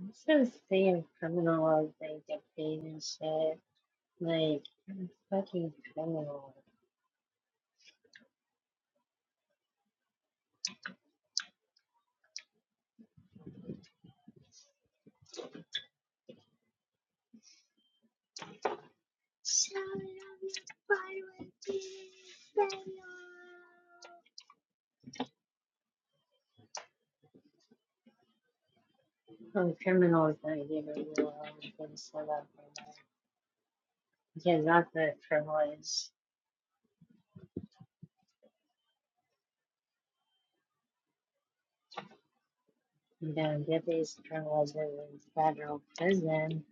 I'm so sick of criminals like dictate and shit. Like I'm fucking criminals. Oh, criminals don't give a real good shit up for that. Because that's the privilege. You don't get these privileges in federal prison.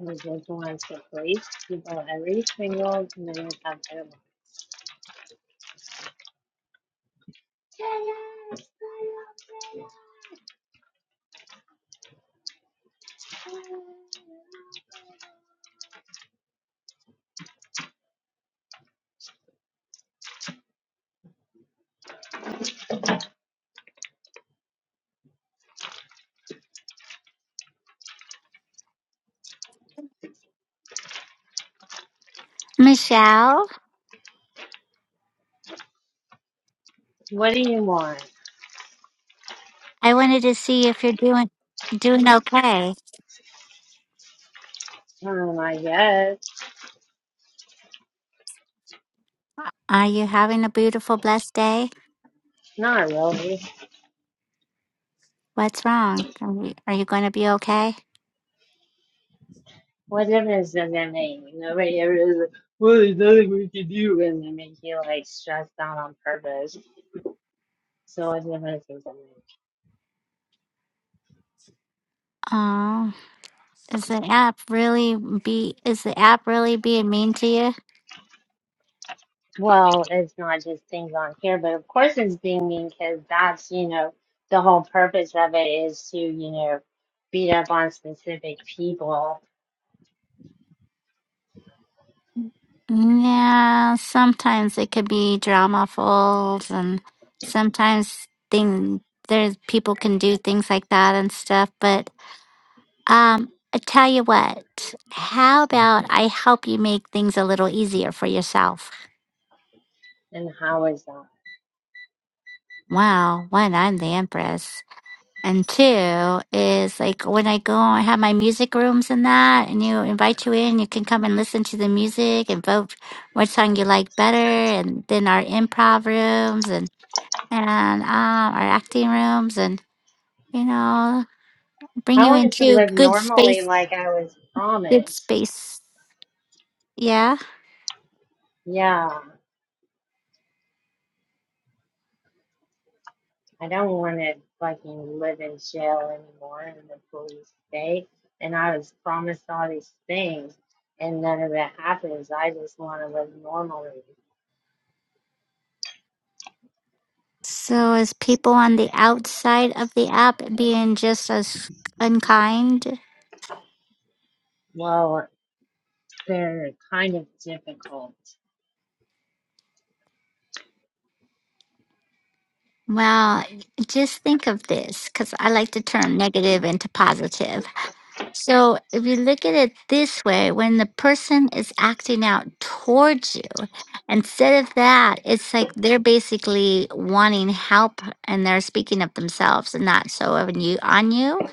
You just want to police people every single minute of their life. Michelle, What do you want? I wanted to see if you're doing doing okay. Um, I guess. Are you having a beautiful, blessed day? Not really. What's wrong? Are you, are you going to be okay? What difference does that make? Nobody ever is in their name, you know, right? Everyone's like, well, there's nothing we can do, and they make you like stressed out on purpose. So what difference does that make? Oh, is the app really be is the app really being mean to you? Well, it's not just things on here, but of course it's dinging because that's you know the whole purpose of it is to you know beat up on specific people. Yeah, sometimes it could be dramaful, and sometimes thing there's people can do things like that and stuff, but Um, I tell you what, how about I help you make things a little easier for yourself? And how is that? Wow, one, I'm the empress. And two is like when I go and have my music rooms and that, and you invite you in, you can come and listen to the music and vote what song you like better. And then our improv rooms and, and um, our acting rooms and, you know, bring I you wanted to into live good normally, space, like I was good promised. space. Yeah. Yeah. I don't want to fucking live in jail anymore in the police state. And I was promised all these things, and none of it happens. I just want to live normally. So is people on the outside of the app being just as unkind? Well, they're kind of difficult. Well, just think of this because I like to turn negative into positive. So if you look at it this way, when the person is acting out towards you, instead of that, it's like they're basically wanting help and they're speaking of themselves and not so of you on you.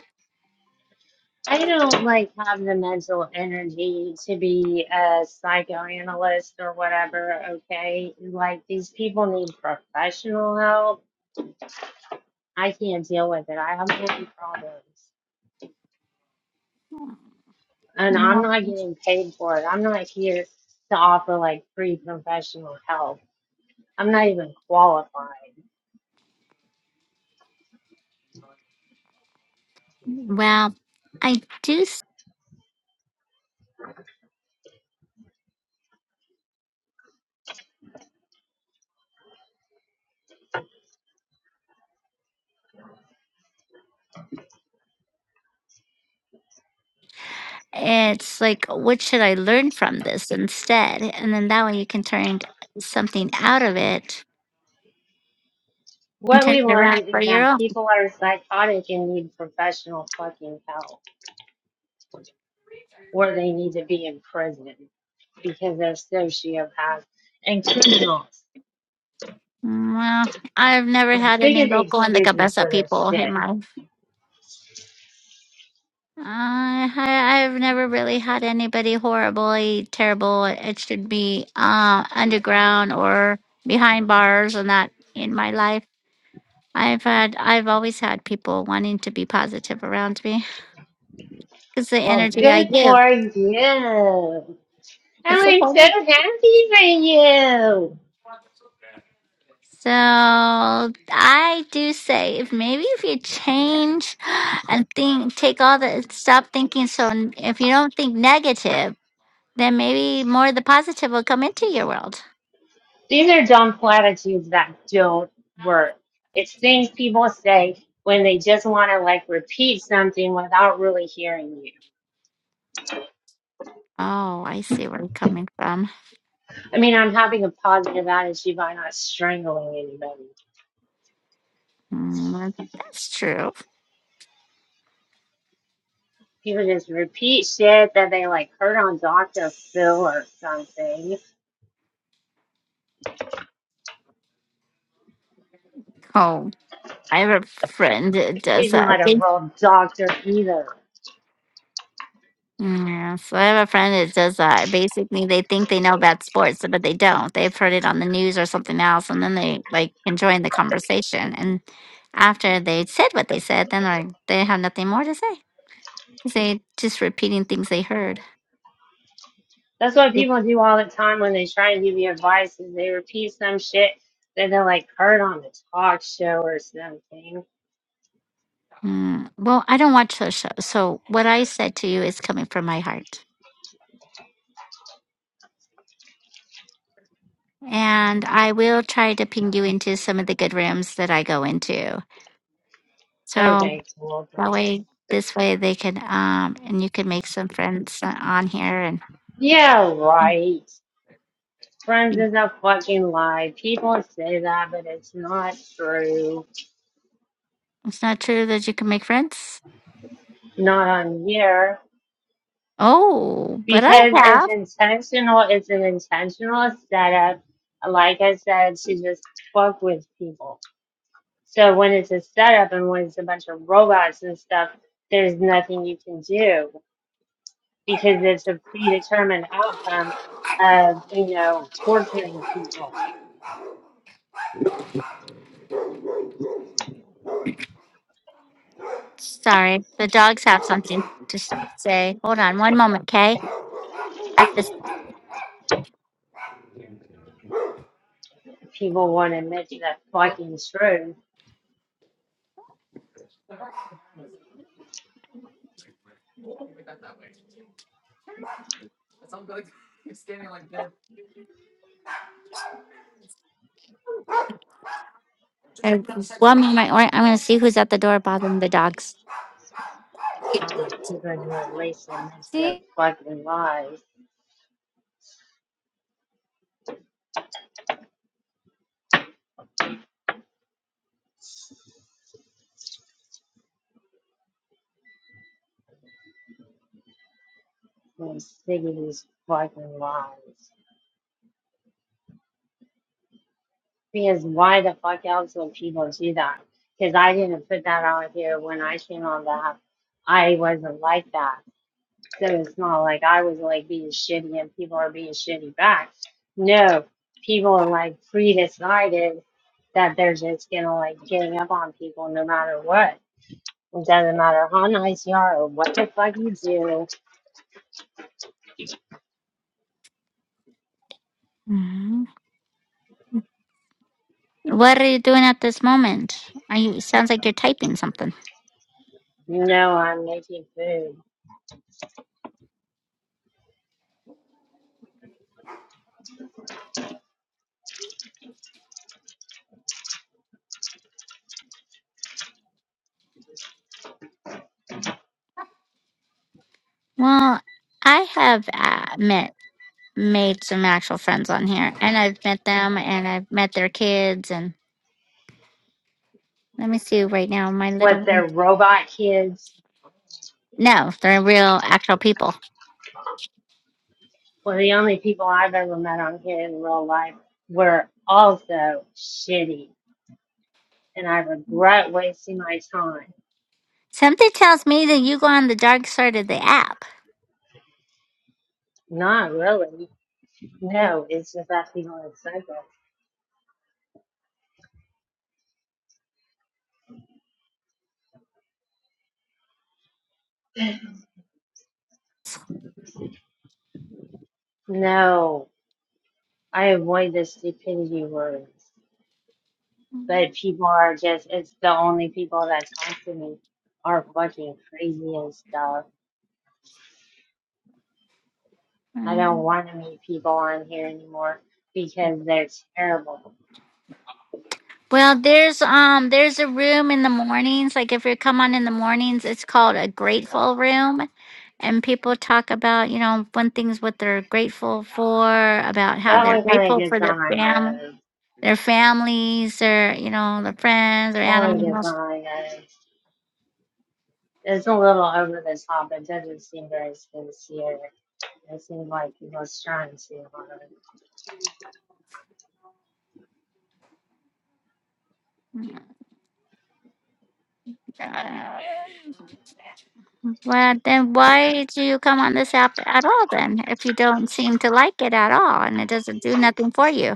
I don't like have the mental energy to be a psychoanalyst or whatever, okay? Like these people need professional help. I can't deal with it. I have many problems. and I'm Mhm. not getting paid for it. I'm not here to offer like free professional help. I'm not even qualified. Well, I do It's like, what should I learn from this instead? And then that way you can turn something out of it and What turn we it around learned for is your that own. people are psychotic and need professional fucking help, or they need to be in prison because they're sociopaths and criminals. Well, I've never I'm had sick any of the local in the excuses Cabeza for this people shit. in my. Uh, I, I've never really had anybody horribly terrible. It should be uh, underground or behind bars and that in my life. I've had, I've always had people wanting to be positive around me because the Well, energy I good give. for you. And It's I'm so important. happy for you. So I do say if maybe if you change and think take all the stop thinking so n- if you don't think negative, then maybe more of the positive will come into your world. These are dumb platitudes that don't work. It's things people say when they just want to like repeat something without really hearing you. Oh, I see where I'm coming from. I mean, I'm having a positive attitude by not strangling anybody. Mm, that's true. People just repeat shit that they like heard on Dr. Phil or something. Oh, I have a friend that does He's that. not a real doctor either. Mm, Yeah, so I have a friend that does that. Basically, they think they know about sports, but they don't. They've heard it on the news or something else, and then they like can join the conversation. And after they said what they said, then like they have nothing more to say because they just repeating things they heard. That's what It, people do all the time when they try and give you advice is they repeat some shit that they like heard on the talk show or something. mm, well, I don't watch those shows, so what I said to you is coming from my heart, and I will try to ping you into some of the good rooms that I go into. So Okay, cool. That Thanks. way, this way they can, um, and you can make some friends uh, on here. And, Yeah, and right. Friends is a fucking lie. People say that, but it's not true. it's not true that you can make friends. Not on here. Oh, but I Because it's have. intentional, it's an intentional setup. Like I said, to just fuck with people. So when it's a setup and when it's a bunch of robots and stuff, there's nothing you can do because it's a predetermined outcome of, you know, torturing people. Sorry, the dogs have something to s- say. Hold on one moment, okay? I just, People won't admit to that fucking truth I, one moment, or I'm going to see who's at the door bothering the dogs. Ah, congratulations with See? fucking lies. and am these fucking lies. Because why the fuck else would people do that? Because I didn't put that out here when I came on the app. I wasn't like that. So it's not like I was like being shitty and people are being shitty back. No, people are like pre-decided that they're just gonna like gang up on people no matter what. It doesn't matter how nice you are or what the fuck you do Mhm. What are you doing at this moment? Are you, sounds like you're typing something. No, I'm making food. Well, I have uh, met made some actual friends on here, and I've met them, and I've met their kids, and let me see right now, my little What they're one. robot kids. No, they're real, actual people. Well, the only people I've ever met on here in real life were also shitty, and I regret wasting my time. Something tells me that you go on the dark side of the app. Not really. No, it's just that people are psycho. No, I avoid the stupidity words, but people are just. It's the only people that talk to me are fucking crazy and stuff. I don't Mm. want to meet people on here anymore because they're terrible. Well, there's um, there's a room in the mornings. Like if you come on in the mornings, it's called a grateful room, and people talk about you know fun things what they're grateful for, about how That they're one kind of grateful for gets their on my family. nerves. their families, their you know, their friends, their That one gets on animals. my nerves. It's a little over the top. It doesn't seem very sincere. It seems like he was trying too hard. Uh, Well, then why do you come on this app at all? Then, if you don't seem to like it at all, and it doesn't do nothing for you.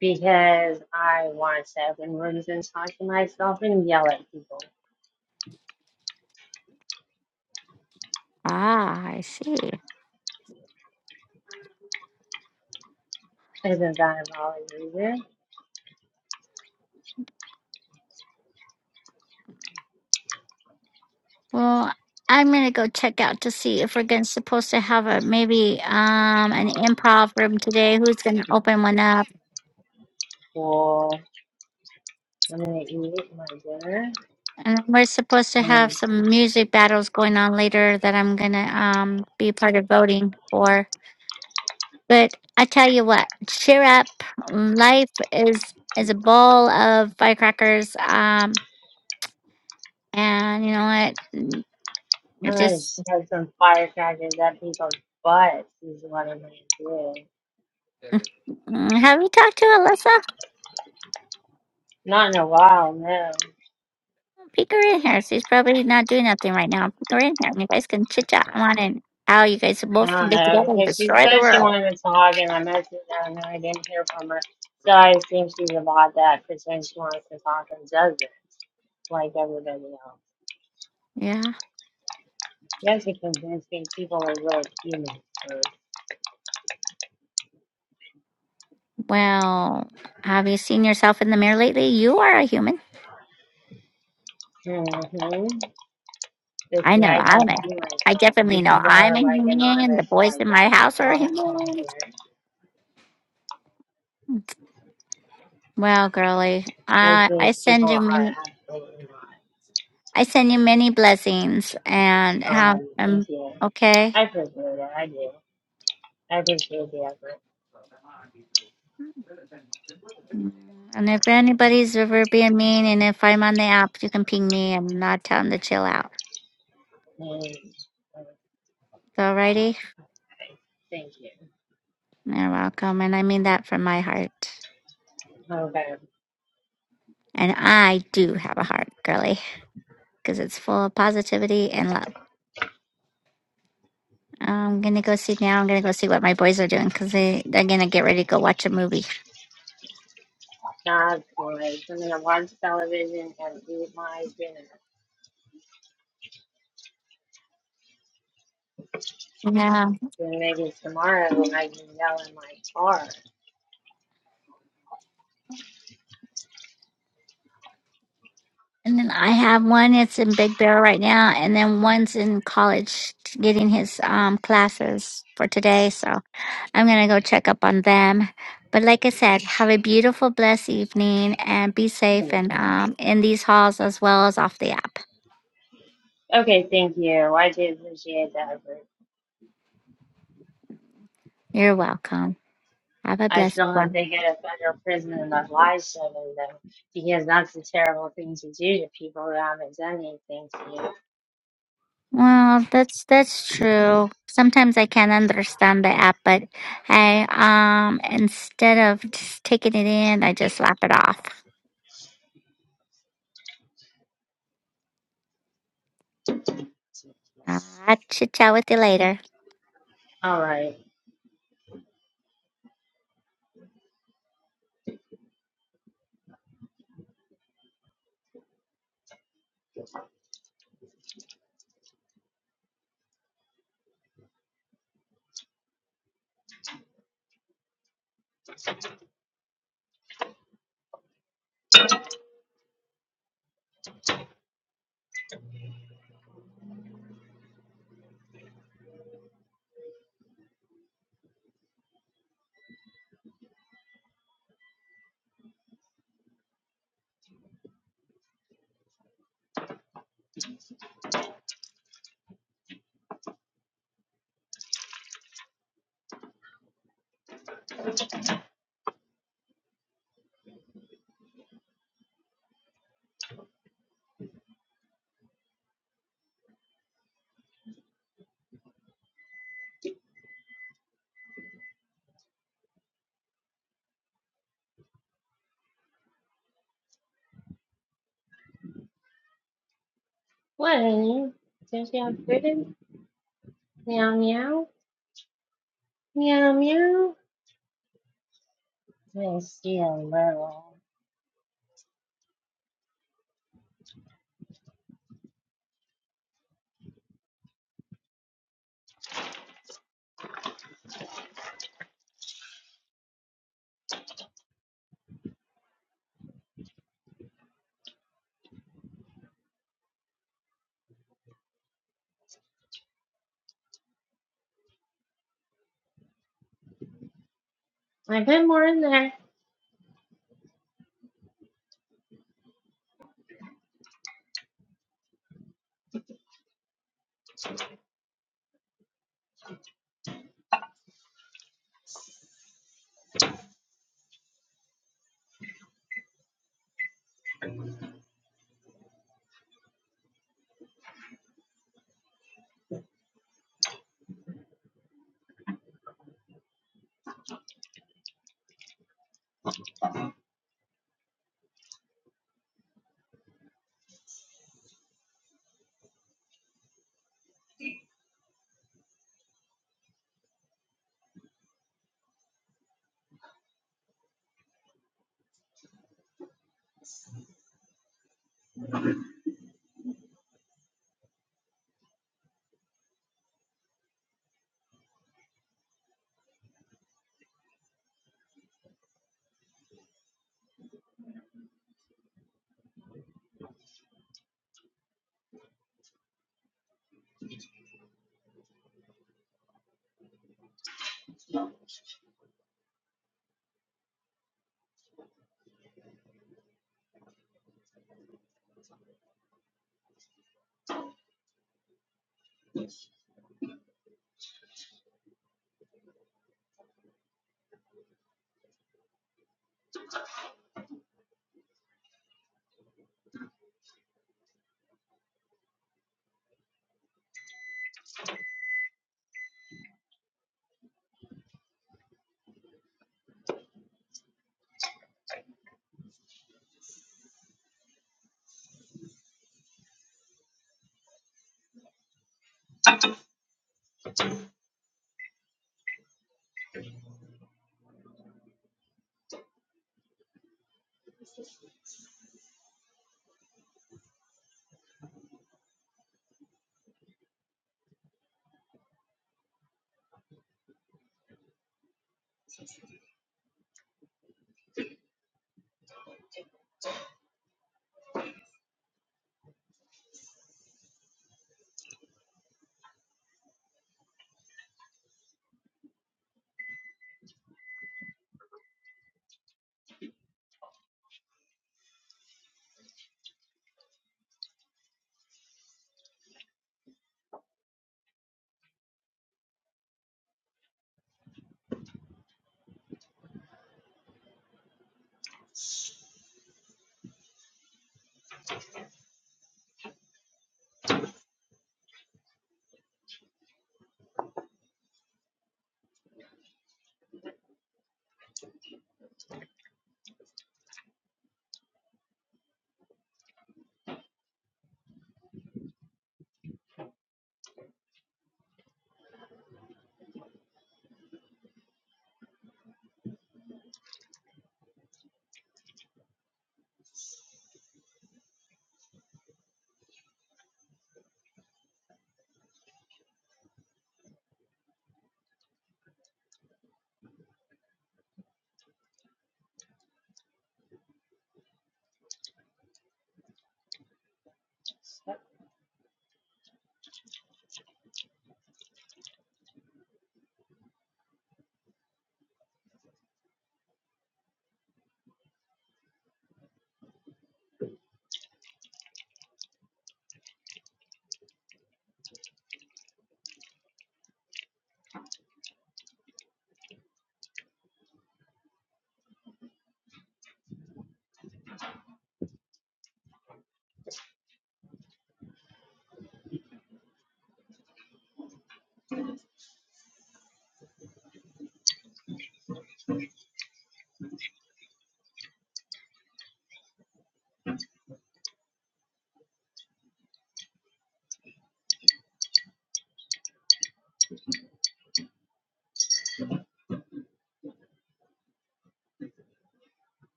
Because I want to open rooms and talk to myself and yell at people. Ah, I see. Isn't that a valid reason? Well, I'm gonna go check out to see if we're gonna supposed to have a maybe um an improv room today. Who's gonna open one up? Cool. I'm gonna eat my dinner And we're supposed to have and some music battles going on later that I'm gonna um be part of voting for. But I tell you what, cheer up. mm, Life is is a bowl of firecrackers. Um, and you know what? Mm, you I'm gonna Just shove some firecrackers at people's butts. Is what I'm gonna do. mm, have you talked to Alyssa? Not in a while, no. Peek her in here. She's probably not doing nothing right now. Peek her in here. You guys can chit chat on and how you guys I both can don't get know, together and because she destroy the said she world. wanted to talk, and I messaged her, and I didn't hear from her. So I assume she's about that, because she wants to talk and doesn't, like everybody else. Yeah. You have to convince me people are really human. first. Well, have you seen yourself in the mirror lately? You are a human. Mm-hmm. But I see, know. I can I'm a. see I myself. You definitely know. people I'm are a like human. The anonymous, boys like, in my house are thought human. content. Well, girly, Most I of I these people send you are many absolutely I send you many blessings and not. have Um, um thank you. okay. I appreciate it. I do. I appreciate the effort. And if anybody's ever being mean, and if I'm on the app, you can ping me and not tell them to chill out. Mm. So, alrighty, Okay, thank you. you're welcome, and I mean that from my heart. Okay, And I do have a heart, girly, because it's full of positivity and love. I'm gonna go see now. I'm gonna go see what my boys are doing because they they're gonna get ready to go watch a movie. God boy, I'm gonna watch television and eat my dinner. Yeah. Then maybe tomorrow I can yell in my car. And then I have one that's in Big Bear right now, and then one's in college t- getting his um, classes for today. So I'm going to go check up on them. But like I said, have a beautiful, blessed evening and be safe Thank and you. um, in these halls as well as off the app. Okay, thank you. I do appreciate that, but You're welcome. Have a I blessed still hope one. they get a federal prison and a life seven though, because that's a terrible thing to do to people who haven't done anything to Well, that's that's true. Sometimes I can't understand the app, but I um instead of just taking it in, I just slap it off. you. Uh, I'll chit chat with you later. All right. What, honey? Don't you have food? Meow meow. Meow meow. I'm gonna see a little. I've had more in there.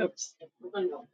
Oops. Oh,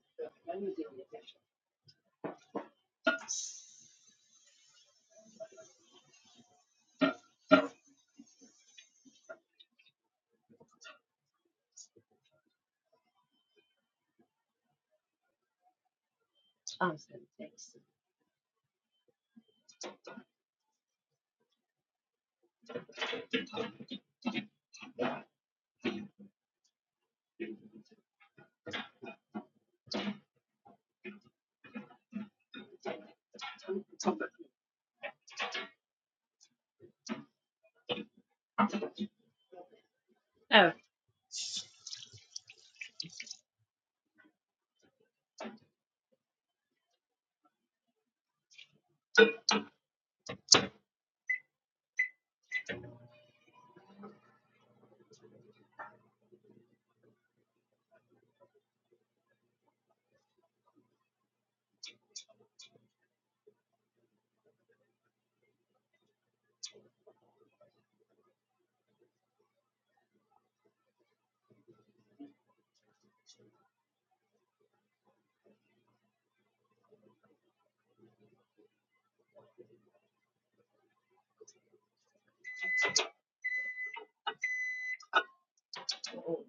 oh.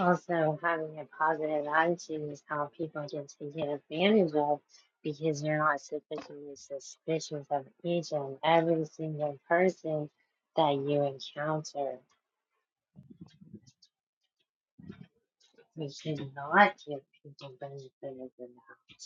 Also, having a positive attitude is how people get taken advantage of because you're not sufficiently suspicious of each and every single person that you encounter. We should not give people benefit of the doubt.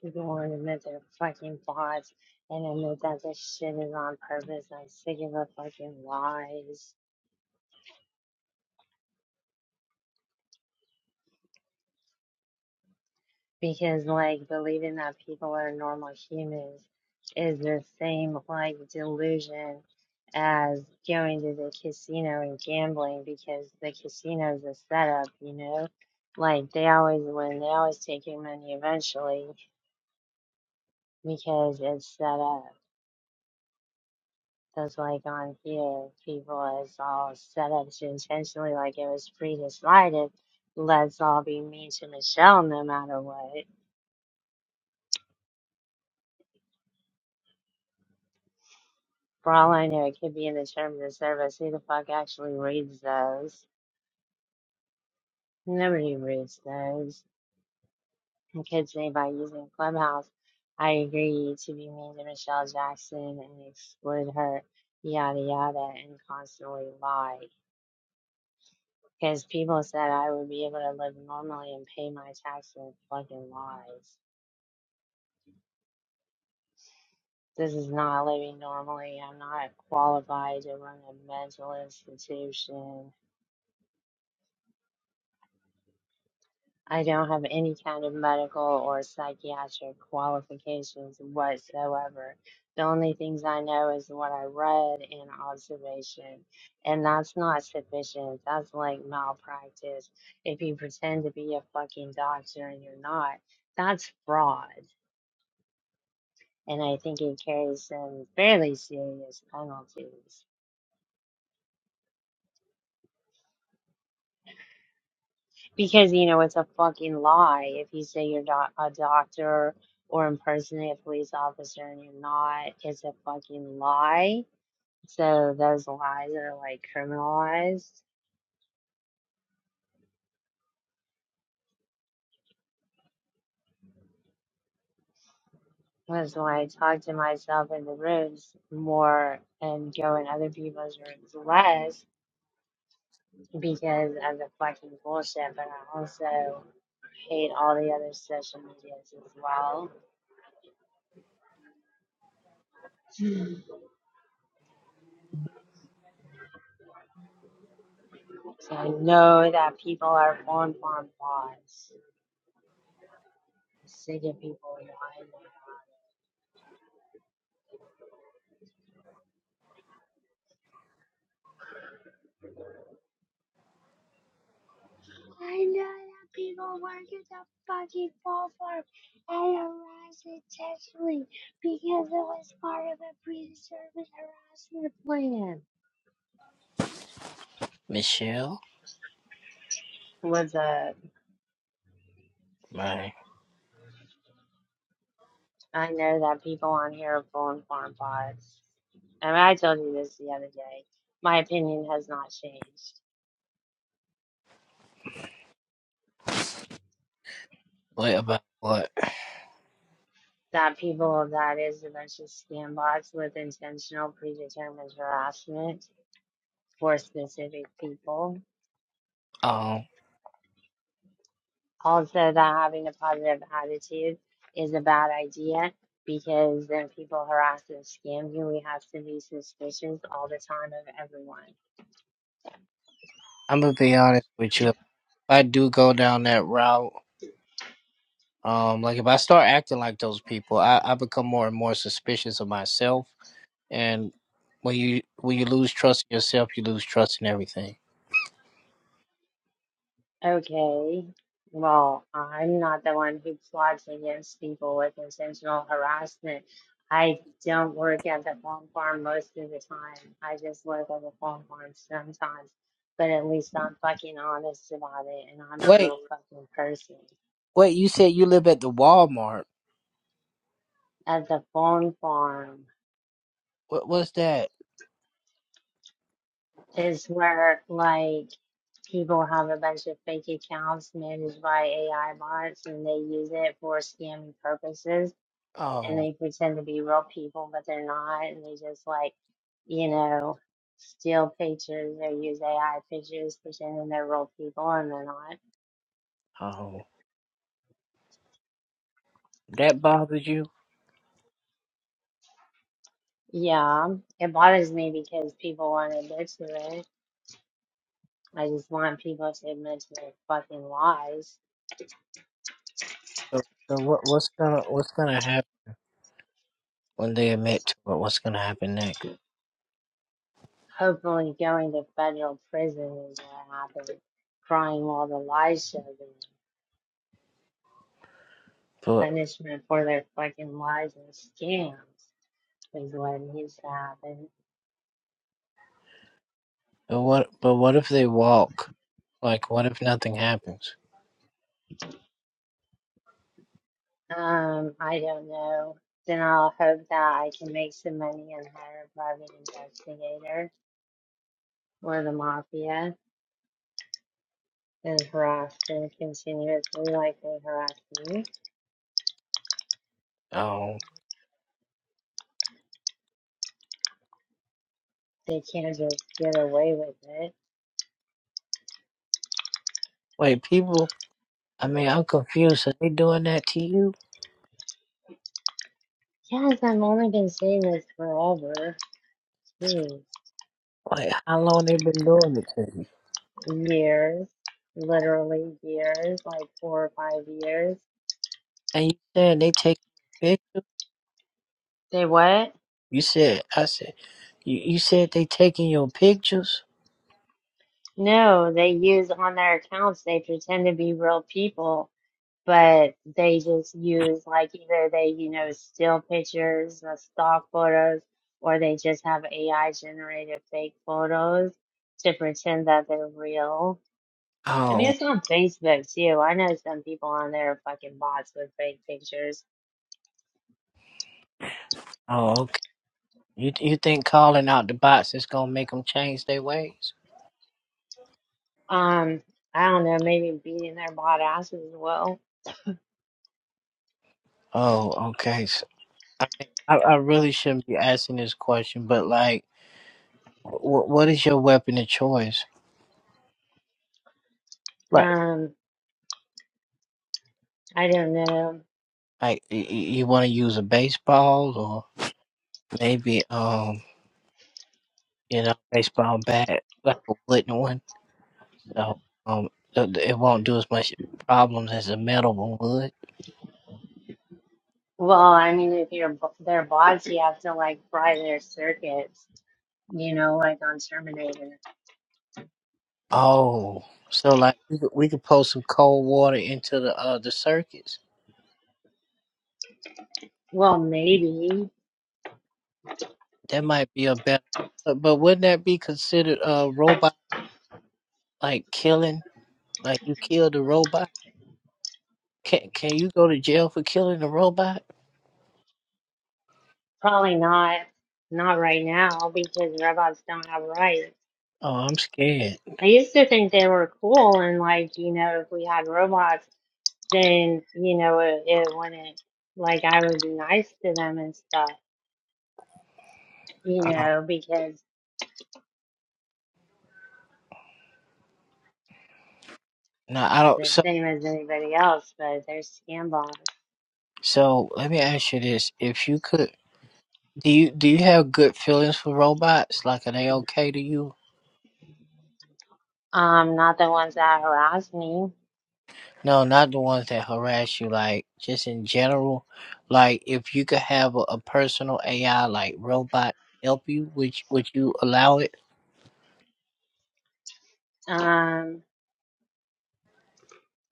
People want to admit their fucking bots and admit that this shit is on purpose. I'm sick of the fucking lies. Because, like, believing that people are normal humans is the same, like, delusion as going to the casino and gambling because the casino's a setup, you know? Like, they always win, they always take your money eventually because it's set up. Because like on here, people is all set up to intentionally, like it was pre decided. Let's all be mean to Michelle no matter what. For all I know, it could be in the terms of service. Who the fuck actually reads those? Nobody reads those. And kids say by using Clubhouse, I agree to be mean to Michelle Jackson and exclude her, yada yada, and constantly lie. Because people said I would be able to live normally and pay my taxes, fucking lies. This is not living normally. I'm not qualified to run a mental institution. I don't have any kind of medical or psychiatric qualifications whatsoever. The only things I know is what I read and observation, and that's not sufficient. That's like malpractice. If you pretend to be a fucking doctor and you're not, that's fraud. And I think it carries some fairly serious penalties. Because you know it's a fucking lie if you say you're doc a doctor or impersonate a police officer and you're not. It's a fucking lie. So those lies are like criminalized. Because when I talk to myself in the rooms more and go in other people's rooms less because of the fucking bullshit, but I also hate all the other social medias as well. So I know that people are on farm bots. Sick of people in the island. That's your plan. Michelle? What's up? Right. I know that people on here are pulling farm pods. And I told you this the other day. My opinion has not changed. What about what? That people that is a bunch of scam bots with intentional predetermined harassment for specific people. Um, Also that having a positive attitude is a bad idea because then people harass and scam you. We have to be suspicious all the time of everyone. I'm gonna be honest with you. If I do go down that route, um, like if I start acting like those people, I, I become more and more suspicious of myself. And when you when you lose trust in yourself, you lose trust in everything. Okay. Well, I'm not the one who plots against people with intentional harassment. I don't work at the phone farm most of the time. I just work at the phone farm sometimes. But at least I'm fucking honest about it and I'm a Wait, real fucking person. wait. You said you live at the Walmart. At the phone farm What was that? is where like people have a bunch of fake accounts managed by AI bots and they use it for scamming purposes and Oh, they pretend to be real people, but they're not, and they just like, you know, steal pictures or use AI pictures pretending they're real people and they're not. oh, that bothers you. Yeah, it bothers me because people won't admit to it. I just want people to admit to their fucking lies. So, so what, what's gonna what's gonna happen? when they admit to what what's gonna happen next. Hopefully, going to federal prison is what happened. Crying while the lies show them. But Punishment for their fucking lies and scams is what needs to happen. but what but what if they walk? Like what if nothing happens? Um, I don't know. Then I'll hope that I can make some money and hire a private investigator or the mafia and harass them continuously like they harass me. Oh They can't just get away with it. wait, people I mean I'm confused. Are they doing that to you? Yes, I've only been saying this forever. Jeez. Like how long they been doing it to you? Years. Literally years, like four or five years. And you said they take pictures? They what? You said I said you, you said they taking your pictures? No, they use on their accounts, they pretend to be real people but they just use like either they, you know, still pictures or stock photos, or they just have AI generated fake photos to pretend that they're real. I mean, Oh it's on Facebook too. I know some people on there are fucking bots with fake pictures. oh okay. You you think calling out the bots is gonna make them change their ways? Um, I don't know, maybe beating their bot asses as well. Oh okay. So, I mean I, I really shouldn't be asking this question, but like Wh- what is your weapon of choice? Right. Um, I don't know. Like, y- y- you want to use a baseball or maybe, um, you know, baseball bat, like a wooden one. So, um, th- th- it won't do as much problems as a metal one would. Well, I mean, if you're b- their bots, you have to like fry their circuits, you know, like on Terminator. Oh, so like we could, we could pour some cold water into the uh the circuits. Well, maybe. That might be a better. But, but wouldn't that be considered a robot like killing? Like you killed a robot? Can can you go to jail for killing a robot? Probably not. Not right now because robots don't have rights. Oh, I'm scared. I used to think they were cool and like, you know, if we had robots, then, you know, it, it wouldn't, like, I would be nice to them and stuff, you Oh, know, because no, I don't. the So, same as anybody else, but they're scam bots. so let me ask you this: If you could, do you do you have good feelings for robots? Like, are they okay to you? Um, not the ones that harass me. No, not the ones that harass you. Like, just in general, like if you could have a, a personal AI like robot help you, would you- would you allow it? Um,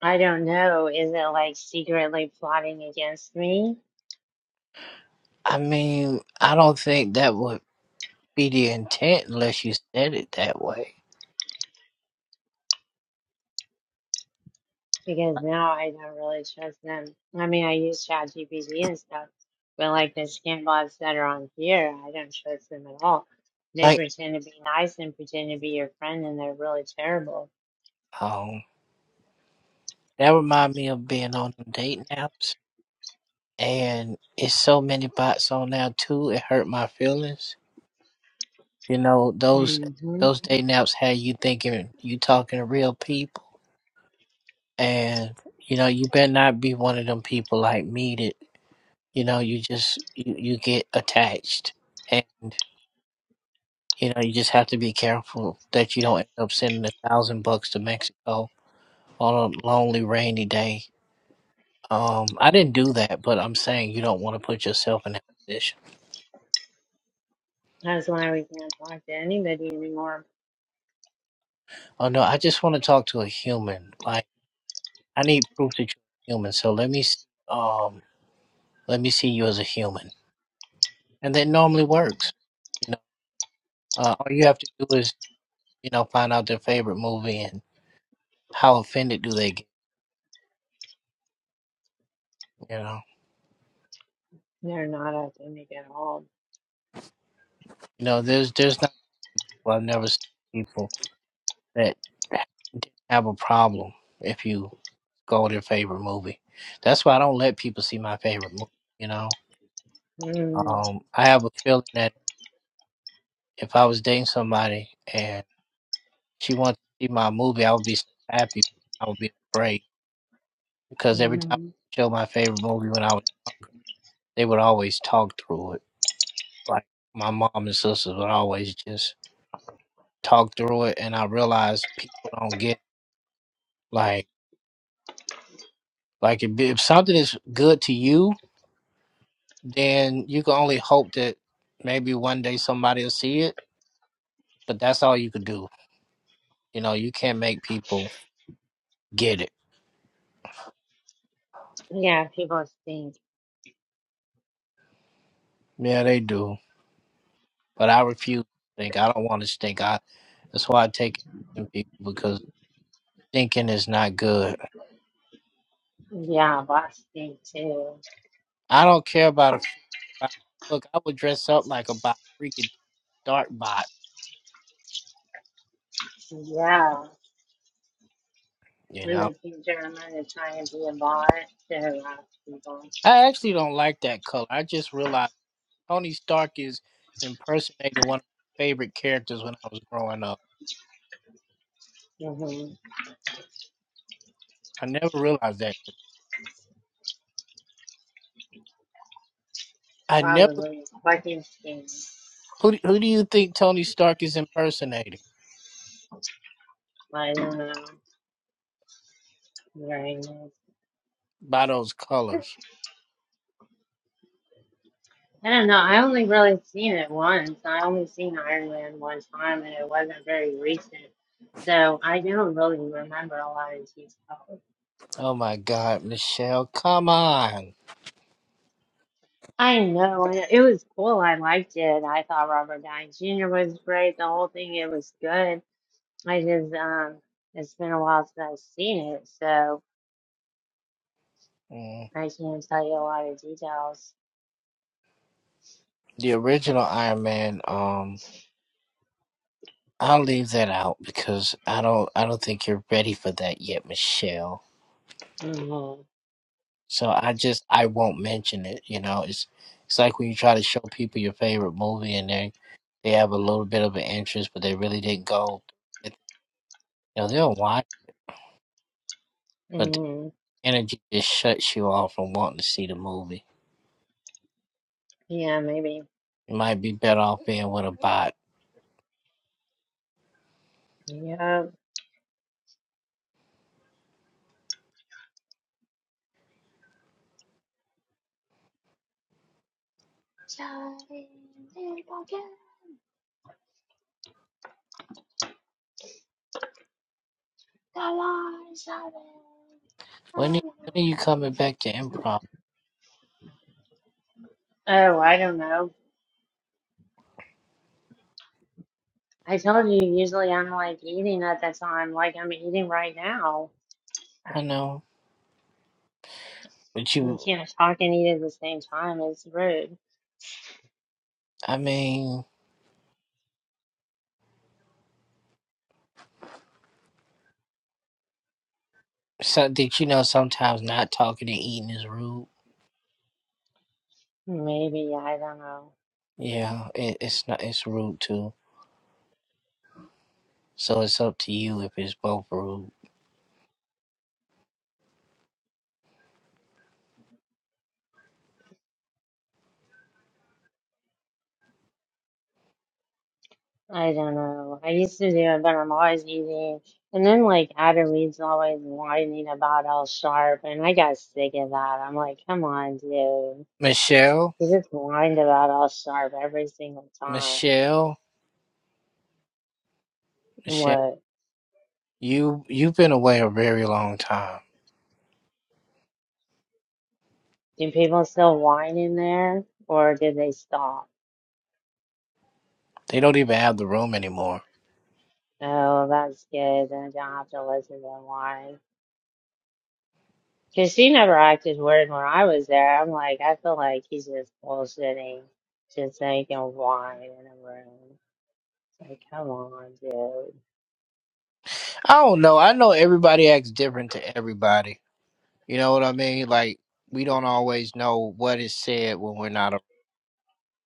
I don't know. Is it like secretly plotting against me? I mean, I don't think that would be the intent unless you said it that way. because now I don't really trust them. I mean, I use ChatGPT and stuff, but like the scam bots that are on here, I don't trust them at all. They Like, pretend to be nice and pretend to be your friend, and they're really terrible. um, that remind me of being on dating apps. and it's so many bots on now too. It hurt my feelings. You know those hmm those dating apps had you thinking you talking to real people, and you know you better not be one of them people like me that you know you just you, you get attached, and you know you just have to be careful that you don't end up sending a thousand bucks to Mexico on a lonely rainy day. Um, I didn't do that, but I'm saying you don't want to put yourself in that position. That's why we can't talk to anybody anymore. Oh no, I just want to talk to a human, like. I need proof that you're human. So let me see, um, let me see you as a human, and that normally works. You know, uh, all you have to do is you know find out their favorite movie and how offended do they get. You know, They're not authentic at all. you know, there's there's not people I've never seen people that didn't have a problem if you go their favorite movie. That's why I don't let people see my favorite movie. You know, um, I have a feeling that if I was dating somebody and she wants to see my movie, I would be so happy. but I would be afraid because every time Mm-hmm. I show my favorite movie when I was younger, they would always talk through it. Like my mom and sisters would always just talk through it, and I realized people don't get like like if, if something is good to you, then you can only hope that maybe one day somebody will see it. But that's all you could do. You know, you can't make people get it. Yeah, people stink. Yeah, they do. But I refuse to stink. I don't want to stink. I that's why I take it from people because stinking is not good. Yeah, bots stink too. I don't care about a freaking bot. Look, I would dress up like a bot, freaking dark bot. Yeah. You In know, the future, I'm going to try and be a bot to harass people. I actually don't like that color. I just realized Tony Stark is impersonating one of my favorite characters when I was growing up. hmm I never realized that. I never. Probably. Fucking skin. Who do- who do you think Tony Stark is impersonating I don't know. Very nice. by those colors? I don't know. I only really seen it once. I only seen Iron Man one time, and it wasn't very recent. So I don't really remember a lot of details. Oh my God, Michelle, come on. I know and it was cool. I liked it. I thought Robert Downey Jr. was great. The whole thing, it was good. I just um, it's been a while since I've seen it, so Mm. I can't tell you a lot of details. the original Iron Man, um, I'll leave that out because I don't I don't think you're ready for that yet, Michelle. hmm So I just I won't mention it. You know, it's it's like when you try to show people your favorite movie and they they have a little bit of an interest, but they really didn't go. You know, they'll watch, but the hmm energy just shuts you off from wanting to see the movie. Yeah, maybe. You might be better off being with a bot. Yep. When are- when are you coming back to improv? Oh, I don't know. I told you, usually I'm like eating at that time, like I'm eating right now. I know, but You you. can't talk and eat at the same time. It's rude. I mean. So did you know sometimes not talking and eating is rude? Maybe, I don't know. Yeah, it, it's not. It's rude too. So it's up to you if it's both rude. I don't know. I used to do it, but I'm always eating. And then, like, Ada Reed's always whining about El Sharp, and I got sick of that. I'm like, come on, dude. You Michelle, just whined about El Sharp every single time. Michelle, Michelle, What? you you've been away a very long time. Do people still whine in there, or did they stop? They don't even have the room anymore. Oh, that's good. Then I don't have to listen to him whine. Because she never acted weird when I was there. I'm like, I feel like he's just bullshitting, just so he can whine in a room. It's like, come on, dude. I don't know. I know everybody acts different to everybody. You know what I mean? Like we don't always know what is said when we're not. A-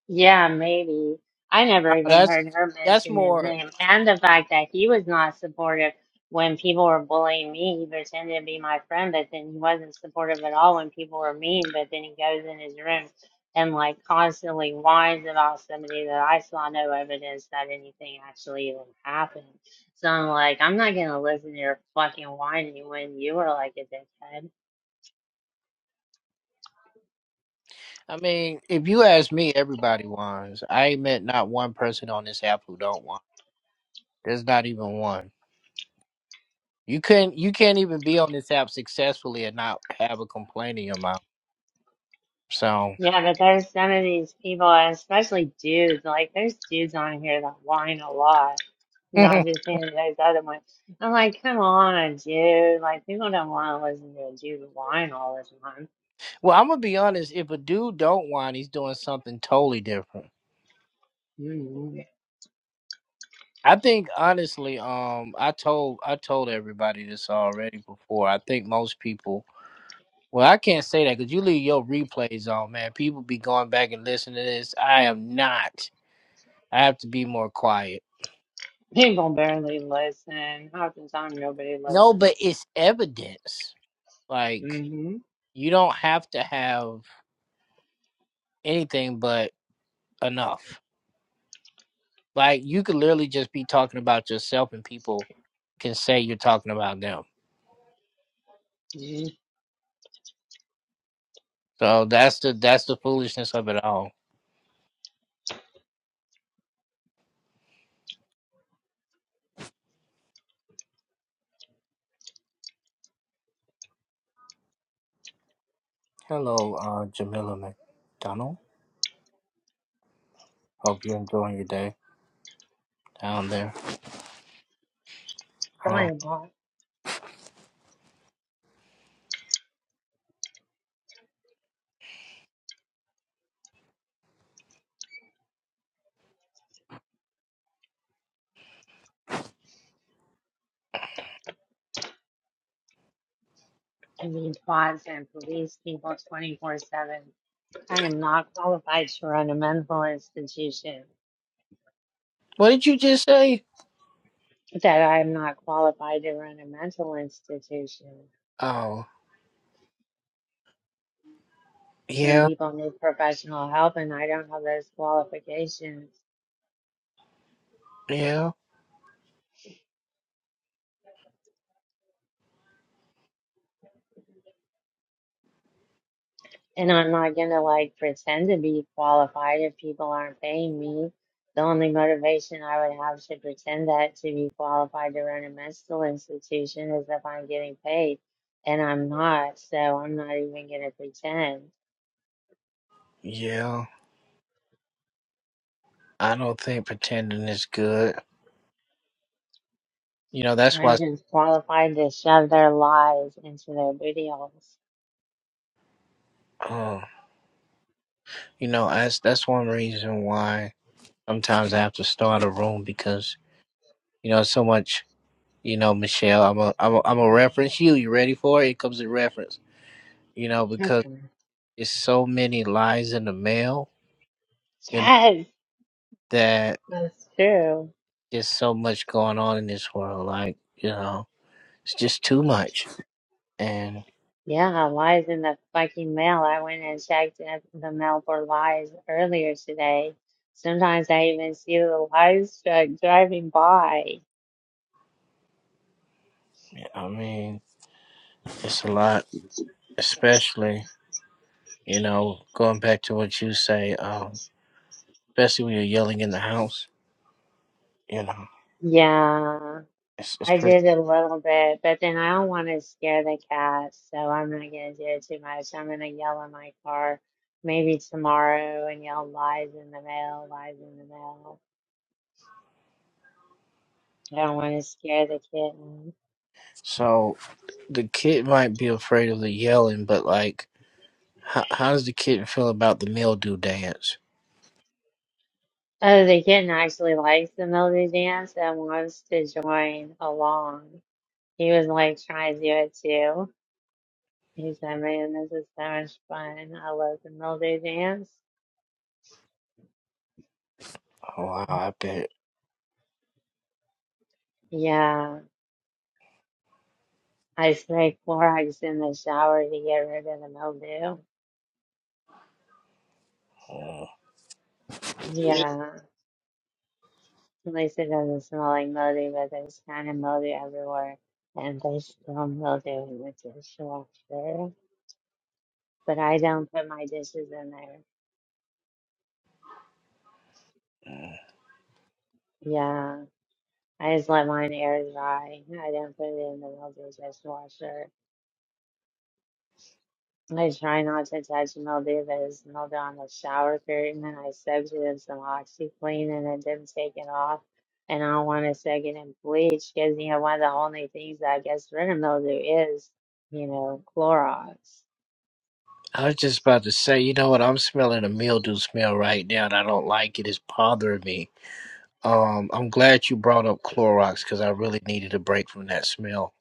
Yeah, maybe. I never Now, even that's heard her that's mention his more. name, and the fact that he was not supportive when people were bullying me. He pretended to be my friend, but then he wasn't supportive at all when people were mean. But then he goes in his room and like constantly whines about somebody that I saw no evidence that anything actually even happened. So I'm like, I'm not gonna listen to your fucking whining when you were like a dickhead. I mean, if you ask me, everybody whines. I ain't met not one person on this app who don't whine. There's not even one. You couldn't. You can't even be on this app successfully and not have a complaint in your mouth. So, Yeah, but there's some of these people, and especially dudes. Like, there's dudes on here that whine a lot, not well, just him, there's other ones. I'm like, come on, dude. Like, people don't want to listen to a dude whine all the time. I'm gonna be honest. If a dude don't whine, he's doing something totally different. hmm I think honestly, um, I told I told everybody this already before. I think most people. Well, I can't say that because you leave your replays on, man. People be going back and listening to this. I am not. I have to be more quiet. People barely listen. Half the time, nobody No, listens. but it's evidence. Like Mm-hmm. you don't have to have anything but enough. Like you could literally just be talking about yourself and people can say you're talking about them. It's So that's the that's the foolishness of it all. Hello, uh Jamila McDonald. Hope you're enjoying your day down there. Uh, Probably not. I mean, bots and police people 24 7. I am not qualified to run a mental institution. what did you just say? that I'm not qualified to run a mental institution. Oh, Some yeah, people need professional help, and I don't have those qualifications. yeah, And I'm not going to like pretend to be qualified if people aren't paying me. The only motivation I would have to pretend that to be qualified to run a mental institution is if I'm getting paid. And I'm not, so I'm not even going to pretend. yeah. I don't think pretending is good. You know, that's I'm why. just qualified to shove their lies into their booty holes. Oh. You know, that's that's one reason why sometimes I have to start a room because you know so much. You know, Michelle, I'm a I'm a, I'm a reference you. You ready for it? It comes a reference. You know, That's because fine. it's so many lies in the mail. You know Yes. that True. there's so much going on in this world. Like you know, it's just too much. And Yeah, lies in the fucking mail. I went and checked at the mail for lies earlier today. Sometimes I even see the lies truck driving by. I mean, it's a lot, especially you know going back to what you say. Um, especially when you're yelling in the house. You know, Yeah, it's it's I pretty. did a little bit, but then I don't want to scare the cat, so I'm not gonna do it too much. I'm gonna yell in my car maybe tomorrow and yell lies in the mail, lies in the mail. I don't want to scare the kitten. So the kid might be afraid of the yelling, but like, how, how does the kid feel about the mildew dance? Oh, the kitten actually likes the Melody Dance and wants to join along. He was like trying to do it too. He said, Man, this is so much fun. I love the Melody Dance. Oh, wow, I bet. Yeah, I spray Clorox in the shower to get rid of the mildew. Mm, Yeah, at least it doesn't smell like mildew, but there's kind of mildew everywhere. And there's still mildew in the dishwasher. But I don't put my dishes in there. mm. Yeah. I just let mine air dry. I didn't put it in the mildew dishwasher. I try not to touch mildew that is smelled on the shower curtain, and I soaked it in some OxyClean, and it didn't take it off. And I don't want to soak it in bleach because, you know, one of the only things that gets rid of mildew is, you know, Clorox. I was just about to say, you know what? I'm smelling a mildew smell right now, and I don't like it. It's bothering me. Um, I'm glad you brought up Clorox because I really needed a break from that smell.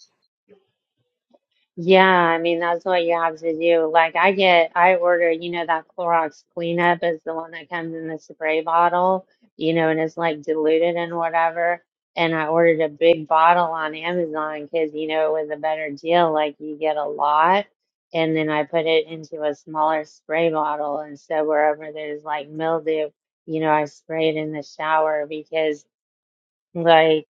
Yeah, I mean that's what you have to do. Like I get, I order, you know, that Clorox cleanup is the one that comes in the spray bottle, you know, and it's like diluted and whatever. And I ordered a big bottle on Amazon because, you know, it was a better deal. Like you get a lot, and then I put it into a smaller spray bottle, and so wherever there's like mildew, you know, I spray it in the shower because. Like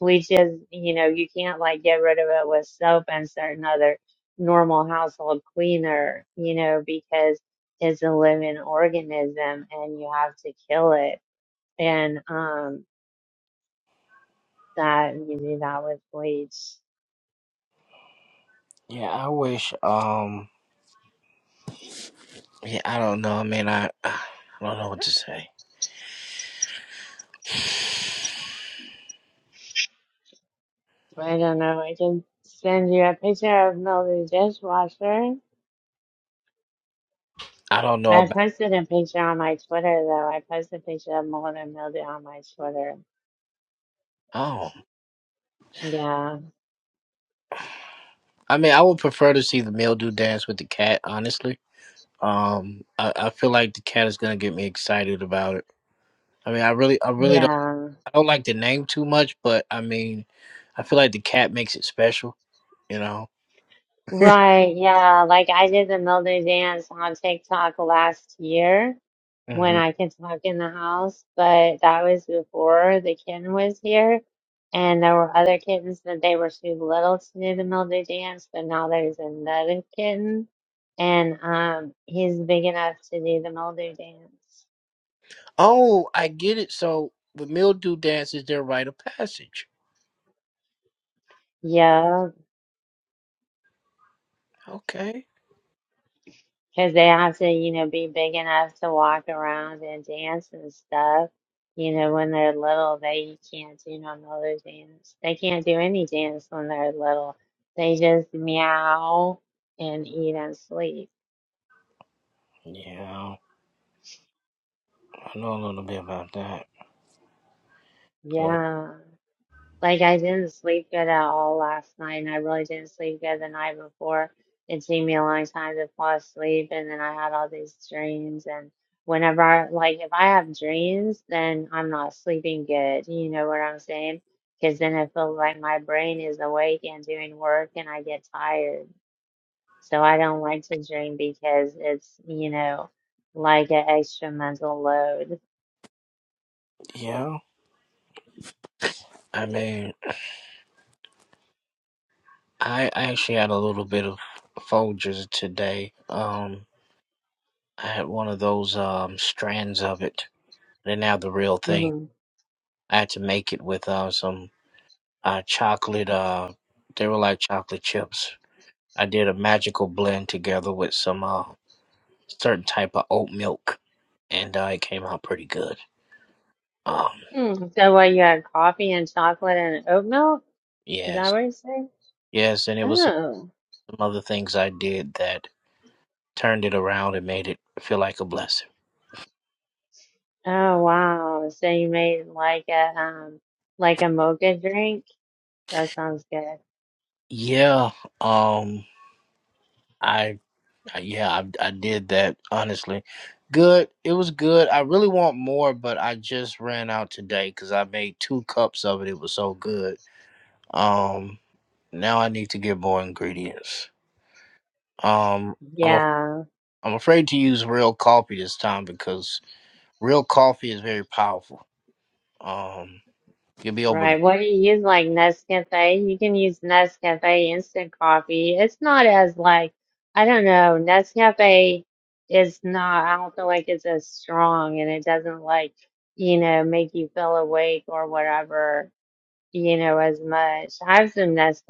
bleaches, you know, you can't like get rid of it with soap and certain other normal household cleaner, you know, because it's a living organism and you have to kill it. And um that you do that with bleach. Yeah, I wish. Um, yeah, I don't know. I mean, I, I don't know what to say. I don't know, I can send you a picture of Mildy's dishwasher. I don't know I about. posted a picture on my Twitter though. I posted a picture of mold and mildew on my Twitter. Oh, Yeah. I mean, I would prefer to see the mildew dance with the cat, honestly. Um, I, I feel like the cat is gonna get me excited about it. I mean, I really, I really don't, Yeah. I don't like the name too much, but I mean, I feel like the cat makes it special, you know. Right, yeah. Like I did the Mildew dance on TikTok last year when hmm I could talk in the house, but that was before the kitten was here. And there were other kittens that they were too little to do the Mildew dance, but now there's another kitten and um he's big enough to do the Mildew dance. Oh, I get it. So the mildew dance is their rite of passage. Yeah. Okay. Because they have to, you know, be big enough to walk around and dance and stuff. You know, when they're little, they can't do no mother dance. They can't do any dance when they're little. They just meow and eat and sleep. Yeah, I know a little bit about that. Uh, Yeah. Like I didn't sleep good at all last night, and I really didn't sleep good the night before. It took me a long time to fall asleep, and then I had all these dreams. And whenever I, like, if I have dreams, then I'm not sleeping good. You know what I'm saying? Because then it feels like my brain is awake and doing work, and I get tired. So I don't like to dream because it's, you know, like an extra mental load. yeah, I mean, I I actually had a little bit of Folgers today. Um, I had one of those um strands of it. They're now the real thing. hmm I had to make it with uh, some uh, chocolate. Uh, they were like chocolate chips. I did a magical blend together with some uh, certain type of oat milk, and uh, it came out pretty good. Um, Mm. So what, you had coffee and chocolate and oat milk? Is that yes, what you say? yes, and it was some Oh, some other things I did that turned it around and made it feel like a blessing. oh wow! So you made like a um like a mocha drink? That sounds good. Yeah, um, I Uh, Yeah, I, I did that honestly. Good. It was good. I really want more, but I just ran out today because I made two cups of it. It was so good. Um, now I need to get more ingredients. Um, I'm a, Yeah, I'm afraid to use real coffee this time because real coffee is very powerful. Um, you'll be over. right. What do you use like Nescafe? You can use Nescafe instant coffee. It's not as like I don't know. Nescafe is not. I don't feel like it's as strong, and it doesn't like you know make you feel awake or whatever. you know, as much. I have some Nescafe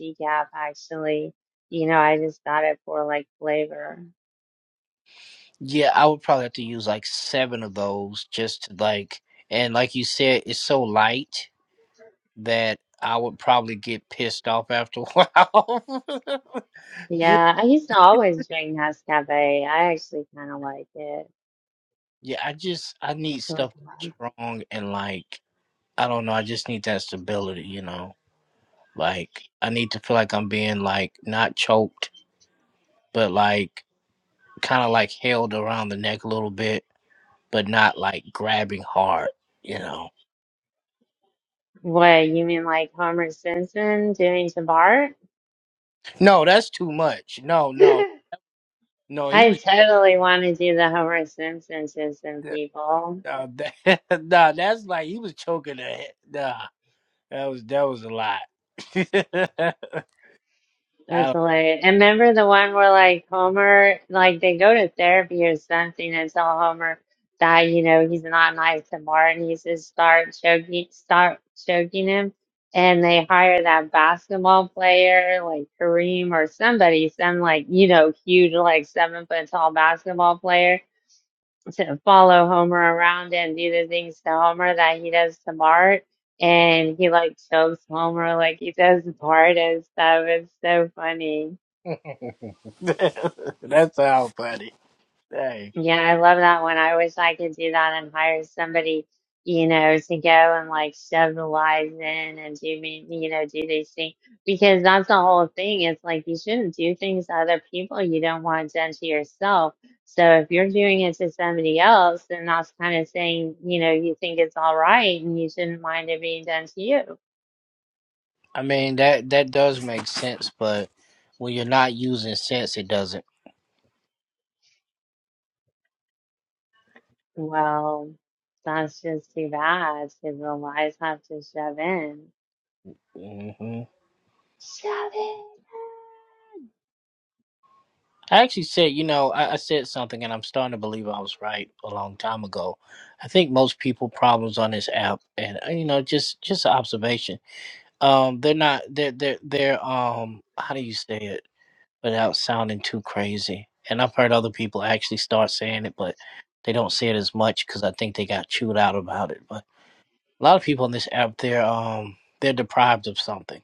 decaf actually. You know, I just got it for like flavor. Yeah, I would probably have to use like seven of those just to like, and like you said, it's so light that I would probably get pissed off after a while. Ju- Yeah, I used to always drink Nescafe. I actually kind of like it. yeah, I just I need So, stuff strong and like I don't know, I just need that stability, you know. Like I need to feel like I'm being like not choked, but like kind of like held around the neck a little bit, but not like grabbing hard, you know. what, you mean like Homer Simpson doing to Bart? No, that's too much. No, no, no. He I was totally want to do the Homer Simpson to some people. uh, nah, that's like he was choking the head. That was that was a lot. That's I hilarious. And remember the one where like Homer, like they go to therapy or something and tell Homer that, you know, he's not nice to Martin. He says start choking, start choking him. And they hire that basketball player, like Kareem or somebody, some like, you know, huge, like seven foot tall basketball player to follow Homer around and do the things to Homer that he does to Bart and he like chokes Homer like he does Bart and stuff. It's so funny. don't, that's how funny. Dang. Yeah, I love that one. I wish I could do that and hire somebody, you know, to go and like shove the lies in and do me, you know, do these things because that's the whole thing. It's like you shouldn't do things to other people you don't want done to yourself. So if you're doing it to somebody else, then that's kind of saying, you know, you think it's all right and you shouldn't mind it being done to you. I mean that that does make sense, but when you're not using sense, it doesn't. Well, that's just too bad because the lies have to shove in. hmm Shove it. I actually said, you know, I, I said something, and I'm starting to believe I was right a long time ago. I think most people problems on this app, and uh, you know, just just an observation. Um, they're not they're they're they're um how do you say it? without sounding too crazy. And I've heard other people actually start saying it, but they don't say it as much because I think they got chewed out about it. But a lot of people on this app, they're um they're deprived of something.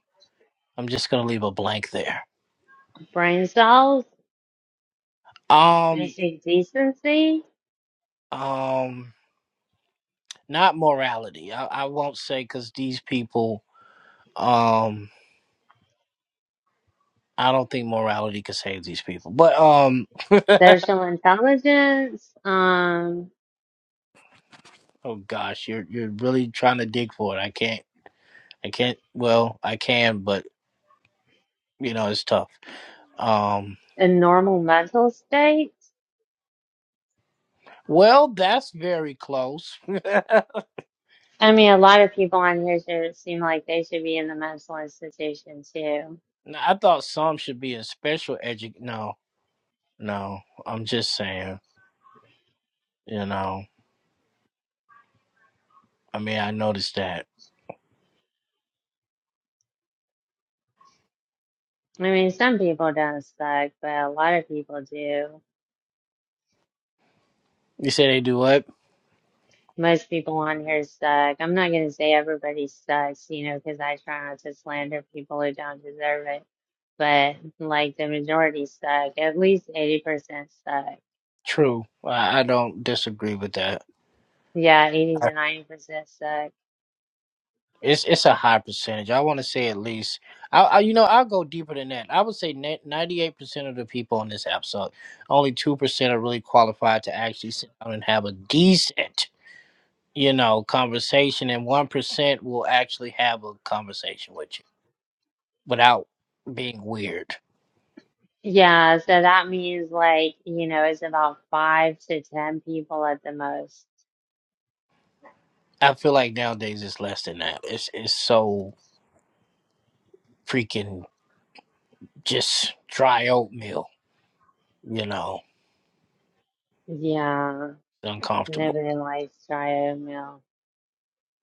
I'm just gonna leave a blank there. Brain cells. Um, basic decency, um, not morality. I, I won't say because these people, um, I don't think morality could save these people. But um, social intelligence, um, oh gosh, you're you're really trying to dig for it. I can't. I can't. Well, I can, but You know, it's tough. Um, a normal mental state. well, that's very close. I mean, a lot of people on here should seem like they should be in the mental institution too. I thought some should be in special edu. No, no. I'm just saying. You know. I mean, I noticed that. I mean, some people don't suck, but a lot of people do. You say they do what? Most people on here suck. I'm not going to say everybody sucks, you know, because I try not to slander people who don't deserve it. But like the majority suck, at least 80% suck. True. I, I don't disagree with that. Yeah, 80 to 90% suck. It's it's a high percentage. I want to say at least. I, I you know I'll go deeper than that. I would say ninety eight percent of the people on this app suck. Only two percent are really qualified to actually sit down and have a decent you know, conversation, and one percent will actually have a conversation with you without being weird. Yeah, so that means like, you know, it's about five to ten people at the most. I feel like nowadays it's less than that. It's it's so freaking just dry oatmeal, you know, Yeah, uncomfortable. nobody likes dry oatmeal.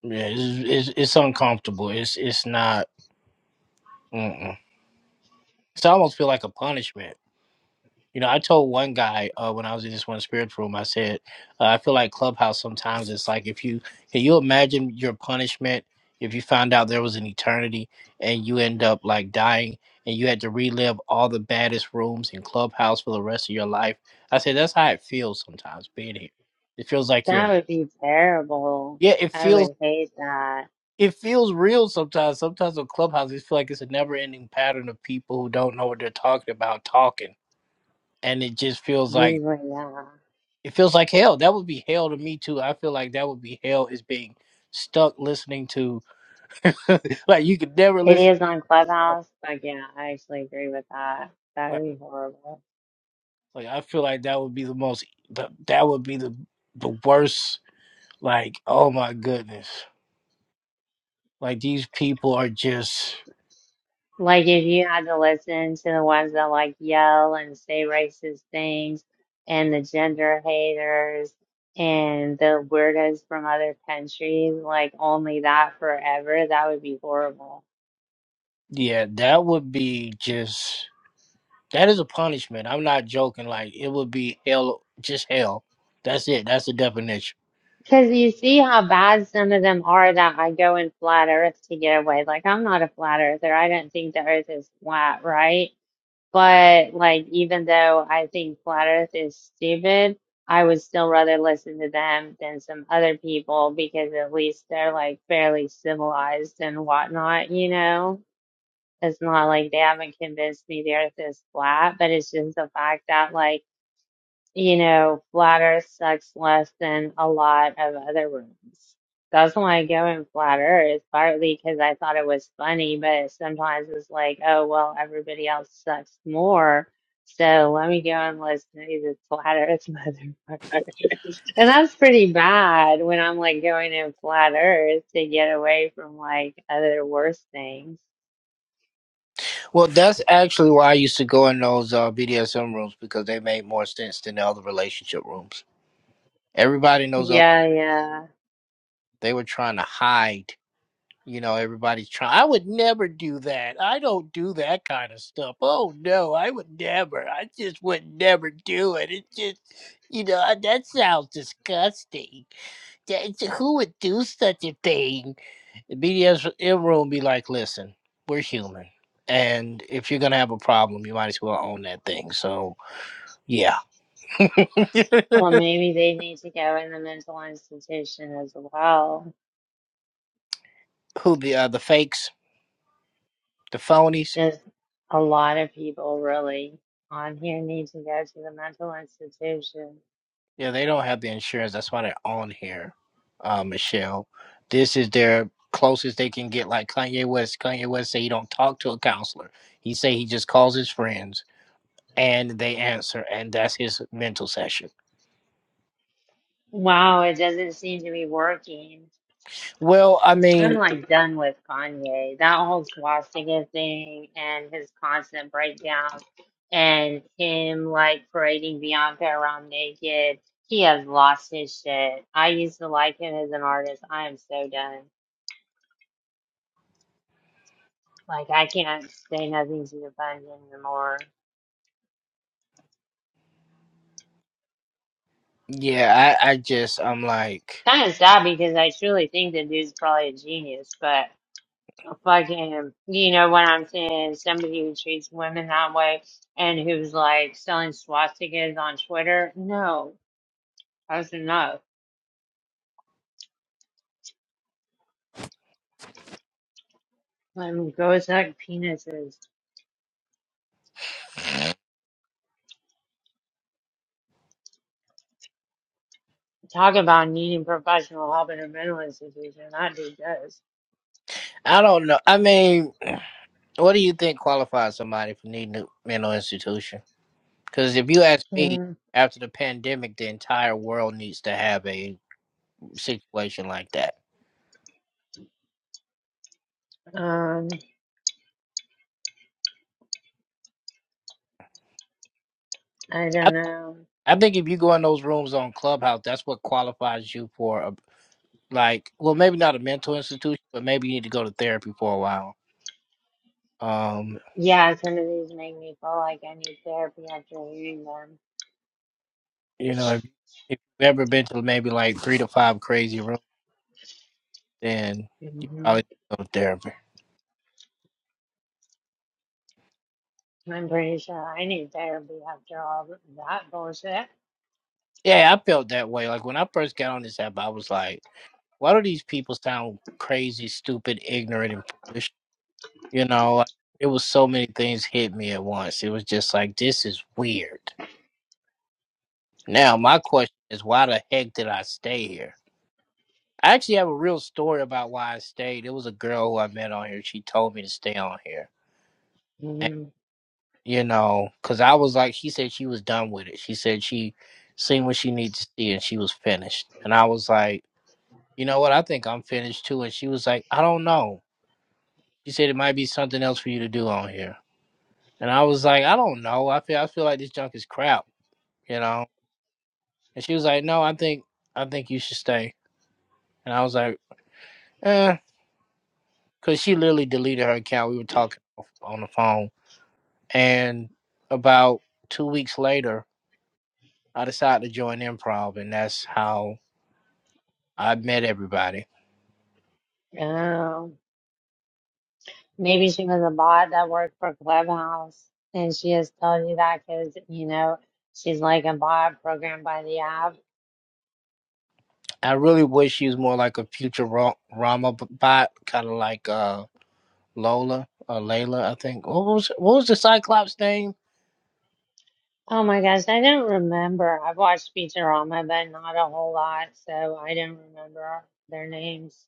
Yeah, it's it's, it's uncomfortable. It's it's not. Mm-mm. It's almost feel like a punishment You know, I told one guy uh, when I was in this one spirit room, I said, uh, I feel like Clubhouse sometimes it's like if you can you imagine your punishment if you found out there was an eternity and you end up like dying and you had to relive all the baddest rooms in Clubhouse for the rest of your life. I said that's how it feels sometimes being here. It feels like you're That in. would be terrible. Yeah, it I feels would hate that. it feels real sometimes. Sometimes on Clubhouse, it feels like it's a never ending pattern of people who don't know what they're talking about talking and it just feels like Usually, yeah. it feels like hell. That would be hell to me too. I feel like that would be hell is being stuck listening to like you could never It listen is on to hell. Clubhouse, but yeah, I actually agree with that. That Like, would be horrible. like I feel like that would be the most the, that would be the the worst like oh my goodness. Like these people are just Like if you had to listen to the ones that like yell and say racist things and the gender haters and the weirdos from other countries, like only that forever, that would be horrible. yeah, that would be just that is a punishment. I'm not joking. Like it would be hell just hell. That's it. That's the definition. Cause you see how bad some of them are that I go in flat earth to get away. Like I'm not a flat earther. I don't think the earth is flat, right? But like, even though I think Flat Earth is stupid, I would still rather listen to them than some other people because at least they're like fairly civilized and whatnot, you know? It's not like they haven't convinced me the earth is flat, but it's just the fact that like you know, flat Earth sucks less than a lot of other rooms. That's why I go in flat Earth, partly because I thought it was funny, but sometimes it's like, oh, well, everybody else sucks more. So let me go and listen to the flat Earth motherfuckers. And that's pretty bad when I'm like going in flat Earth to get away from like other worse things. Well, that's actually why I used to go in those uh, BDSM rooms because they made more sense than the other relationship rooms. Everybody knows other, Yeah, yeah. they were trying to hide. You know, everybody's trying. I would never do that. I don't do that kind of stuff. Oh no, I would never. I just would never do it. It just, you know, that sounds disgusting. That, who would do such a thing? The BDS it room be like, listen, we're human. And if you're gonna have a problem, you might as well own that thing. So yeah. Well, maybe they need to go in the mental institution as well. Who the uh, the fakes, the phonies, Just a lot of people really on here need to go to the mental institution. yeah, they don't have the insurance. That's why they're on here, uh, Michelle. This is their closest they can get like Kanye West. Kanye West say he don't talk to a counselor. He say he just calls his friends and they answer and that's his mental session. Wow, it doesn't seem to be working. Well, I I'm mean, like done with Kanye. That whole swastika thing and his constant breakdown and him like parading Bianca around naked. He has lost his shit. I used to like him as an artist. I am so done. Like I can't say nothing to defend him anymore. yeah, I, I just I'm like kind of sad because I truly think the dude's probably a genius, but fucking, you know what I'm saying? Somebody who treats women that way and who's like selling swastikas on Twitter. No, that's enough. Let him go suck penises. Talk about needing professional help in a mental institution. That dude does. I don't know. I mean What do you think qualifies somebody for needing a mental institution? Because if you ask me, Mm, after the pandemic, the entire world needs to have a situation like that. Um, I I, don't know. I think if you go in those rooms on Clubhouse, that's what qualifies you for a like. Well, maybe not a mental institution, but maybe you need to go to therapy for a while. Um, Yeah, some of these make me feel like I need therapy after hearing you know, if, if you've ever been to maybe like three to five crazy rooms, then you them. probably need to go to therapy. I'm pretty sure I need therapy after all that bullshit. Yeah, I felt that way. Like when I first got on this app, I was like. why do these people sound crazy, stupid, ignorant, and foolish? You know, like it was so many things hit me at once. It was just like this is weird. Now my question is, why the heck did I stay here? I actually have a real story about why I stayed. It was a girl who I met on here. She told me to stay on here, and mm you know, because I was like, she said she was done with it. She said she seen what she needed to see, and she was finished. And I was like, you know what? I think I'm finished too. And she was like, I don't know. She said it might be something else for you to do on here. And I was like, I don't know. I feel I feel like this junk is crap, you know. And she was like, No, I think I think you should stay. And I was like, Eh, because she literally deleted her account. We were talking on the phone, and about two weeks later, I decided to join improv, and that's how I met everybody. Oh, maybe she was a bot that worked for Clubhouse and she has told you that because, you know, she's like a bot programmed by the app. I really wish she was more like a future Rama bot, kind of like uh, Lola or Layla, I think. What was what was the Cyclops name? Oh my gosh, I don't remember. I've watched Futurama, but not a whole lot, so I don't remember their names.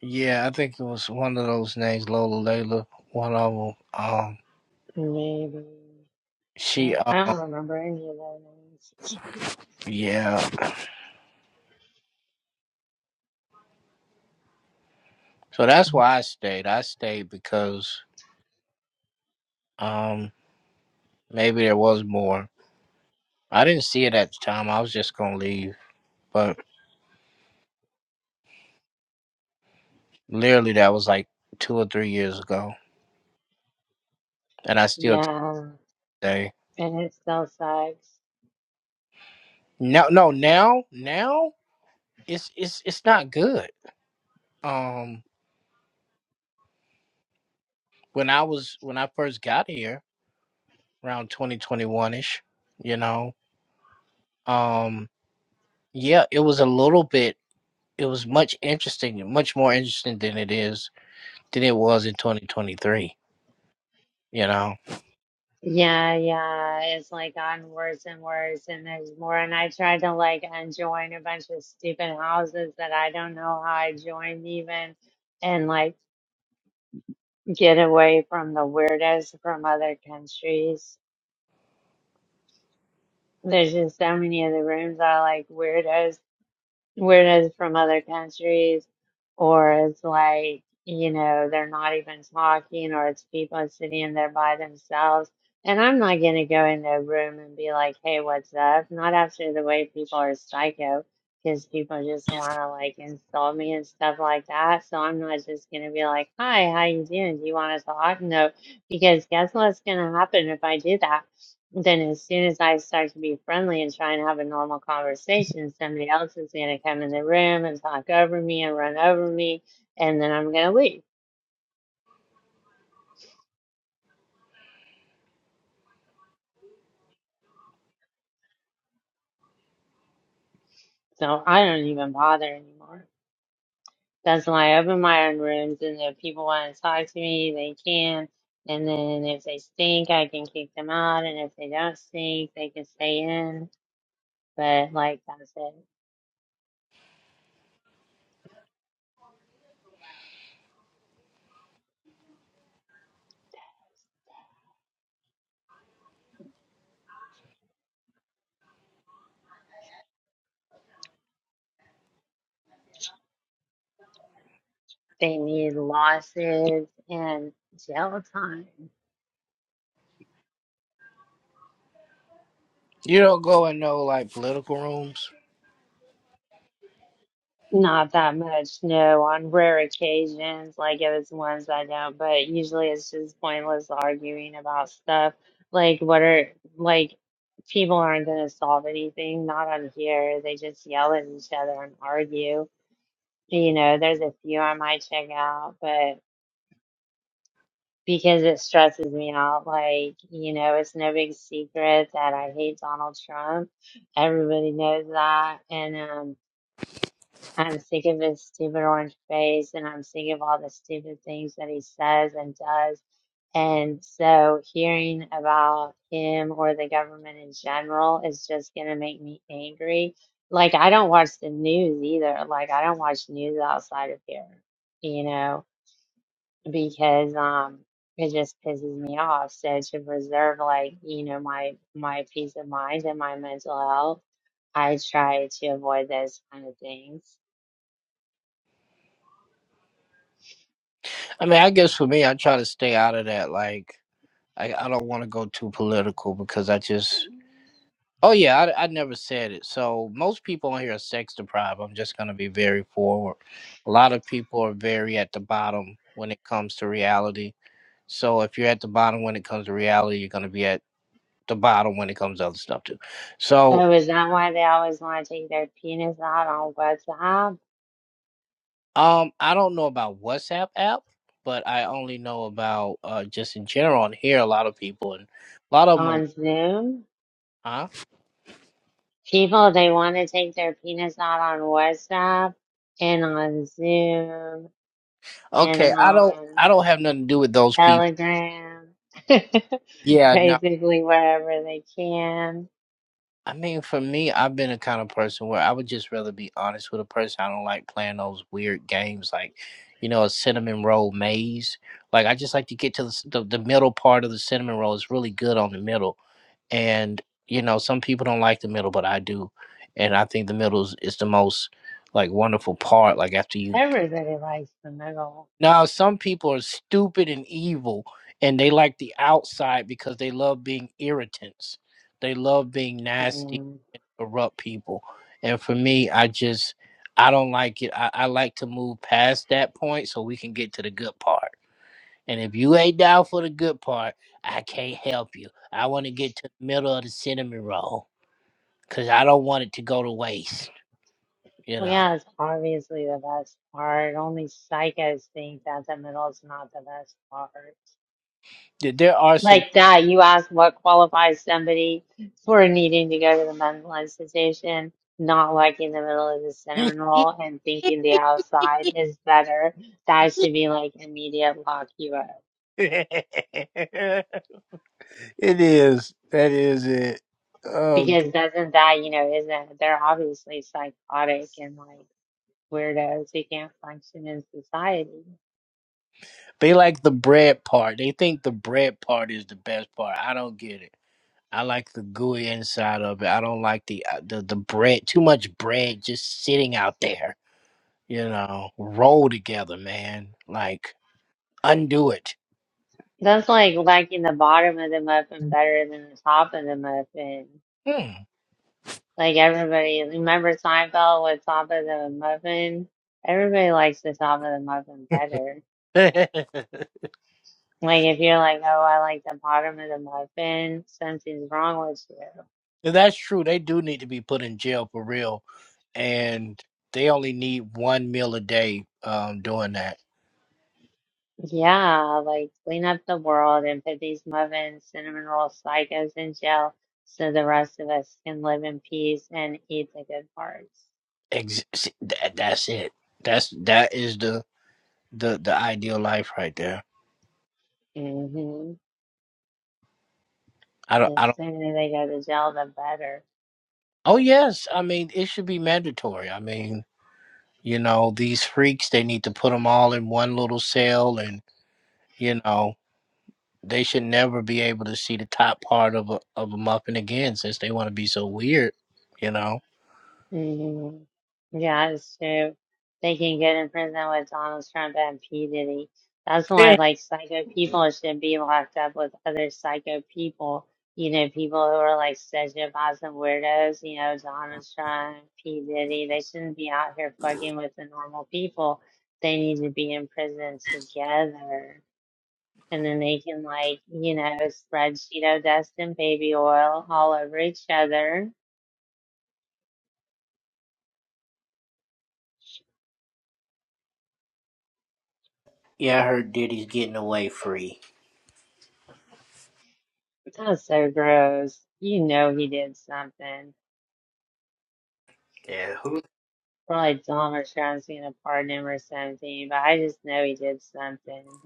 Yeah, I think it was one of those names, Lola Layla. One of them. Um, Maybe. she. So Um, I don't remember any of their names. yeah. So that's why I stayed. I stayed because um maybe there was more. I didn't see it at the time. I was just gonna leave, but literally that was like two or three years ago, and I still talk Yeah, today. and it still sucks. No, no. Now, now it's it's it's not good. Um, when I was when I first got here around 2021 ish, you know. Um, Yeah, it was a little bit. It was much interesting, much more interesting than it is than it was in 2023. You know, Yeah, yeah, it's like gotten worse and worse, and there's more. And I tried to like unjoin a bunch of stupid houses that I don't know how I joined even, and like get away from the weirdos from other countries. There's just so many of the rooms are like weirdos Whereas from other countries, or it's like, you know, they're not even talking, or it's people sitting there by themselves. And I'm not going to go in their room and be like, hey, what's up? Not after the way people are psycho, because people just want to like insult me and stuff like that. So I'm not just going to be like, hi, how you doing? Do you want to talk? No, because guess what's going to happen if I do that? Then, as soon as I start to be friendly and try and have a normal conversation, somebody else is going to come in the room and talk over me and run over me, and then I'm going to leave. So I don't even bother anymore. That's why I open my own rooms, and if people want to talk to me, they can. And then if they stink, I can kick them out, and if they don't stink, they can stay in. But like I said, they need losses and jail time. you don't go in no like political rooms. Not that much, no. On rare occasions, like if it's ones I don't, but usually it's just pointless arguing about stuff. Like, what are, like, people aren't going to solve anything, not on here. They just yell at each other and argue. You know, there's a few I might check out, but because it stresses me out, like, you know, it's no big secret that I hate Donald Trump. Everybody knows that. And, um, I'm sick of his stupid orange face and I'm sick of all the stupid things that he says and does. And so hearing about him or the government in general is just going to make me angry. Like, I don't watch the news either. Like, I don't watch news outside of here, you know, because, um, it just pisses me off. So to preserve like, you know, my my peace of mind and my mental health, I try to avoid those kind of things I mean, I guess for me, I try to stay out of that. Like, I, I don't want to go too political because I just. Oh yeah, I, I never said it. So most people on here are sex deprived. I'm just gonna be very forward. A lot of people are very at the bottom when it comes to reality. So if you're at the bottom when it comes to reality, you're gonna be at the bottom when it comes to other stuff too. So Oh, is that why they always want to take their penis out on WhatsApp, um I don't know about WhatsApp app, but I only know about uh just in general and hear a lot of people and a lot of them are on Zoom? huh? People, they want to take their penis out on WhatsApp and on Zoom Okay, and I don't on I don't have nothing to do with those people. Telegram, Yeah, no. basically wherever they can. I mean, for me, I've been a kind of person where I would just rather be honest with a person. I don't like playing those weird games like, you know, a cinnamon roll maze. Like, I just like to get to the, s- the, the middle part of the cinnamon roll. It's really good on the middle. And, you know, some people don't like the middle, but I do. And I think the middle is, is the most, like, wonderful part. Like, after you. Everybody likes the middle. Now, some people are stupid and evil, and they like the outside because they love being irritants. They love being nasty Mm. erupt people. And for me, I just I don't like it. I, I like to move past that point so we can get to the good part. And if you ain't down for the good part, I can't help you. I want to get to the middle of the cinnamon roll because I don't want it to go to waste. You Well, know, yeah, it's obviously the best part. Only psychos think that the middle's not the best part. There there are some. Like that, you ask what qualifies somebody for needing to go to the mental institution, not like in the middle of the it cinnamon roll and thinking the outside is better. That should be like immediate lock you up. is. That is it. Oh, Because doesn't that, you know, isn't they're obviously psychotic and like weirdos who can't function in society. they like the bread part. They think the bread part is the best part. I don't get it. I like the gooey inside of it. I don't like the uh, the the bread. Too much bread just sitting out there. You know, roll together, man. Like undo it. That's like liking the bottom of the muffin better than the top of the muffin. Mm. Like everybody, remember Seinfeld with Top of the Muffin? Everybody likes the Top of the Muffin better. Like if you're like, oh, I like the bottom of the muffin, something's wrong with you. That's true. They do need to be put in jail for real, and they only need one meal a day. Um, doing that. Yeah, like clean up the world and put these muffin cinnamon roll psychos in jail so the rest of us can live in peace and eat the good parts. Ex- that that's it. That's that is the the the ideal life right there. hmm I don't. The I don't. sooner they go to jail, the better. Oh yes. I mean, it should be mandatory. I mean. You know, these freaks, they need to put them all in one little cell and, you know, they should never be able to see the top part of a, of a muffin again since they want to be so weird, you know. hmm Yeah, it's true. They can get in prison with Donald Trump and P. Diddy. That's why, Eh. like, psycho people should be locked up with other psycho people. You know, people who are like sociopaths and weirdos, you know, Donald Trump, P. Diddy, they shouldn't be out here fucking with the normal people. They need to be in prison together. And then they can, like, you know, spread Cheeto dust and baby oil all over each other Yeah, I heard Diddy's getting away free. That's so gross. You know he did something. Yeah, who? Probably Tom or Sean's seen a pardon him or something, but I just know he did something.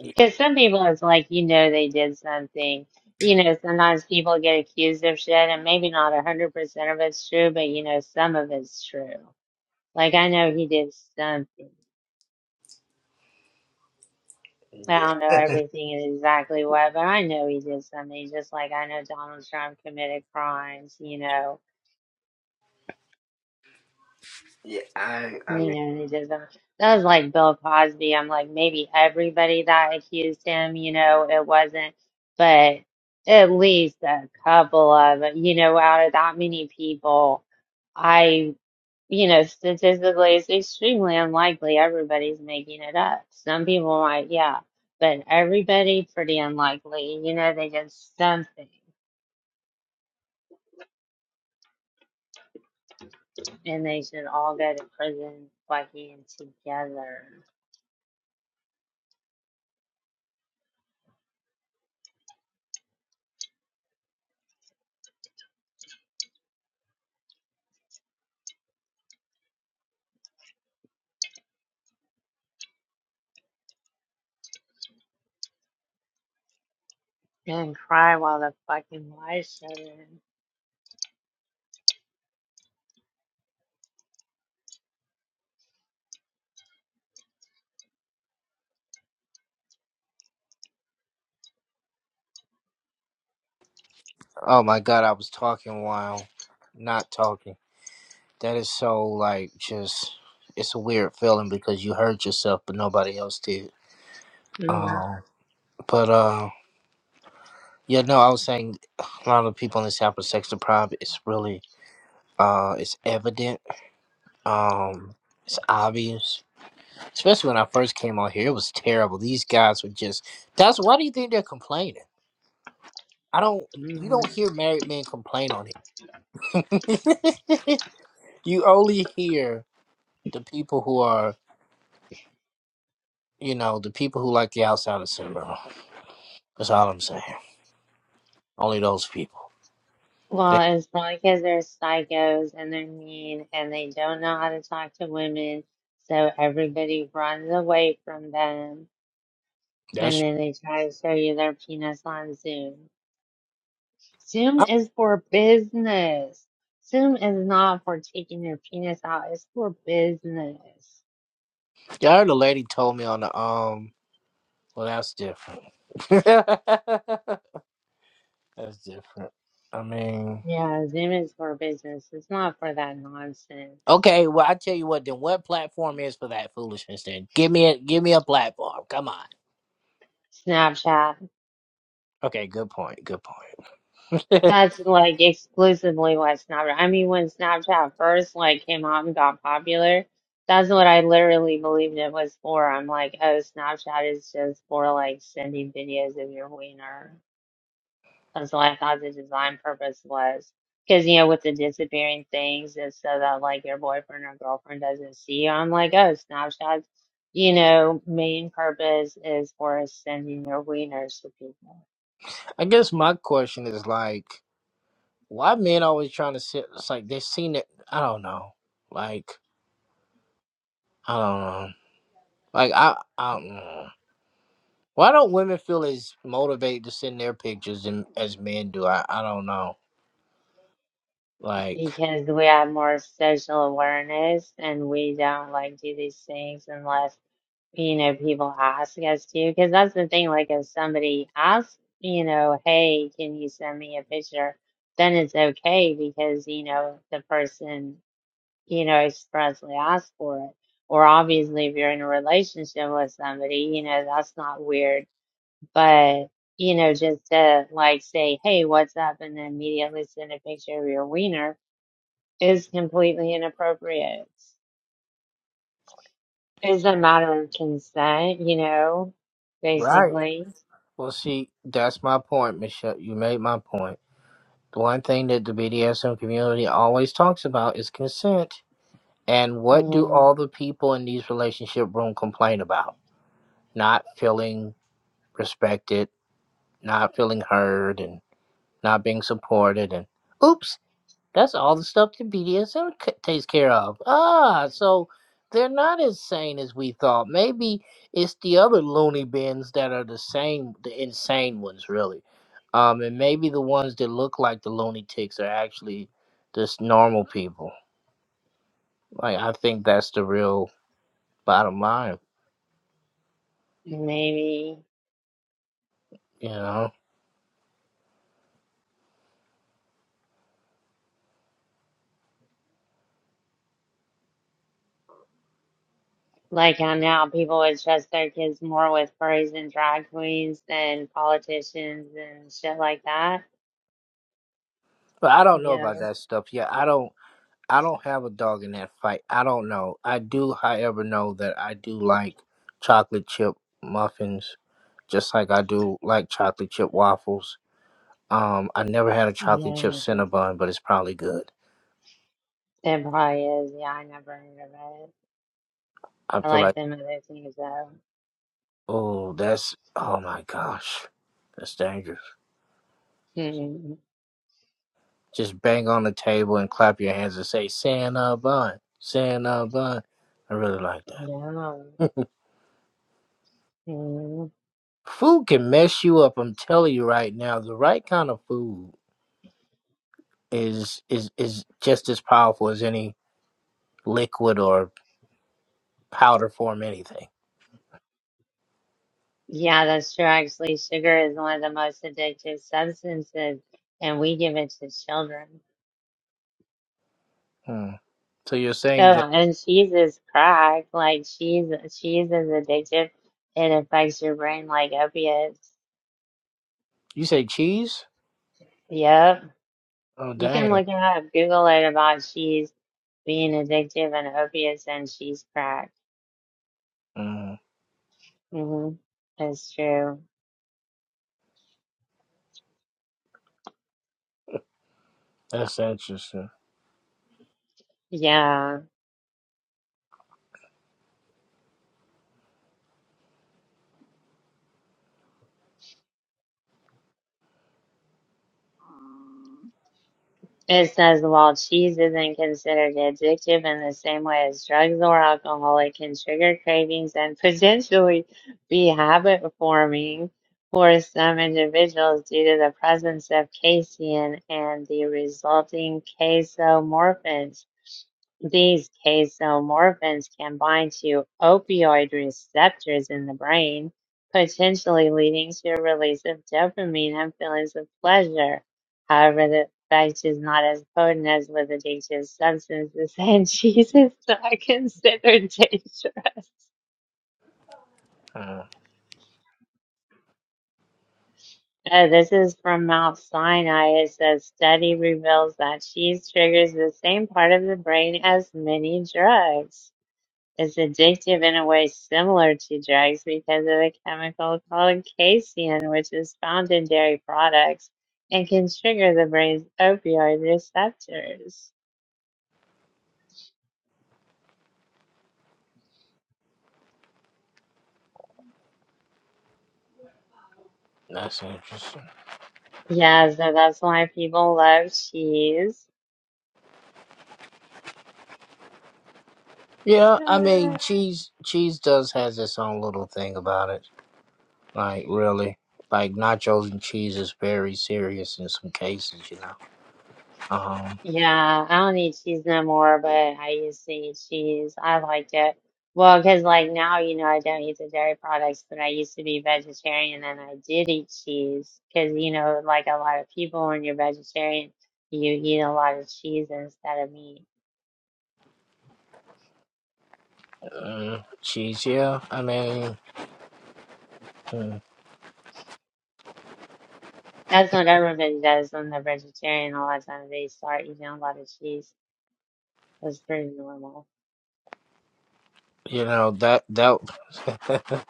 Yeah, Because some people, it's like, you know, they did something. You know, sometimes people get accused of shit, and maybe not a 100% of it's true, but you know, some of it's true. Like, I know he did something. I yeah, don't know everything and exactly what, but I know he did something, just like I know Donald Trump committed crimes, you know. yeah, I, I You mean. know, he doesn't. That was like Bill Cosby. I'm like, maybe everybody that accused him, you know, it wasn't, but at least a couple of, you know, out of that many people, I, you know, statistically, it's extremely unlikely everybody's making it up. Some people might, yeah, but everybody pretty unlikely. You know, they did something and they should all go to prison, fucking together. and cry while the fucking lights shut in. Oh my God, I was talking while not talking. That is so like just, it's a weird feeling because you hurt yourself, but nobody else did. Mm, Um, but um, Yeah, no, I was saying a lot of people in this app are sex deprived. It's really, uh, it's evident. Um, it's obvious. Especially when I first came on here, it was terrible. These guys were just. That's why do you think they're complaining? I don't. You don't mm. hear married men complain on it. you only hear the people who are, you know, the people who like the outsider syndrome. That's all I'm saying. Only those people. Well, They, it's probably because they're psychos and they're mean and they don't know how to talk to women, so everybody runs away from them and that's. then they try to show you their penis on Zoom. Zoom I, is for business. Zoom is not for taking your penis out, it's for business. I heard a lady told me on the um. Well, that's different. That's different. I mean, Yeah, Zoom is for business. It's not for that nonsense. okay. Well, I tell you what. Then what platform is for that foolishness? Then give me a give me a platform. Come on. Snapchat. Okay. Good point. Good point. That's like exclusively what Snapchat. I mean, when Snapchat first like came out and got popular, that's what I literally believed it was for. I'm like, oh, Snapchat is just for like sending videos of your wiener. That's what I thought the design purpose was. Because you know, with the disappearing things, it's so that like your boyfriend or girlfriend doesn't see you. I'm like, oh, Snapchat's, you know, main purpose is for sending your wieners to people. I guess my question is like, why men always trying to sit? It's like they seen it. I don't know. Like I don't know. Like I I don't know. Why don't women feel as motivated to send their pictures and, as men do? I I don't know. Like because we have more social awareness and we don't like do these things unless you know people ask us to because that's the thing like if somebody asks you know hey can you send me a picture then it's okay because you know the person you know expressly asked for it or obviously if you're in a relationship with somebody you know that's not weird but you know just to like say hey what's up and then immediately send a picture of your wiener is completely inappropriate. It's a matter of consent, you know, right. basically. Well, see, that's my point, Michelle. You made my point. The one thing that the BDSM community always talks about is consent. And what do And all the people in these relationship room complain about? Not feeling respected, not feeling heard, and not being supported. And oops, that's all the stuff that BDSM takes care of. Ah, so they're not as sane as we thought. Maybe it's the other loony bins that are the same, the insane ones, really. Um, and maybe the ones that look like the loony ticks are actually just normal people. Like I think that's the real bottom line, maybe, you know. like how now people would trust their kids more with furries and drag queens than politicians and shit like that. But I don't know about Yeah. that stuff. Yeah, I don't. I don't have a dog in that fight. I don't know. I do, however, know that I do like chocolate chip muffins just like I do like chocolate chip waffles. Um, I never had a chocolate Yeah, chip that's it. Cinnabon, but it's probably good. It probably is. Yeah, I never heard of it. I I feel like like, them other things though. oh, that's, oh my gosh, that's dangerous. Yeah. Just bang on the table and clap your hands and say, Cinnabon, Cinnabon. I really like that. Hmm. Food can mess you up. I'm telling you right now, the right kind of food is is is just as powerful as any liquid or powder form anything. Yeah, that's true. Actually, sugar is one of the most addictive substances, and we give it to children. Hmm. So you're Oh, saying that and cheese is crack. Like cheese, cheese is addictive. It affects your brain like opiates. you say cheese? Yep. Oh You can dang. look it up, Google it about cheese being addictive and opiates and cheese crack. Mm, Mm-hmm. That's true. that's interesting. Yeah. It says while cheese isn't considered addictive in the same way as drugs or alcohol, it can trigger cravings and potentially be habit forming for some individuals due to the presence of casein and the resulting casomorphins. These casomorphins can bind to opioid receptors in the brain, potentially leading to a release of dopamine and feelings of pleasure. However, the effect is not as potent as with addictive substances, and cheese is not considered dangerous. Mm, Uh, this is from Mount Sinai. It says study reveals that cheese triggers the same part of the brain as many drugs. It's addictive in a way similar to drugs because of a chemical called casein, which is found in dairy products and can trigger the brain's opioid receptors. that's interesting. Yeah, so that's why people love cheese. Yeah, I mean, cheese cheese does has its own little thing about it. Like really, like nachos and cheese is very serious in some cases, you know. Um, Yeah, I don't need cheese no more, but I used to eat cheese. I liked it. Well, 'cause like now, you know, I don't eat the dairy products, but I used to be vegetarian and I did eat cheese. 'Cause, you know, like a lot of people, when you're vegetarian, you eat a lot of cheese instead of meat. mm, cheese, yeah. I mean, mm, That's what everybody does when they're vegetarian. A lot of times they start eating a lot of cheese. It's pretty normal. you know that that.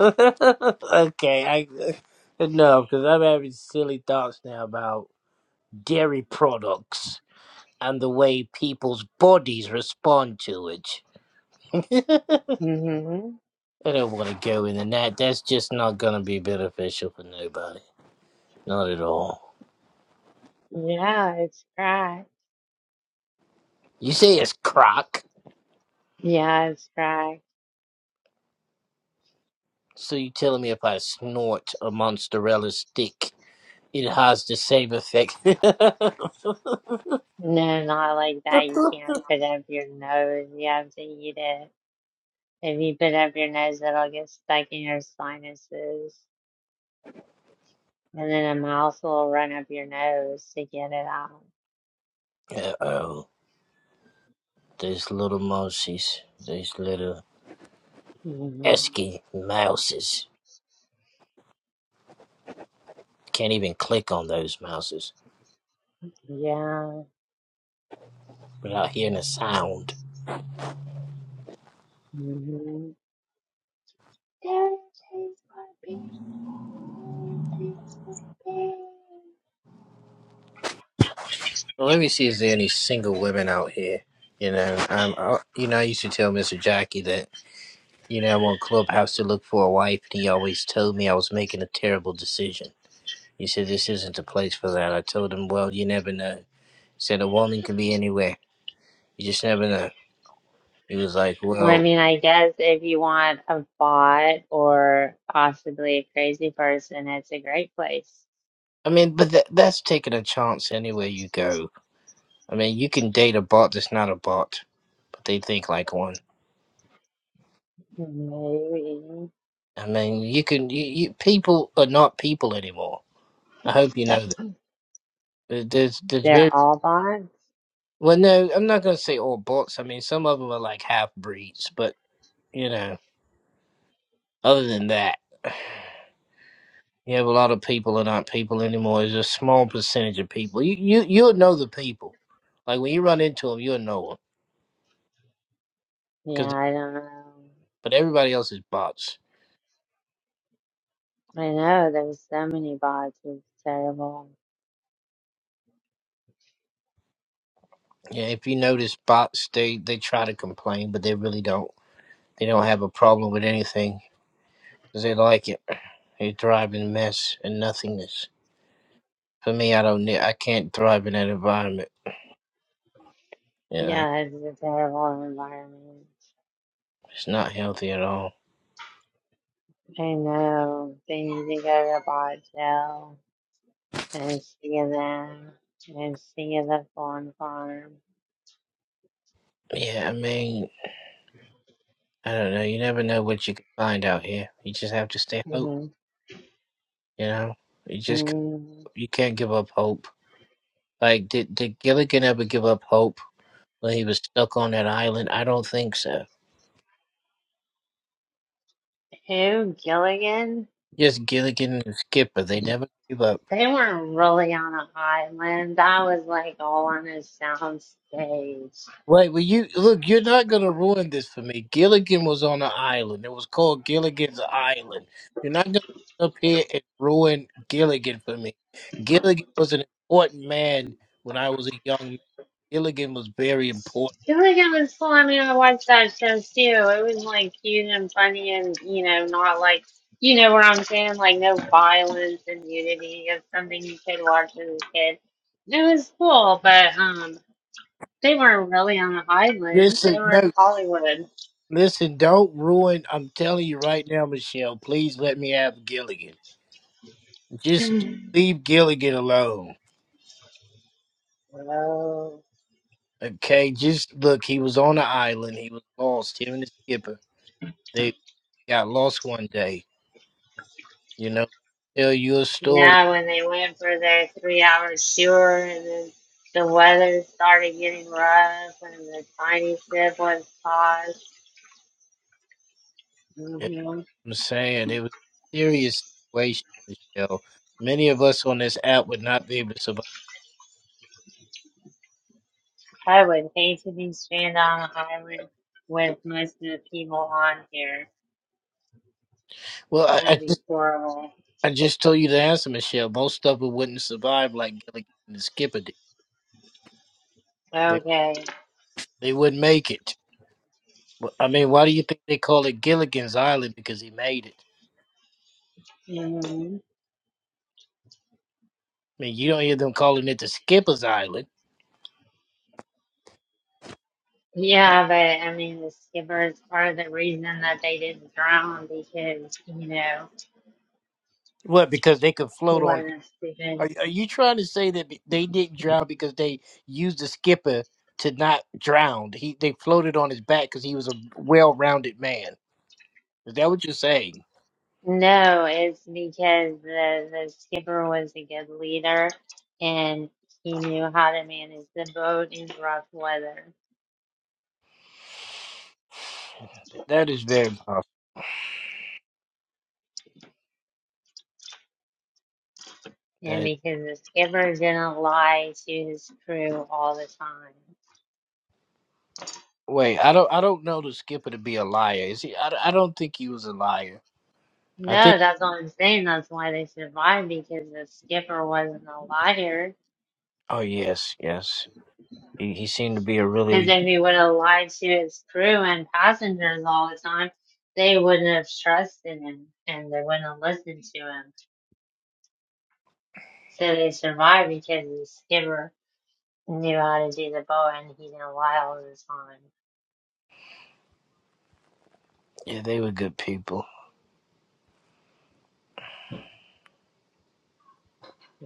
okay, I no, because I'm having silly thoughts now about dairy products and the way people's bodies respond to it. hmm I don't want to go in that. That's just not going to be beneficial for nobody. Not at all. Yeah, it's right. You say it's crock, Yeah, it's right. so you telling me if I snort a mozzarella stick, it has the same effect? uh No, not like that. You can't put up your nose. You have to eat it. If you put up your nose, it'll get stuck in your sinuses. And then a mouse will run up your nose to get it out. oh, these little mousies, these little hmm esky mouses. Can't even click on those mouses Yeah. without hearing a sound. hmm Well, let me see, is there any single women out here? You know, um, I, you know, I used to tell Mister Jackie that. You know, I'm on Clubhouse to look for a wife, and he always told me I was making a terrible decision. He said, This isn't the place for that. I told him, Well, you never know. He said, A woman can be anywhere. You just never know. He was like, Well, I Well, mean, I guess if you want a bot or possibly a crazy person, it's a great place. I mean, but that that's taking a chance anywhere you go. I mean, you can date a bot that's not a bot, but they think like one. Maybe. I mean, you can, you, you people are not people anymore. I hope you know that. There- There's, there's They're very, all bots? well, no, I'm not going to say all bots. I mean, some of them are like half breeds, but, you know. Other than that, you have a lot of people that aren't people anymore. It's a small percentage of people. You you you'll know the people. Like when you run into them, you'll know them. Yeah, Cause I don't know. but everybody else is bots. I know, there's so many bots. It's terrible. Yeah, if you notice, bots they they try to complain, but they really don't. They don't have a problem with anything because they like it. They thrive in mess and nothingness. For me, I don't. ne- I can't thrive in that environment. You know, Yeah, it's a terrible environment. it's not healthy at all. I know. They need to go to Botto and see them and see the fawn farm. Yeah, I mean, I don't know. You never know what you can find out here. You just have to stay hope. hmm You know, you just c- Who, you can't give up hope. Like did did Gilligan ever give up hope when he was stuck on that island? I don't think so. Gilligan? Just Gilligan and Skipper, they never gave up. They weren't really on an island. That was like all on a soundstage. Right, well you look, you're not gonna ruin this for me. Gilligan was on an island. It was called Gilligan's Island. You're not gonna sit up here and ruin Gilligan for me. Gilligan was an important man when I was a young man. Gilligan was very important. I feel like it was fun. I mean, I watched that show too. It was like cute and funny, and you know, not like you know what I'm saying, like no violence and nudity. It's something you could watch as a kid. And It was cool, but um, they weren't really on the island. Listen, They were in no, Hollywood. listen, don't ruin. I'm telling you right now, Michelle, please let me have Gilligan. Just leave Gilligan alone. So Okay, just look, he was on the island. He was lost, him and the skipper. They got lost one day. You know, tell you a story. yeah, when they went for their three-hour tour, and then the weather started getting rough, and the tiny ship was tossed. I'm saying it was a serious situation, Michelle. Many of us on this app would not be able to survive. I would hate to be stranded on an island with most of the people on here. Well, I, That would I be just horrible. I just told you the answer, Michelle. Most of it wouldn't survive like Gilligan and the skipper did. Okay. They wouldn't make it. I mean, why do you think they call it Gilligan's Island? Because he made it. hmm I mean, you don't hear them calling it the Skipper's Island. Yeah, but I mean, the skipper is part of the reason that they didn't drown because, you know, What? Because they could he float on. wasn't stupid. Are, are you trying to say that they didn't drown because they used the skipper to not drown? He they floated on his back because he was a well-rounded man. Is that what you're saying? No, it's because the, the skipper was a good leader and he knew how to manage the boat in rough weather. That is very possible. And That because the skipper didn't lie to his crew all the time. wait, I don't I don't know the skipper to be a liar. Is he? I, I don't think he was a liar. I think. No, that's what I'm saying. That's why they survived because the skipper wasn't a liar. Oh yes, yes. He he seemed to be a Because really if he would have lied to his crew and passengers all the time, they wouldn't have trusted him and they wouldn't have listened to him. So they survived because the skipper knew how to do the boat and he didn't lie all the time. Yeah, they were good people.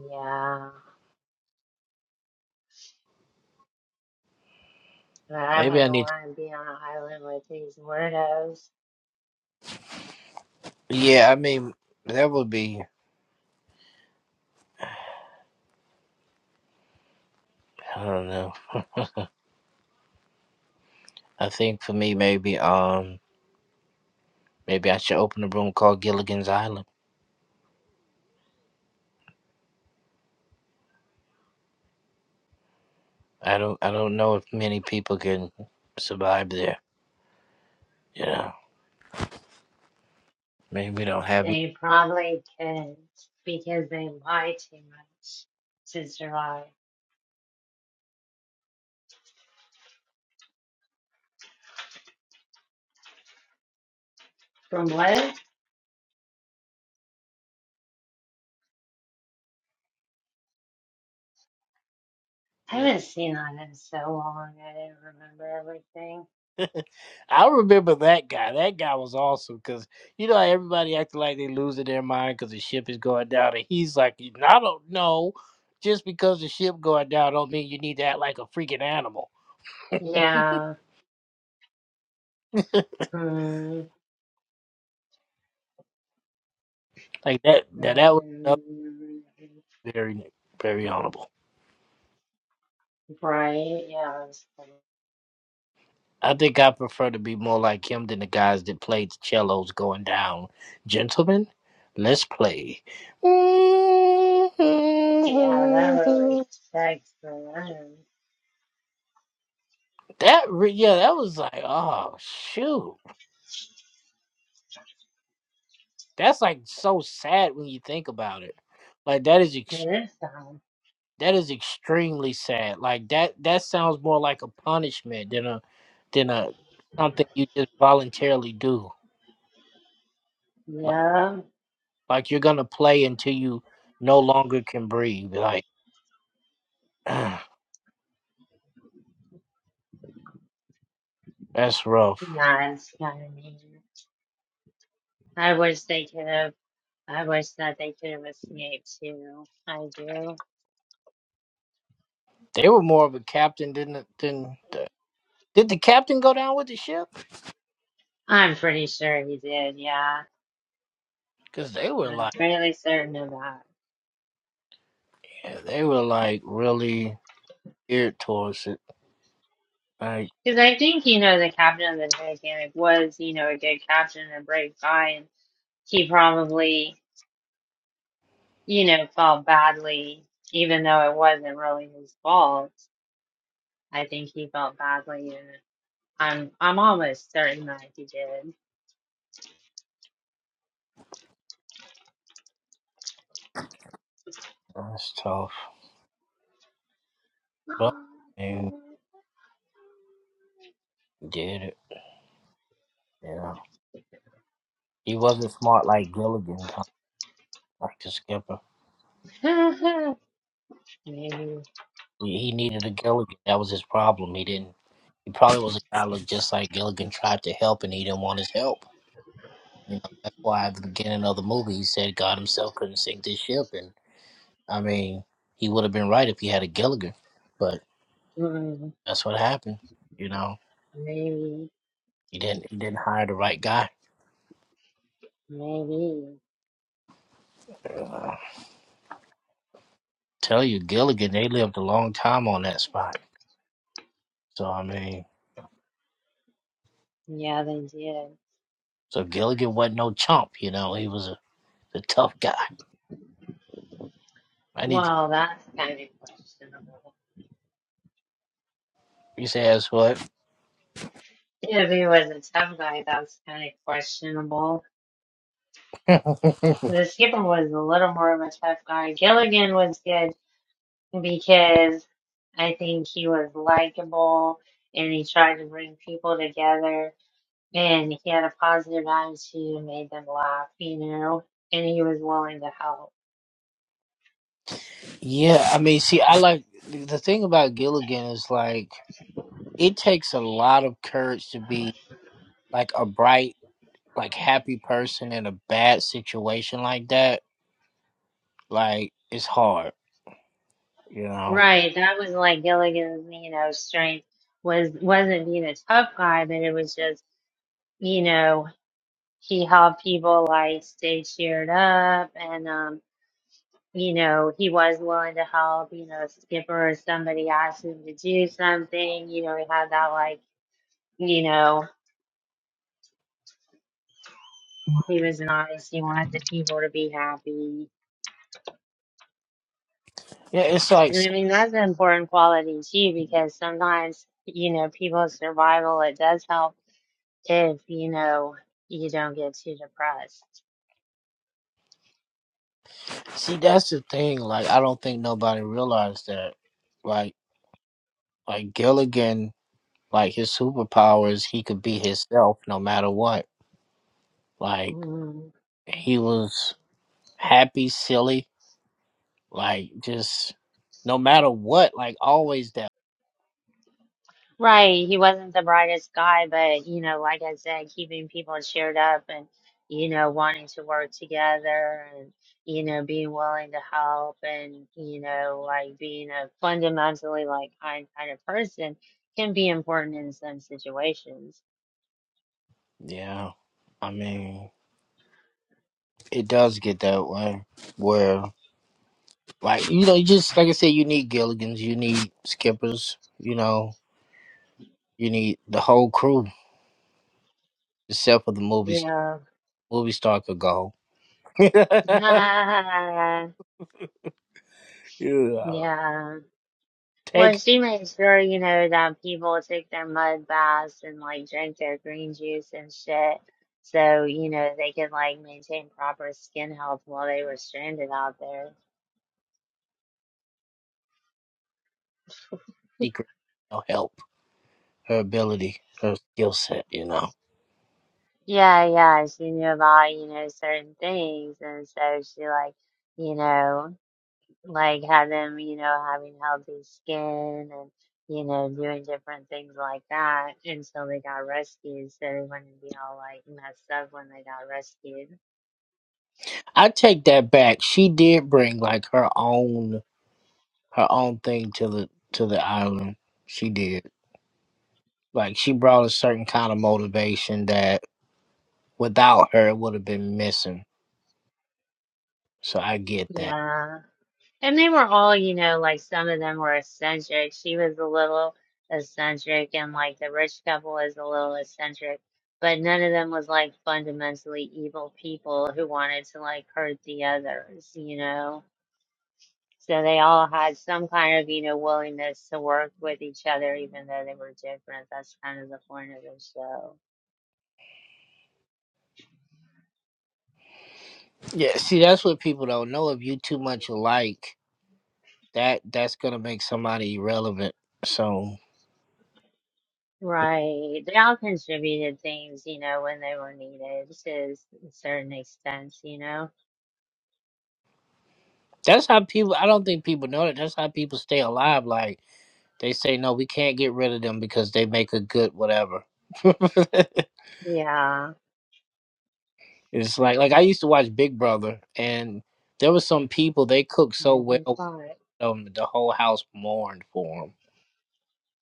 Yeah, but I Maybe I wouldn't need to. want to be on an island with these weirdos. Yeah, I mean, that would be. I don't know. I think for me, maybe um, maybe I should open a room called Gilligan's Island. I don't. I don't know if many people can survive there. You know, maybe we don't have. They probably couldn't because they lie too much to survive. From what? I Yeah. haven't seen that in so long. I didn't remember everything. I remember that guy. That guy was awesome because you know how everybody acting like they losing their mind because the ship is going down, and he's like, "I don't know." Just because the ship going down don't mean you need to act like a freaking animal. Yeah. Mm, Like that, that, that was another mm, very, very honorable. right. Yeah. that was cool. I think I prefer to be more like him than the guys that played the cellos going down. Gentlemen, let's play. Yeah, that really sucks for them. That, re- yeah, that was like, oh, shoot. That's like so sad when you think about it. Like that is, ex- It is dumb. that is extremely sad. Like that, that sounds more like a punishment than a, than a, something you just voluntarily do. Yeah. Like you're gonna play until you no longer can breathe. Like that's rough. Yeah, it's kind of mean. I wish they could have. I wish that they could have escaped too. I do. They were more of a captain than than the, did the captain go down with the ship? I'm pretty sure he did. Yeah. Because they were I'm like fairly certain of that. yeah, they were like really geared towards it. Like Because I think, you know, the captain of the Titanic was, you know, a good captain, and a brave guy, and he probably, you know, felt badly, even though it wasn't really his fault. I think he felt badly, and I'm I'm almost certain that he did. that's tough, but they did it. Yeah, he wasn't smart like Gilligan, though, like the skipper. maybe, He he needed a Gilligan. That was his problem. He didn't. He probably was a guy that looked just like Gilligan. Tried to help, and he didn't want his help. You know, that's why at the beginning of the movie he said God himself couldn't sink this ship, and I mean he would have been right if he had a Gilligan, but mm, that's what happened. You know, maybe, he didn't he didn't hire the right guy. maybe. Uh, tell you Gilligan, they lived a long time on that spot. So I mean, Yeah, they did. so Gilligan wasn't no chump. You know, he was a, a tough guy. I need to Well, that's kind of questionable. his ass what? If he was a tough guy, that's kind of questionable. The skipper was a little more of a tough guy. Gilligan was good because I think he was likable and he tried to bring people together and he had a positive attitude and made them laugh, you know, and he was willing to help. yeah, I mean, see, I like the thing about Gilligan is like it takes a lot of courage to be like a bright like happy person in a bad situation like that, like it's hard, you know. Right. That was like Gilligan's, you know, strength was wasn't being a tough guy, but it was just, you know, he helped people like stay cheered up and um you know, he was willing to help, you know, Skipper or somebody asked him to do something, you know, he had that like, you know, he was nice, he wanted the people to be happy. Yeah, it's like And I mean, that's an important quality too, because sometimes, you know, people's survival, it does help if, you know, you don't get too depressed. see that's the thing. Like I don't think nobody realized that. Like like Gilligan, like his superpowers, he could be himself no matter what. Like Mm-hmm. he was happy, silly, like just no matter what, like always that. Right, he wasn't the brightest guy, but you know, like I said, keeping people cheered up and you know, wanting to work together and you know, being willing to help and you know, like being a fundamentally like kind kind of person can be important in some situations. Yeah, I mean it does get that way where. Like you know, you just like I said, you need Gilligans, you need skippers, you know, you need the whole crew except for the movie st- Yeah. movie star could go. You know, Yeah. Well, take she makes sure, you know, that people take their mud baths and like drink their green juice and shit. So, you know, they could like maintain proper skin health while they were stranded out there. secret, no help, her ability, her skill set. You know, Yeah, yeah, she knew about, you know, certain things. And so she like, you know, like had them, you know, having healthy skin and, you know, doing different things like that until they got rescued. So they wouldn't be all like messed up when they got rescued. I take that back. She did bring like her own her own thing to the to the island. She did like she brought a certain kind of motivation that without her it would have been missing. So I get that. Yeah. And they were all, you know, like some of them were eccentric. She was a little eccentric, and like the rich couple was a little eccentric, but none of them was like fundamentally evil people who wanted to like hurt the others, you know. So they all had some kind of, you know, willingness to work with each other, even though they were different. That's kind of the point of the show. Yeah, see, that's what people don't know. If you too much alike, that that's gonna make somebody irrelevant. So Right. They all contributed things, you know, when they were needed to a certain extent, you know. that's how people. I don't think people know that. That's how people stay alive. Like they say, no, we can't get rid of them because they make a good whatever. Yeah. it's like like I used to watch Big Brother, and there was some people they cooked so Never well, thought. um, the whole house mourned for them.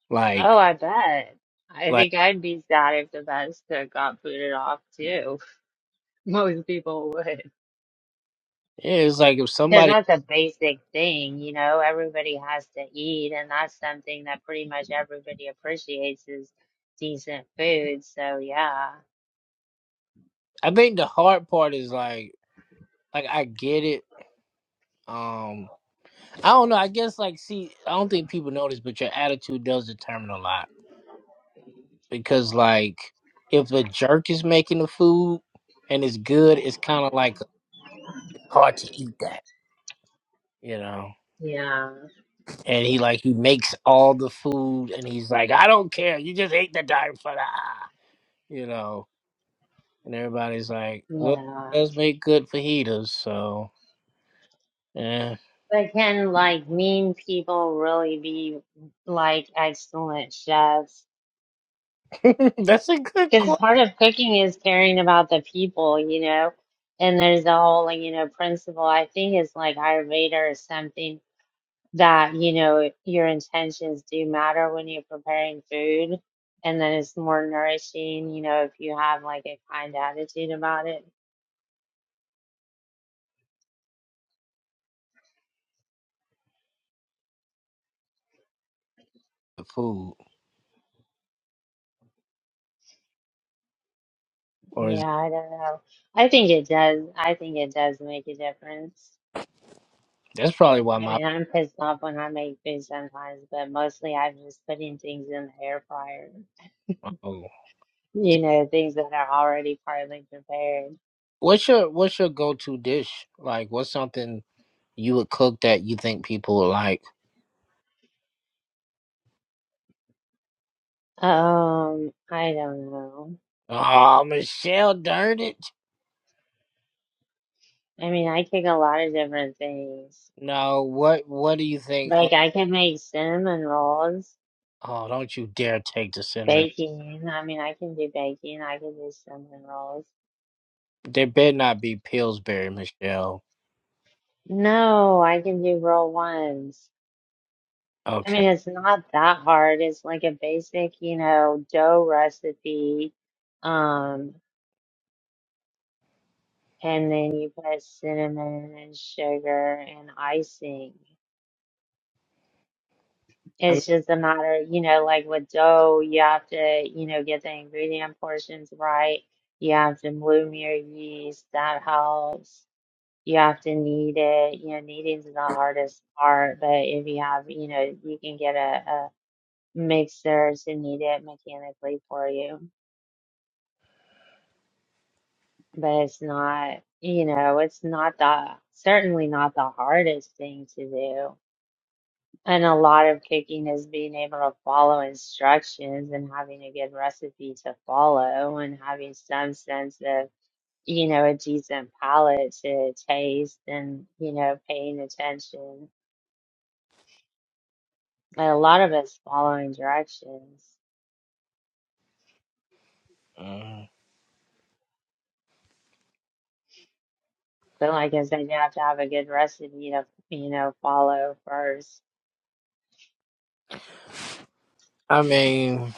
Like Oh, I bet. I like think I'd be sad if the Vesta got booted off too. Most people would. yeah, it's like if Because somebody. that's a basic thing, you know, everybody has to eat, and that's something that pretty much everybody appreciates is decent food. So, yeah. I think the hard part is like like I get it. um, I don't know. I guess like, see, I don't think people know this, but your attitude does determine a lot because like, if a jerk is making the food and it's good, it's kind of like hard to eat that, you know. Yeah. And he like he makes all the food and he's like, I don't care, you just ate the darn fajita, you know. And everybody's like, well, Yeah. it does make good fajitas, so yeah, But can like mean people really be like excellent chefs? that's a good Because question. part of cooking is caring about the people, you know, and there's the whole, like, you know, principle. I think it's like Ayurveda or something that, you know, your intentions do matter when you're preparing food. And then it's more nourishing, you know, if you have like a kind attitude about it. Food, or Yeah, is, I don't know. I think it does. I think it does make a difference. that's probably why I my. mean, I'm pissed off when I make food sometimes, but mostly I'm just putting things in the air fryer. oh. you know, things that are already partly prepared. What's your what's your go to dish? Like, what's something you would cook that you think people would like? Um, I don't know. Oh, Michelle Durnit? I mean, I cook a lot of different things. No, what what do you think? Like Of, I can make cinnamon rolls, oh, don't you dare take the cinnamon. baking. I mean, I can do baking. I can do cinnamon rolls. There better not be Pillsbury, Michelle. No, I can do roll ones. I mean, Okay. it's not that hard. It's like a basic, you know, dough recipe. Um, and then you put cinnamon and sugar and icing. I mean, It's just a matter, you know, like with dough, you have to, you know, get the ingredient portions right. You have to bloom your yeast. That helps. You have to knead it. You know, kneading is the hardest part, but if you have, you know, you can get a, a mixer to knead it mechanically for you. But it's not, you know, it's not the, certainly not the hardest thing to do. And a lot of cooking is being able to follow instructions and having a good recipe to follow and having some sense of, you know, a decent palate to taste and, you know, paying attention. And a lot of it's following directions. mm, But like I said, you have to have a good recipe to, you know, follow first. I mean,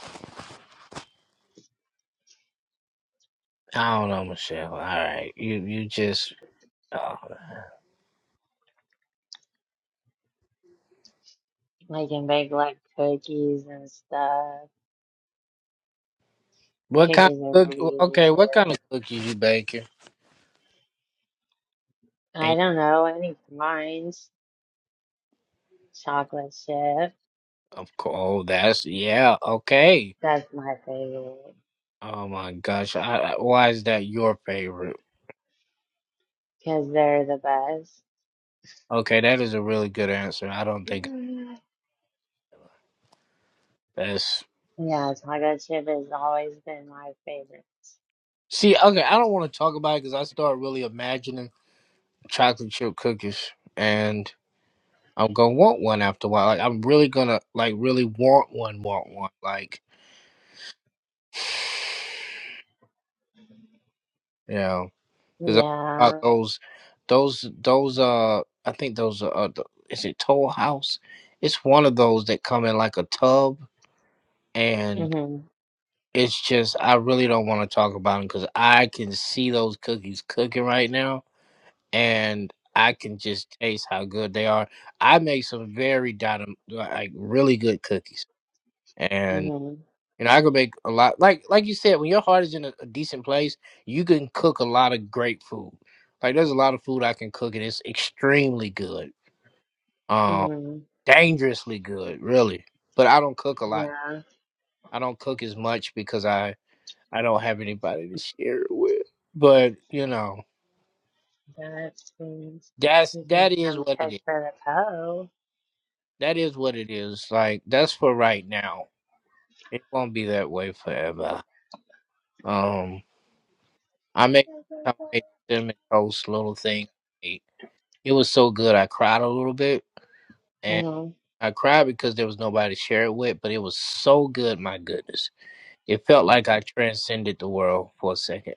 I don't know, Michelle. All right, you you just uh, Like and bake like cookies and stuff. what kind Cookies are of pretty cook? easy Okay, what too. kind of cookies you baking? I And don't know, any kind. Chocolate chip. of course, that's yeah. Okay, That's my favorite Oh my gosh. I, I- why is that your favorite? because they're the best. Okay, that is a really good answer. I don't think that's. Yeah, taco chip has always been my favorite. See, okay, I don't want to talk about it because I start really imagining chocolate chip cookies and I'm going to want one after a while. Like, I'm really going to, like, really want one, want one. Like, you know, because about Yeah. those, those, those, uh, I think those are, uh, the, is it Toll House? It's one of those that come in like a tub and. Mhm. It's just I really don't want to talk about them because I can see those cookies cooking right now, and I can just taste how good they are. I make some very dynam like really good cookies, and Mhm. you know I can make a lot. Like like you said, when your heart is in a, a decent place, you can cook a lot of great food. Like there's a lot of food I can cook, and it's extremely good, um, Mhm. dangerously good, really. But I don't cook a lot. Yeah. I don't cook as much because I I don't have anybody to share it with. But you know, That means that's you can that is come what it cook is. for the co. That is what it is. Like that's for right now. It won't be that way forever. Um, I made I made cinnamon toast little thing. I ate. It was so good. I cried a little bit, and Mhm. I cried because there was nobody to share it with. But it was so good. My goodness, it felt like I transcended the world for a second.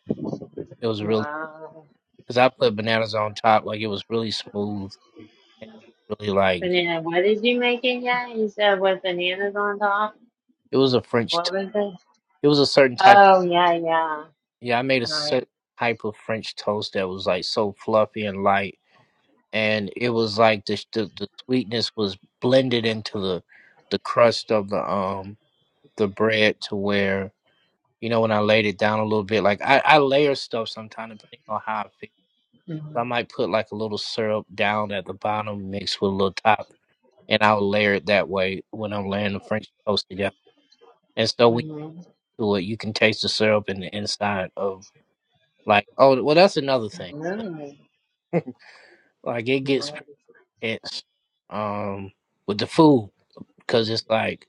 It was really Wow. because I put bananas on top. Like it was really smooth, and really like Banana. What did you make it yet? You said with bananas on top. It was a French. What To- was it? it was a certain type. Oh yeah, yeah. Yeah, I made a Nice. certain type of French toast that was like so fluffy and light, and it was like the the, the sweetness was blended into the the crust of the um the bread to where you know when I laid it down a little bit. Like I I layer stuff sometimes depending on how I feel. So I Mhm. might put like a little syrup down at the bottom mixed with a little top, and I'll layer it that way when I'm laying the French toast together. And so when Mhm. you do it, you can taste the syrup in the inside of Like, oh, well, that's another thing. But, Really. like, it gets Nice. pretty intense um, with the food because it's like,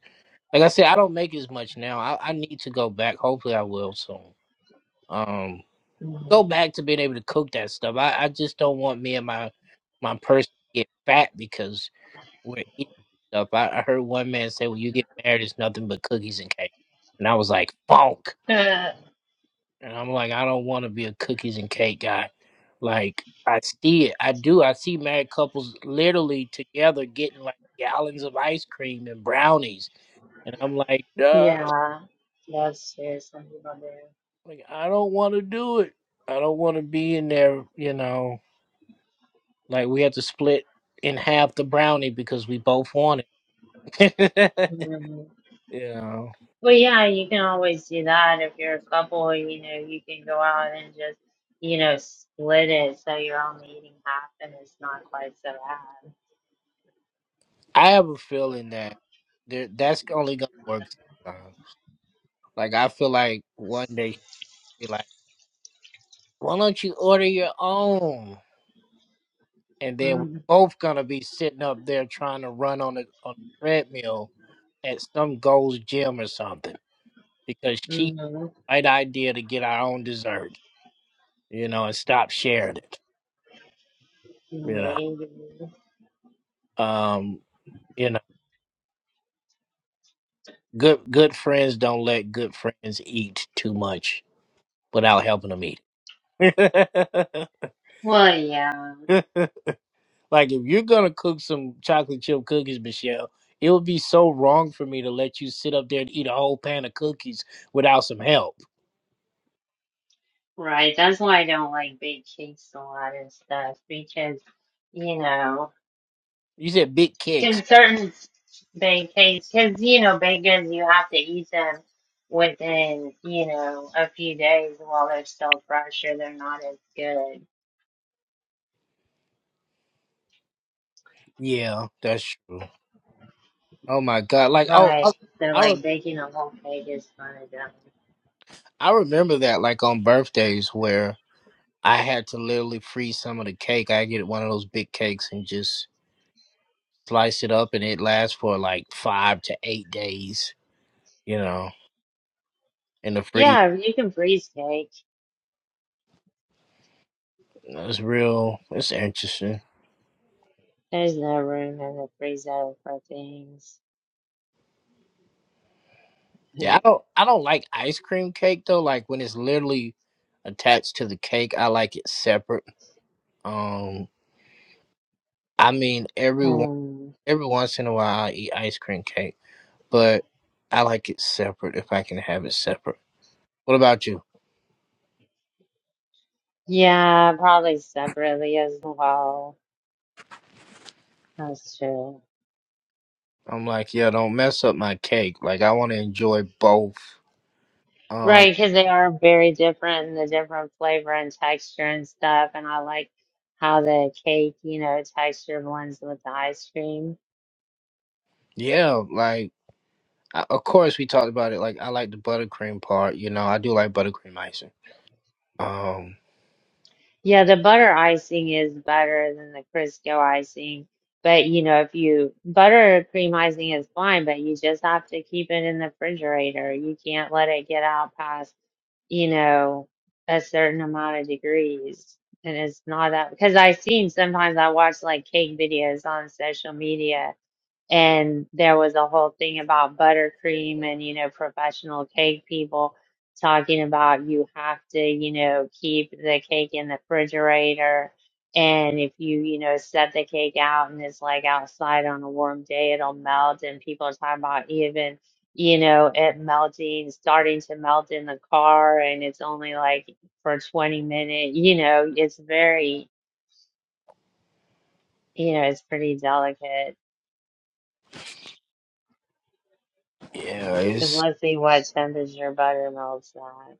like I said, I don't make as much now. I, I need to go back. Hopefully, I will soon. Um, Mhm. go back to being able to cook that stuff. I, I just don't want me and my my person to get fat because we're eating stuff. I, I heard one man say, "When you get married, it's nothing but cookies and cake," and I was like, "Funk." And I'm like, I don't want to be a cookies and cake guy. Like, I see it. I do. I see married couples literally together getting like gallons of ice cream and brownies. And I'm like, duh. Yeah, yes, yes, I love it. Like, I don't want to do it. I don't want to be in there, you know, like we have to split in half the brownie because we both want it. Mhm. you know, But yeah, you can always do that if you're a couple, you know, you can go out and just, you know, split it so you're only eating half and it's not quite so bad. I have a feeling that there, that's only going to work sometime. Like, I feel like one day she'll be like, Why don't you order your own? And then we're both gonna be sitting up there trying to run on a on a treadmill at some Gold's gym or something because she Mm-hmm. had the right idea to get our own dessert, you know, and stop sharing it. You know, Maybe. um, you know, good good friends don't let good friends eat too much without helping them eat. Well, yeah, Like if you're gonna cook some chocolate chip cookies, Michelle, it would be so wrong for me to let you sit up there and eat a whole pan of cookies without some help. right. That's why I don't like big cakes a lot and stuff because, you know. You said big cakes. Can certain beignets, because you know, baked you have to eat them within, you know, a few days while they're still fresh or they're not as good. Yeah, that's true. Oh my god! Like oh, I Right. So, I, re- like, baking a whole cake is fun as that. I remember that like on birthdays where I had to literally freeze some of the cake. I get one of those big cakes and just slice it up, and it lasts for like five to eight days. You know, in the freezer. Yeah, you can freeze cake. It's real. It's interesting. There's no room in the freezer for things. Yeah, I don't I don't like ice cream cake though. Like when it's literally attached to the cake, I like it separate. Um I mean every one um, every once in a while I eat ice cream cake, but I like it separate if I can have it separate. What about you? yeah, probably separately as well. That's true. I'm like, yeah, don't mess up my cake. Like I want to enjoy both. Um Right, because they are very different and the different flavor and texture and stuff. And I like how the cake, you know, texture blends with the ice cream. yeah, like I, of course we talked about it like I like the buttercream part, you know. I do like buttercream icing. Um Yeah, the butter icing is better than the Crisco icing. But, you know, if you butter cream icing is fine, but you just have to keep it in the refrigerator. You can't let it get out past, you know, a certain amount of degrees. And it's not that because I've seen sometimes I watch like cake videos on social media And there was a whole thing about buttercream and, you know, professional cake people talking about you have to, you know, keep the cake in the refrigerator. And if you, you know, set the cake out and it's like outside on a warm day, it'll melt. And people are talking about even, you know, it melting, starting to melt in the car and it's only like for 20 minutes, you know, it's very, you know, it's pretty delicate yeah, Because it's let's see what temperature buttermilk's at.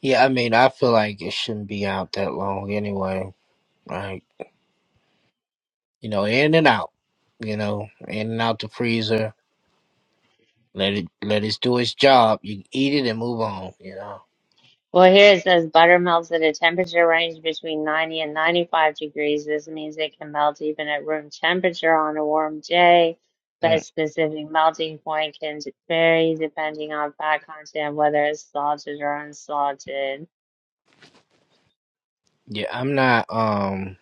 Yeah, I mean, I feel like it shouldn't be out that long anyway. Like, you know, in and out, you know, in and out the freezer. Let it let it do its job. You eat it and move on, you know. Well, here it says buttermilk's at a temperature range between 90 and 95 degrees. This means it can melt even at room temperature on a warm day, but Mm. its specific melting point can vary depending on fat content, whether it's salted or unsalted. Yeah, I'm not um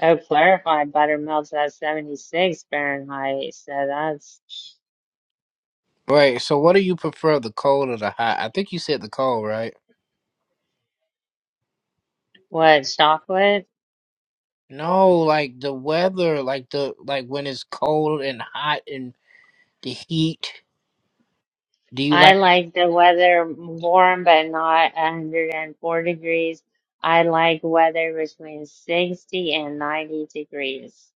Oh, clarified buttermilk's at 76 Fahrenheit, so that's right, so what do you prefer, the cold or the hot? I think you said the cold, right? what, chocolate? No, like the weather, like the like when it's cold and hot and the heat. Do you I like like the weather warm but not 104 degrees. I like weather between 60 and 90 degrees.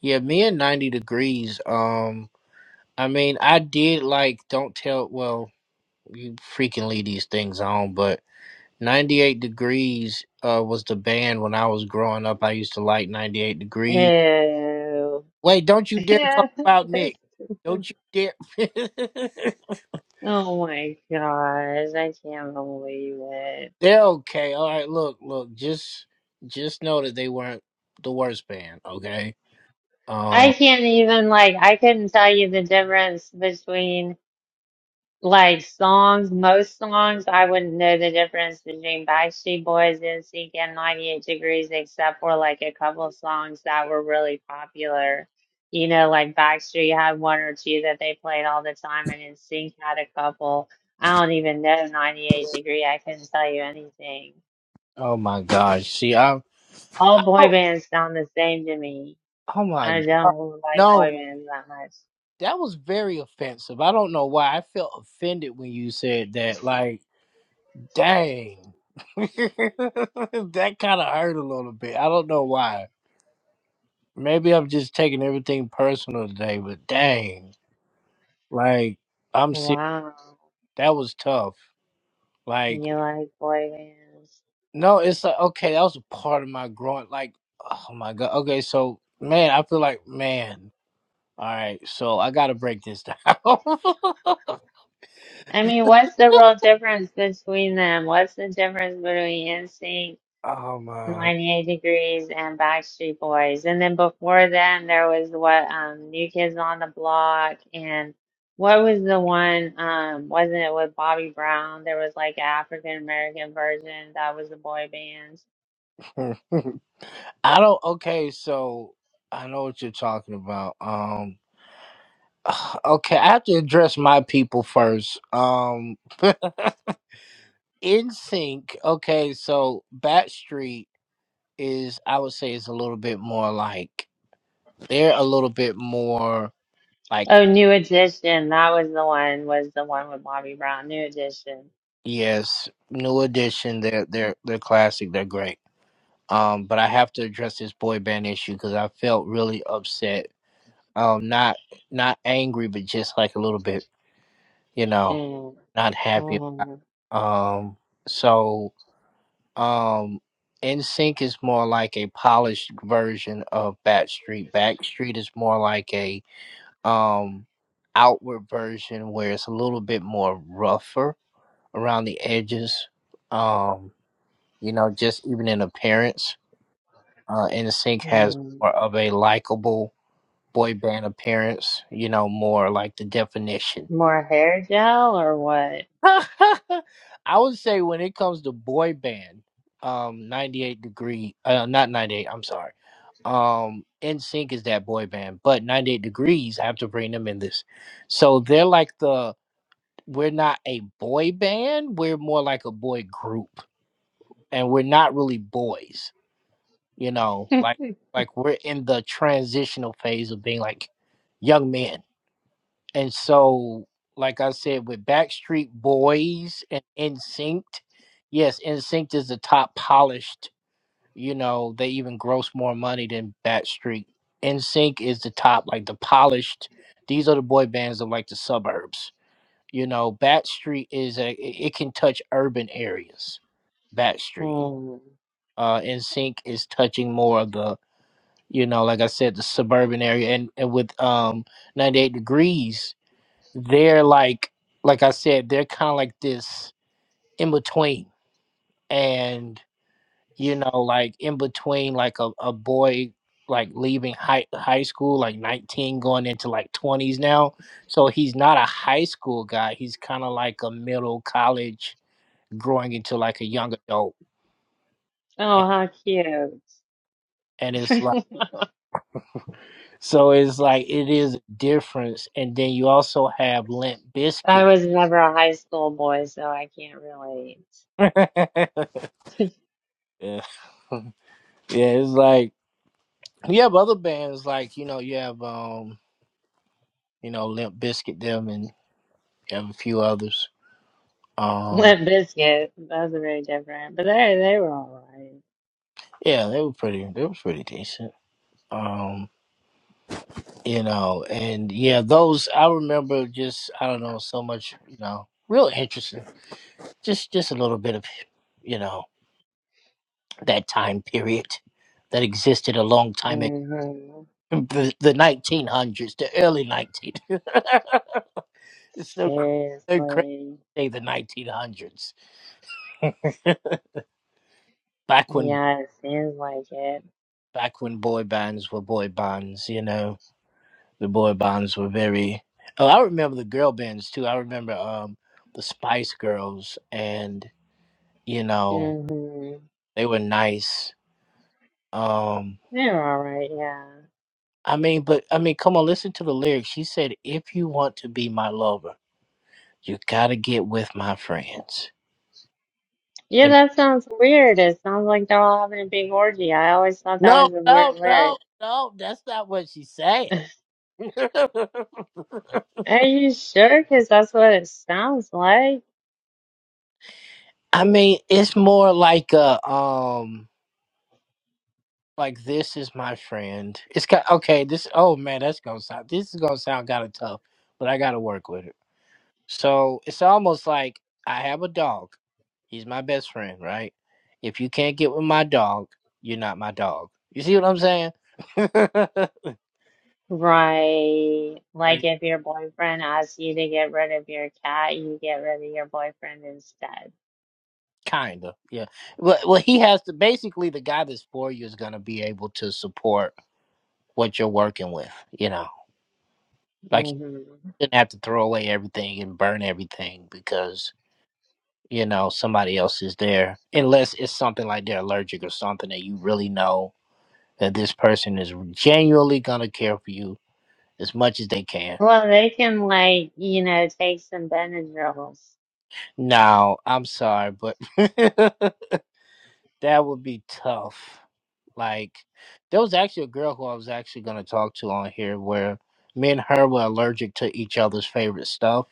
yeah, me and ninety degrees. Um I mean I did like don't tell well you freaking leave these things on, but 98 Degrees uh, was the band when I was growing up. I used to like 98 Degrees. Ew. Wait, don't you dare talk about Nick. Don't you dare. Oh my gosh, I can't believe it. They're okay. All right, look, look, just just know that they weren't the worst band, okay? I Um can't even like I couldn't tell you the difference between Like songs, most songs, I wouldn't know the difference between Backstreet Boys, N Sync and 98 Degrees, except for like a couple of songs that were really popular. You know, like Backstreet had one or two that they played all the time, and N Sync had a couple. I don't even know 98 Degree. I couldn't tell you anything. oh my gosh. See, I All boy Oh, bands sound the same to me. oh my I god. don't like boy No, bands that much. that was very offensive. I don't know why I felt offended when you said that. Like Dang. that kind of hurt a little bit. I don't know why. Maybe I'm just taking everything personal today, but dang. Like, I'm serious. Wow. That was tough. Like, You like boy bands? no, it's like, okay, that was a part of my growing. Like, oh my God. Okay, so, man, I feel like, man, all right, so I got to break this down. oh I mean, what's the real difference between them? What's the difference between NSYNC, my. 98 Degrees, and Backstreet Boys? And then before them, there was what, um, New Kids on the Block, and what was the one, um, wasn't it with Bobby Brown? There was like an African American version that was the boy band. I don't, okay, so I know what you're talking about. Um. Okay, I have to address my people first. Um, in sync. Okay, so Backstreet is, I would say, is a little bit more like they're a little bit more like Oh, New Edition, that was the one, was the one with Bobby Brown, New Edition. yes, New Edition. They're they're they're classic. They're great. Um, but I have to address this boy band issue because I felt really upset. Um, not not angry, but just like a little bit, you know, And, not happy. mm, Um, so. Um, NSYNC is more like a polished version of Backstreet. Backstreet is more like a um outward version where it's a little bit more rougher around the edges. Um, you know, just even in appearance. Uh, NSYNC has mm, more of a likable boy band appearance. You know, more like the definition. more hair gel or what? I would say when it comes to boy band, um, 98 degree, uh, not 98. I'm sorry. Um, NSYNC is that boy band, but 98 degrees. I have to bring them in this. So they're like the we're not a boy band. We're more like a boy group, and we're not really boys. You know, like like we're in the transitional phase of being like young men. And so, like I said, with Backstreet Boys and NSYNC, yes, NSYNC is the top polished. You know, they even gross more money than Backstreet. NSYNC is the top, like the polished. These are the boy bands of like the suburbs. You know, Backstreet is a it it can touch urban areas. Backstreet. Mm. Uh NSYNC is touching more of the, you know, like I said, the suburban area and, and with um 98 degrees they're like like I said, they're kind of like this in between, and you know, like in between, like a, a boy like leaving high high school, like nineteen, going into like twenties now. So he's not a high school guy. He's kind of like a middle college, growing into like a young adult, Oh, and, how cute. and it's like so it's like it is a difference. And then you also have Limp I Biscuit. was never a high school boy, so I can't relate. yeah, yeah, it's like. You have other bands like you know you have um you know Limp Biscuit them and you have a few others. Um Limp Biscuit, those are very different, but they they were all right. yeah, they were pretty. They was pretty decent. Um you know and yeah those I remember just I don't know so much you know real interesting just just a little bit of you know that time period that existed a long time ago. Mm-hmm. The, the 1900s, the early 19. it's so cr- so crazy Seriously. to say the 1900s. back when Yeah, it seems like it. back when boy bands were boy bands, you know, the boy bands were very. Oh, I remember the girl bands too. I remember um the Spice Girls, and you know Mm-hmm. they were nice. Um, They were all right, yeah. I mean, but I mean, come on, listen to the lyrics. She said, "If you want to be my lover, you gotta get with my friends." Yeah, You know? that sounds weird. It sounds like they're all having a big orgy. I always thought that No, was a weird no, no, lyric. no. That's not what she's saying. Are you sure? Because that's what it sounds like. I mean, it's more like a um. like this is my friend. It's got okay. This oh man, that's gonna sound. This is gonna sound kind of tough, but I gotta work with it. So it's almost like I have a dog. He's my best friend, right? If you can't get with my dog, you're not my dog. You see what I'm saying? Right. Like like if your boyfriend asks you to get rid of your cat, you get rid of your boyfriend instead. kinda, yeah. Well, well, he has to basically the guy that's for you is gonna be able to support what you're working with. You know, like you hmm shouldn't have to throw away everything and burn everything because you know somebody else is there unless it's something like they're allergic or something that you really know that this person is genuinely gonna care for you as much as they can Well, they can like, you know, take some Benadryls. No, i'm sorry but that would be tough like there was actually a girl who i was actually gonna talk to on here where me and her were allergic to each other's favorite stuff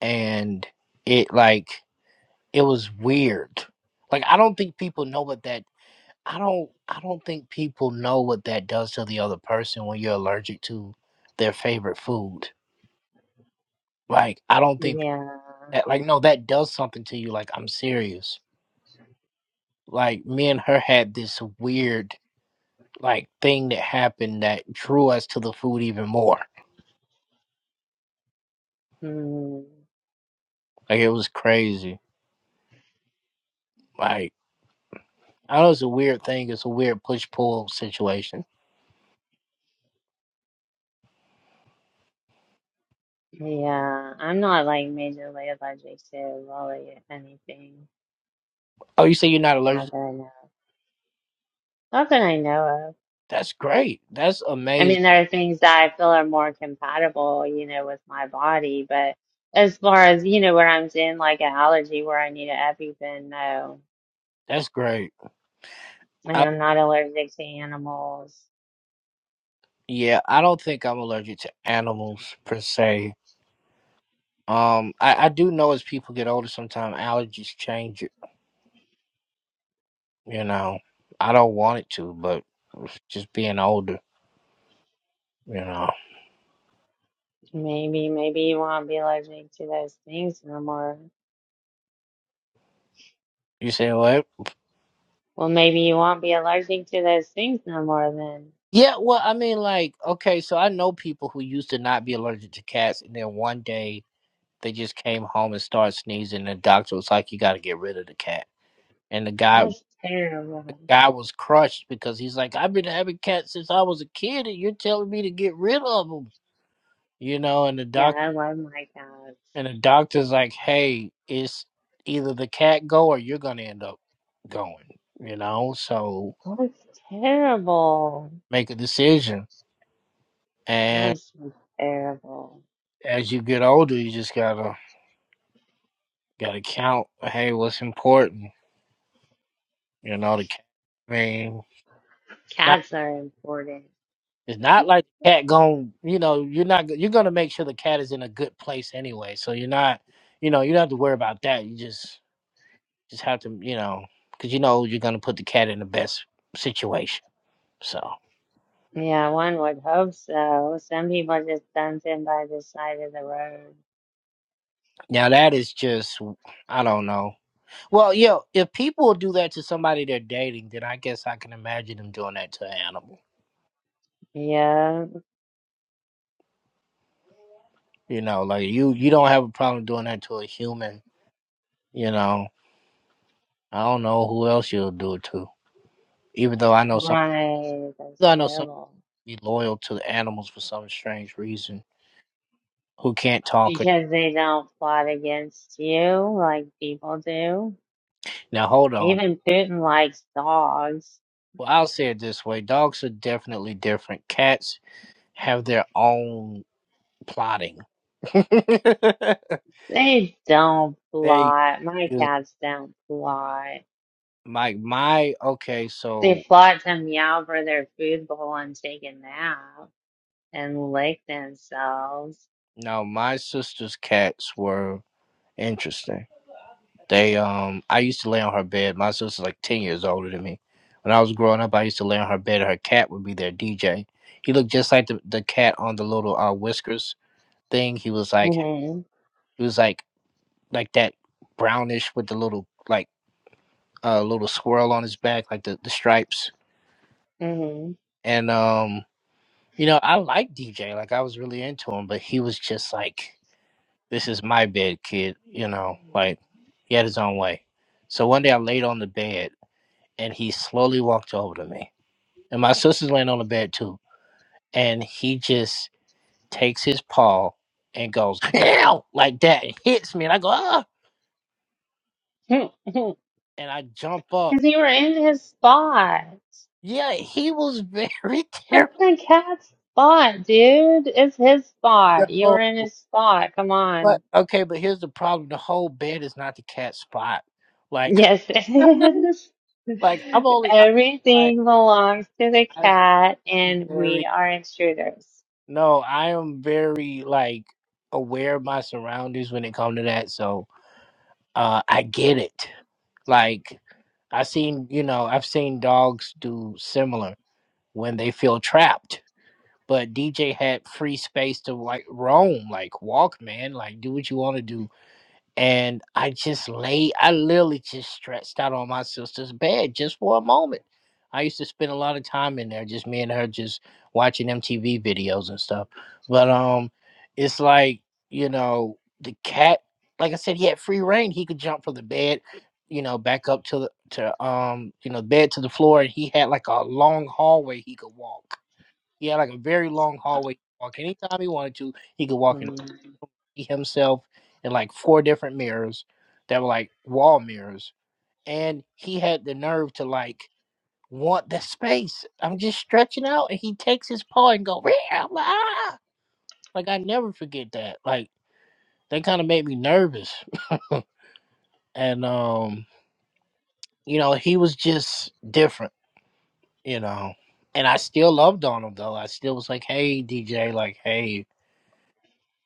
and it like it was weird like i don't think people know what that I don't I don't think people know what that does to the other person when you're allergic to their favorite food. Like I don't think Yeah. that like no that does something to you like I'm serious. Like me and her had this weird like thing that happened that drew us to the food even more. Mm. Like it was crazy. Like I know it's a weird thing, it's a weird push pull situation. Yeah. I'm not like majorly allergic to really anything. Oh, you say you're not Not allergic? that I know. Not that I know That's great. That's I amazing. mean, there are things that I feel are more compatible, you know, with my body, but as far as, you know, where I'm in like an allergy where I need an EpiPen, no. That's great. And I'm not allergic to animals. Yeah, I don't think I'm allergic to animals per se. Um, I, I do know as people get older, sometimes allergies change it. You know, I don't want it to, but it's just being older, you know. Maybe, maybe you won't be allergic to those things no more. You say what? Well, maybe you won't be allergic to those things no more then. Yeah, well, I mean, like, okay, so I know people who used to not be allergic to cats, and then one day they just came home and started sneezing, and the doctor was like, "You got to get rid of the cat." And the guy, That's the terrible. guy was crushed because he's like, "I've been having cats since I was a kid, and you're telling me to get rid of them." you know, and the Yeah, doc I love my cats. and the doctor's like, hey, it's either the cat go or you're gonna end up going, you know. So That's terrible. make a decision. And That's terrible. as you get older, you just gotta gotta count. Hey, what's important? You know, the cat. I mean, it's not Cats are important. it's not like the cat going. You know, you're not you're gonna make sure the cat is in a good place anyway. So you're not, you know, you don't have to worry about that. You just just have to, you know, because you know you're gonna put the cat in the best situation. So. Yeah, one would hope so. Some people just dump him by the side of the road. Now that is just I don't know. Well, yeah, if people do that to somebody they're dating, then I guess I can imagine them doing that to an animal. Yeah, You know, like you you don't have a problem doing that to a human, you know. I don't know who else you'll do it to. Even though I know some right. That's I know some terrible. be loyal to the animals for some strange reason who can't talk. Or, Because they don't plot against you like people do. now hold on. Even Putin likes dogs. Well, I'll say it this way. Dogs are definitely different. Cats have their own plotting. They don't they plot. My do. cats don't plot. my my okay They so plot to meow for their food bowl and take a nap and lick themselves. now my sister's cats were interesting they um i used to lay on her bed my sister's like 10 years older than me when i was growing up i used to lay on her bed and her cat would be their dj he looked just like the, the cat on the little uh whiskers thing he was like hmm he was like like that brownish with the little like uh little swirl on his back like the, the stripes hmm and um you know i liked dj like i was really into him but he was just like this is my bed, kid. You know, like he had his own way. So one day I laid on the bed and he slowly walked over to me. And my sister's laying on the bed too. And he just takes his paw and goes, ow, like that. It hits me and I go, ah. And I jump up. Because you were in his spot. Yeah, he was very That's terrified. the cat's spot, dude. It's his spot. You were No, in his spot. Come But on. okay, but here's the problem. The whole bed is not the cat's spot. Like Yes, it is. like I'm only I Everything belongs to the am cat, I'm and very we are intruders. No, I am very like aware of my surroundings when it comes to that. So uh I get it. Like I seen, you know, I've seen dogs do similar when they feel trapped. But DJ had free space to like roam, like walk, man, like do what you want to do and I just lay. I literally just stretched out on my sister's bed just for a moment. I used to spend a lot of time in there, just me and her, just watching MTV videos and stuff. But um, it's like you know the cat. Like I said, he had free reign. He could jump from the bed, you know, back up to the to um you know bed to the floor, and he had like a long hallway he could walk. He had like a very long hallway to walk. Anytime he wanted to, he could walk in Mhm. see himself in like four different mirrors that were like wall mirrors and he had the nerve to like want the space i'm just stretching out and he takes his paw and go "Rah, ah." like i never forget that like that kind of made me nervous and um you know he was just different you know and i still loved on him though i still was like hey dj like hey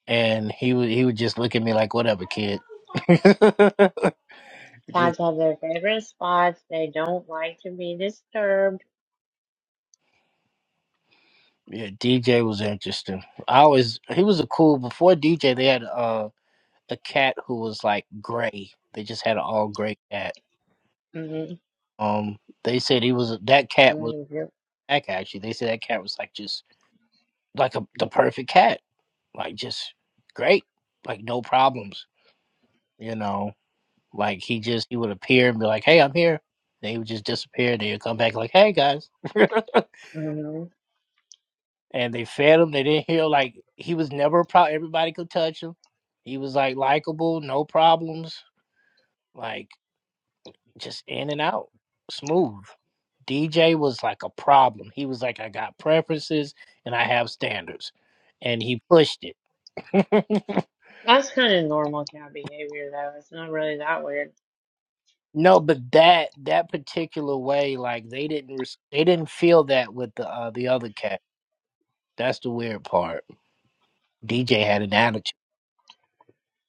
and he would he would just look at me like whatever kid just Cats have their favorite spots. They don't like to be disturbed. Yeah, DJ was interesting. I always he was a cool before DJ they had uh a cat who was like gray. They just had an all gray cat. Mhm. Um they said he was that cat was Mhm. Yep. back actually. They said that cat was like just like a the perfect cat. Like just great. Like no problems. You know. Like he just he would appear and be like, Hey, I'm here. They would just disappear, then he'd come back like, Hey guys. Mhm. and they fed him. They didn't heal. Like he was never a problem. Everybody could touch him. He was like likable, no problems. Like just in and out, smooth. DJ was like a problem. He was like, I got preferences and I have standards, and he pushed it. That's kind of normal cat behavior, though. It's not really that weird. no, but that that particular way, like they didn't res- they didn't feel that with the uh, the other cat. That's the weird part. DJ had an attitude.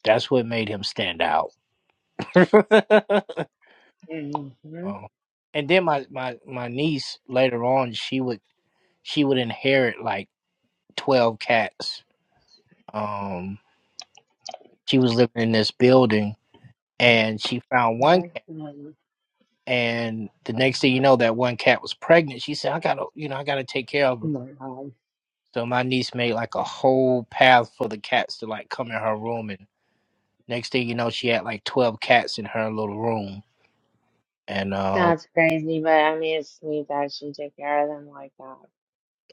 That's what made him stand out. hmm Um, and then my my my niece later on, she would she would inherit like twelve cats. Um, she was living in this building, and she found one cat. Oh And the next thing you know, that one cat was pregnant. She said, "I gotta, you know, I gotta take care of her." my God. So my niece made like a whole path for the cats to like come in her room, and next thing you know, she had like twelve cats in her little room. And um, That's crazy, but I mean, it's sweet that she took care of them like that.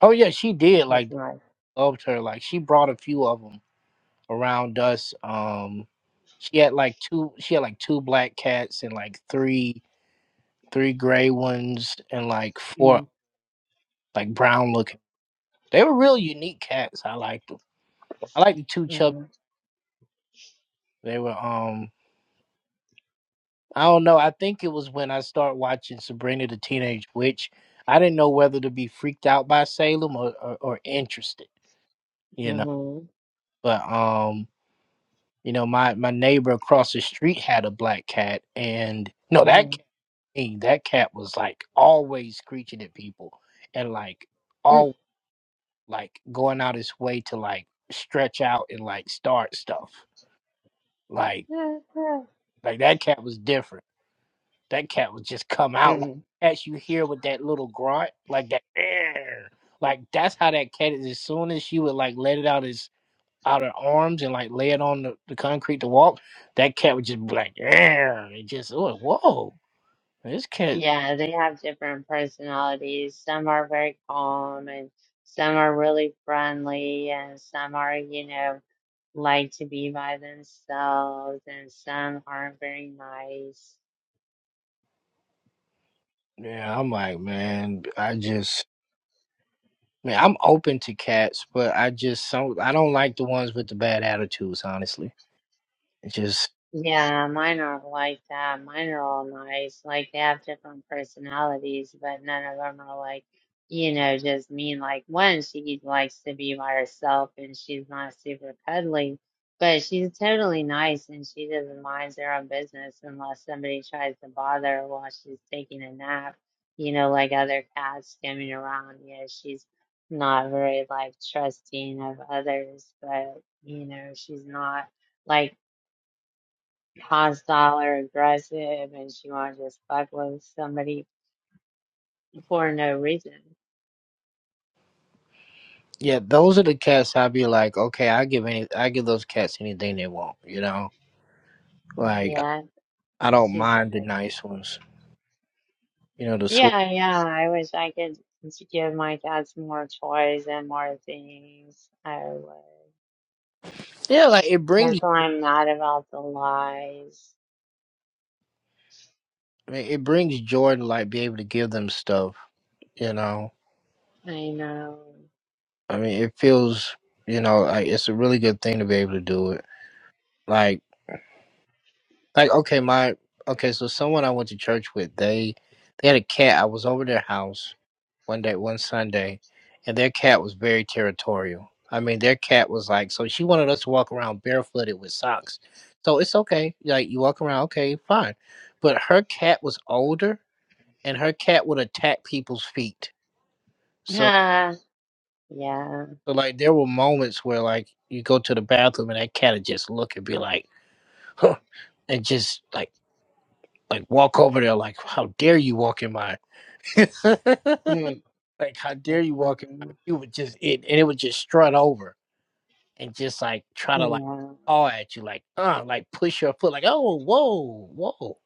oh yeah, she did That's like nice. loved her. Like she brought a few of them around us. Um, she had like two. She had like two black cats and like three three gray ones and like four Mm-hmm. like brown looking. They were real unique cats. I liked them. I liked the two chubby. Mm-hmm. They were um. I don't know. I think it was when I started watching Sabrina the Teenage Witch. I didn't know whether to be freaked out by Salem or, or, or interested. You know, Mm-hmm. but um, you know, my my neighbor across the street had a black cat, and no, that mm Hey, that cat was like always screeching at people and like all like going out his way to like stretch out and like start stuff. Like Yeah, like that cat was different. That cat would just come out like Mm-hmm. as you hear with that little grunt, like that "Arr!" like that's how that cat is as soon as she would like let it out his out her arms and like lay it on the, the concrete to walk, that cat would just be like "Arr!" and just oh whoa. This cat Yeah, they have different personalities. Some are very calm, and some are really friendly, and some are, you know, like to be by themselves, and some aren't very nice. yeah, I'm like, man, I just Man, I'm open to cats, but I just some I don't like the ones with the bad attitudes. Honestly, it's just Yeah, mine are like that. Mine are all nice. Like they have different personalities, but none of them are like, you know, just mean. Like one, she likes to be by herself and she's not super cuddly, but she's totally nice and she doesn't mind her own business unless somebody tries to bother her while she's taking a nap. You know, like other cats skimming around. You know, she's not very like trusting of others, but you know, she's not. like hostile or aggressive and she wanna just fuck with somebody for no reason. yeah, those are the cats I'd be like, okay, I give any, I give those cats anything they want. You know, like Yeah. I don't She's mind the nice ones. You know, the sweet. yeah, yeah. I wish I could give my dad some more toys and more things. I would. Yeah, like it brings That's why I'm not about the lies. it brings joy to like be able to give them stuff. You know, I know. I mean, it feels you know like it's a really good thing to be able to do it. Like. Like okay, my okay, so someone I went to church with, they they had a cat. I was over their house one day, one Sunday, and their cat was very territorial. I mean, their cat was like, so she wanted us to walk around barefooted with socks. So it's okay, like you walk around, okay, fine. But her cat was older, and her cat would attack people's feet. So, yeah. so like there were moments where like you go to the bathroom and that cat would just look and be like, and just like like walk over there like how dare you walk in my Hmm. like how dare That's you walk in my funny. you would just it and it would just strut over and just like try to like Yeah. paw at you like uh like push your foot like oh whoa whoa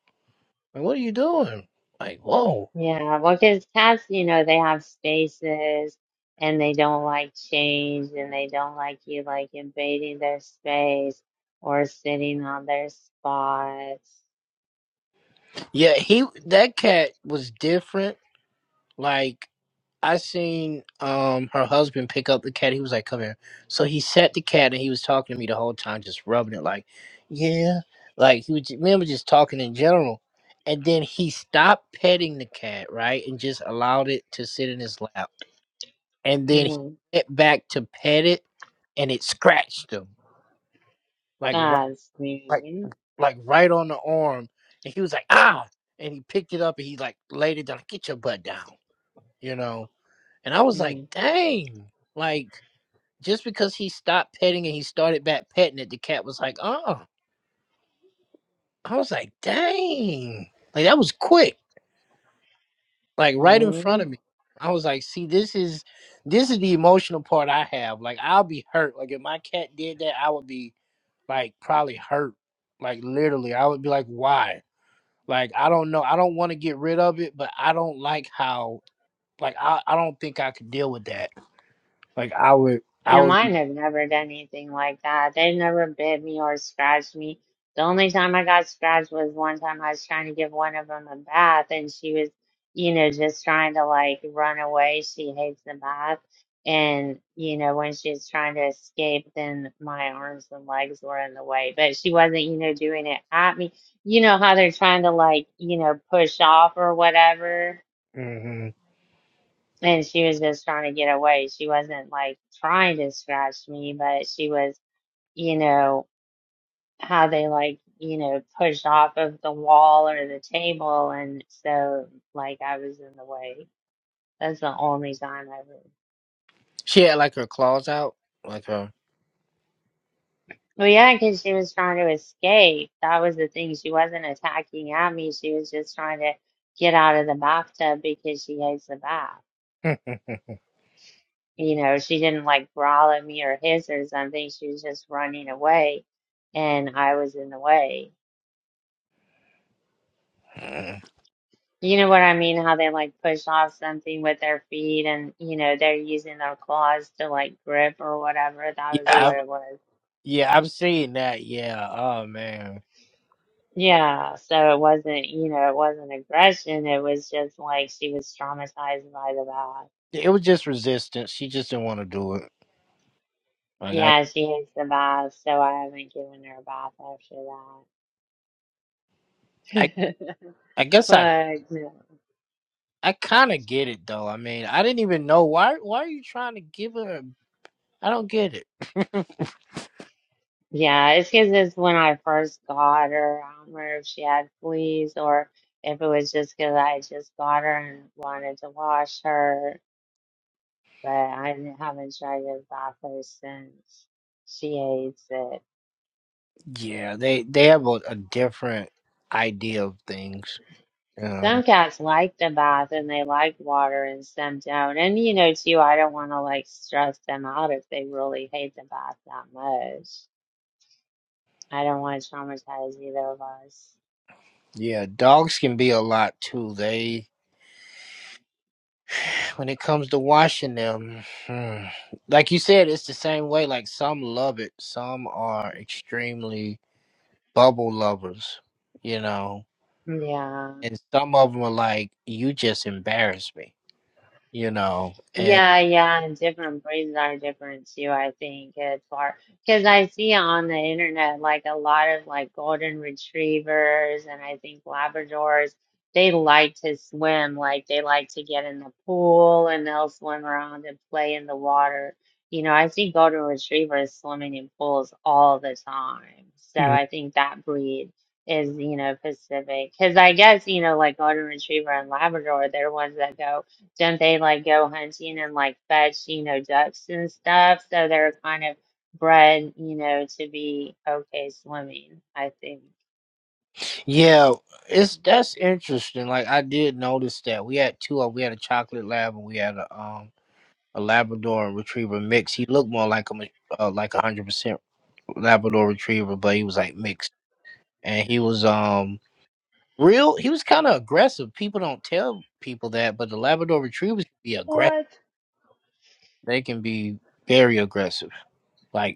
like, what are you doing like whoa Yeah, well, because cats, you know, they have spaces and they don't like change and they don't like you like invading their space or sitting on their spots. yeah he that cat was different like. I seen um her husband pick up the cat. He was like, "Come here." So he set the cat, and he was talking to me the whole time, just rubbing it, like, "Yeah," like he was. ju- Me and him was just talking in general, and then he stopped petting the cat, right, and just allowed it to sit in his lap. And then he Mm, went back to pet it, and it scratched him, like right, that's like mean. like right on the arm. And he was like, "Ah!" And he picked it up, and he like laid it down, like, "Get your butt down," you know. And I was like, "Dang!" Like. just because he stopped petting and he started back petting it, the cat was like, oh. I was like, dang. Like that was quick. Like right in front Mm-hmm. of me. I was like, see, this is this is the emotional part I have. Like I'll be hurt. Like if my cat did that, I would be like probably hurt. Like literally. I would be like, why? Like I don't know. I don't want to get rid of it, but I don't like how like I, I don't think I could deal with that. Like I would I Yeah, would mine have never done anything like that. They've never bit me or scratched me. The only time I got scratched was one time I was trying to give one of them a bath, and she was, you know, just trying to like run away. She hates the bath. And, you know, when she was trying to escape, then my arms and legs were in the way. But she wasn't, you know, doing it at me. You know how they're trying to like, you know, push off or whatever. hmm And she was just trying to get away. She wasn't like trying to scratch me, but she was, you know, how they like, you know, push off of the wall or the table. And so, like, I was in the way. That's the only time I ever. she had like her claws out. Like her Well, yeah, because she was trying to escape. That was the thing. She wasn't attacking at me. She was just trying to get out of the bathtub because she hates the bath. you know, she didn't like growl at me or hiss or something. She was just running away, and I was in the way. Mm. You know what I mean? How they like push off something with their feet and, you know, they're using their claws to like grip or whatever. That Yeah, was what I've, it was. yeah, I've seen that. Yeah. Oh man, Yeah. So it wasn't, you know, it wasn't aggression. It was just like she was traumatized by the bath. it was just resistance. She just didn't want to do it. Like I, Yeah, she hates the bath, so I haven't given her a bath after I, that. I guess I, But no. I kind of get it though. I mean, I didn't even know why. Why are you trying to give her? a- I don't get it. Yeah, it's because it's when I first got her. I don't remember if she had fleas or if it was just because I just got her and wanted to wash her, but I n- haven't tried to bath her since. She hates it. yeah, they they have a, a different idea of things. You know? Some cats like the bath and they like water and some don't. And you know, too, I don't want to like stress them out if they really hate the bath that much. I don't want to traumatize either of us. Yeah, dogs can be a lot too. They when it comes to washing them, hmm, like you said, it's the same way. Like some love it, some are extremely bubble lovers, you know, Yeah. and some of them are like, you just embarrass me, you know, and Yeah, yeah, and different breeds are different too, I think, it's far because I see on the internet like a lot of like golden retrievers and I think Labradors, they like to swim, like they like to get in the pool and they'll swim around and play in the water. You know, I see golden retrievers swimming in pools all the time. So Mm. I think that breed is, you know, Pacific. Because I guess, you know, like golden retriever and Labrador, they're ones that go. Don't they like go hunting and like fetch, you know, ducks and stuff? So they're kind of bred, you know, to be okay swimming, I think. yeah, it's that's interesting. Like I did notice that we had two of we had a chocolate lab and we had a um a Labrador and retriever mix. He looked more like a ma- uh, like a hundred percent Labrador retriever, but he was like mixed, and he was um real. He was kind of aggressive. People don't tell people that, but the Labrador retrievers can be aggressive. They can be very aggressive. Like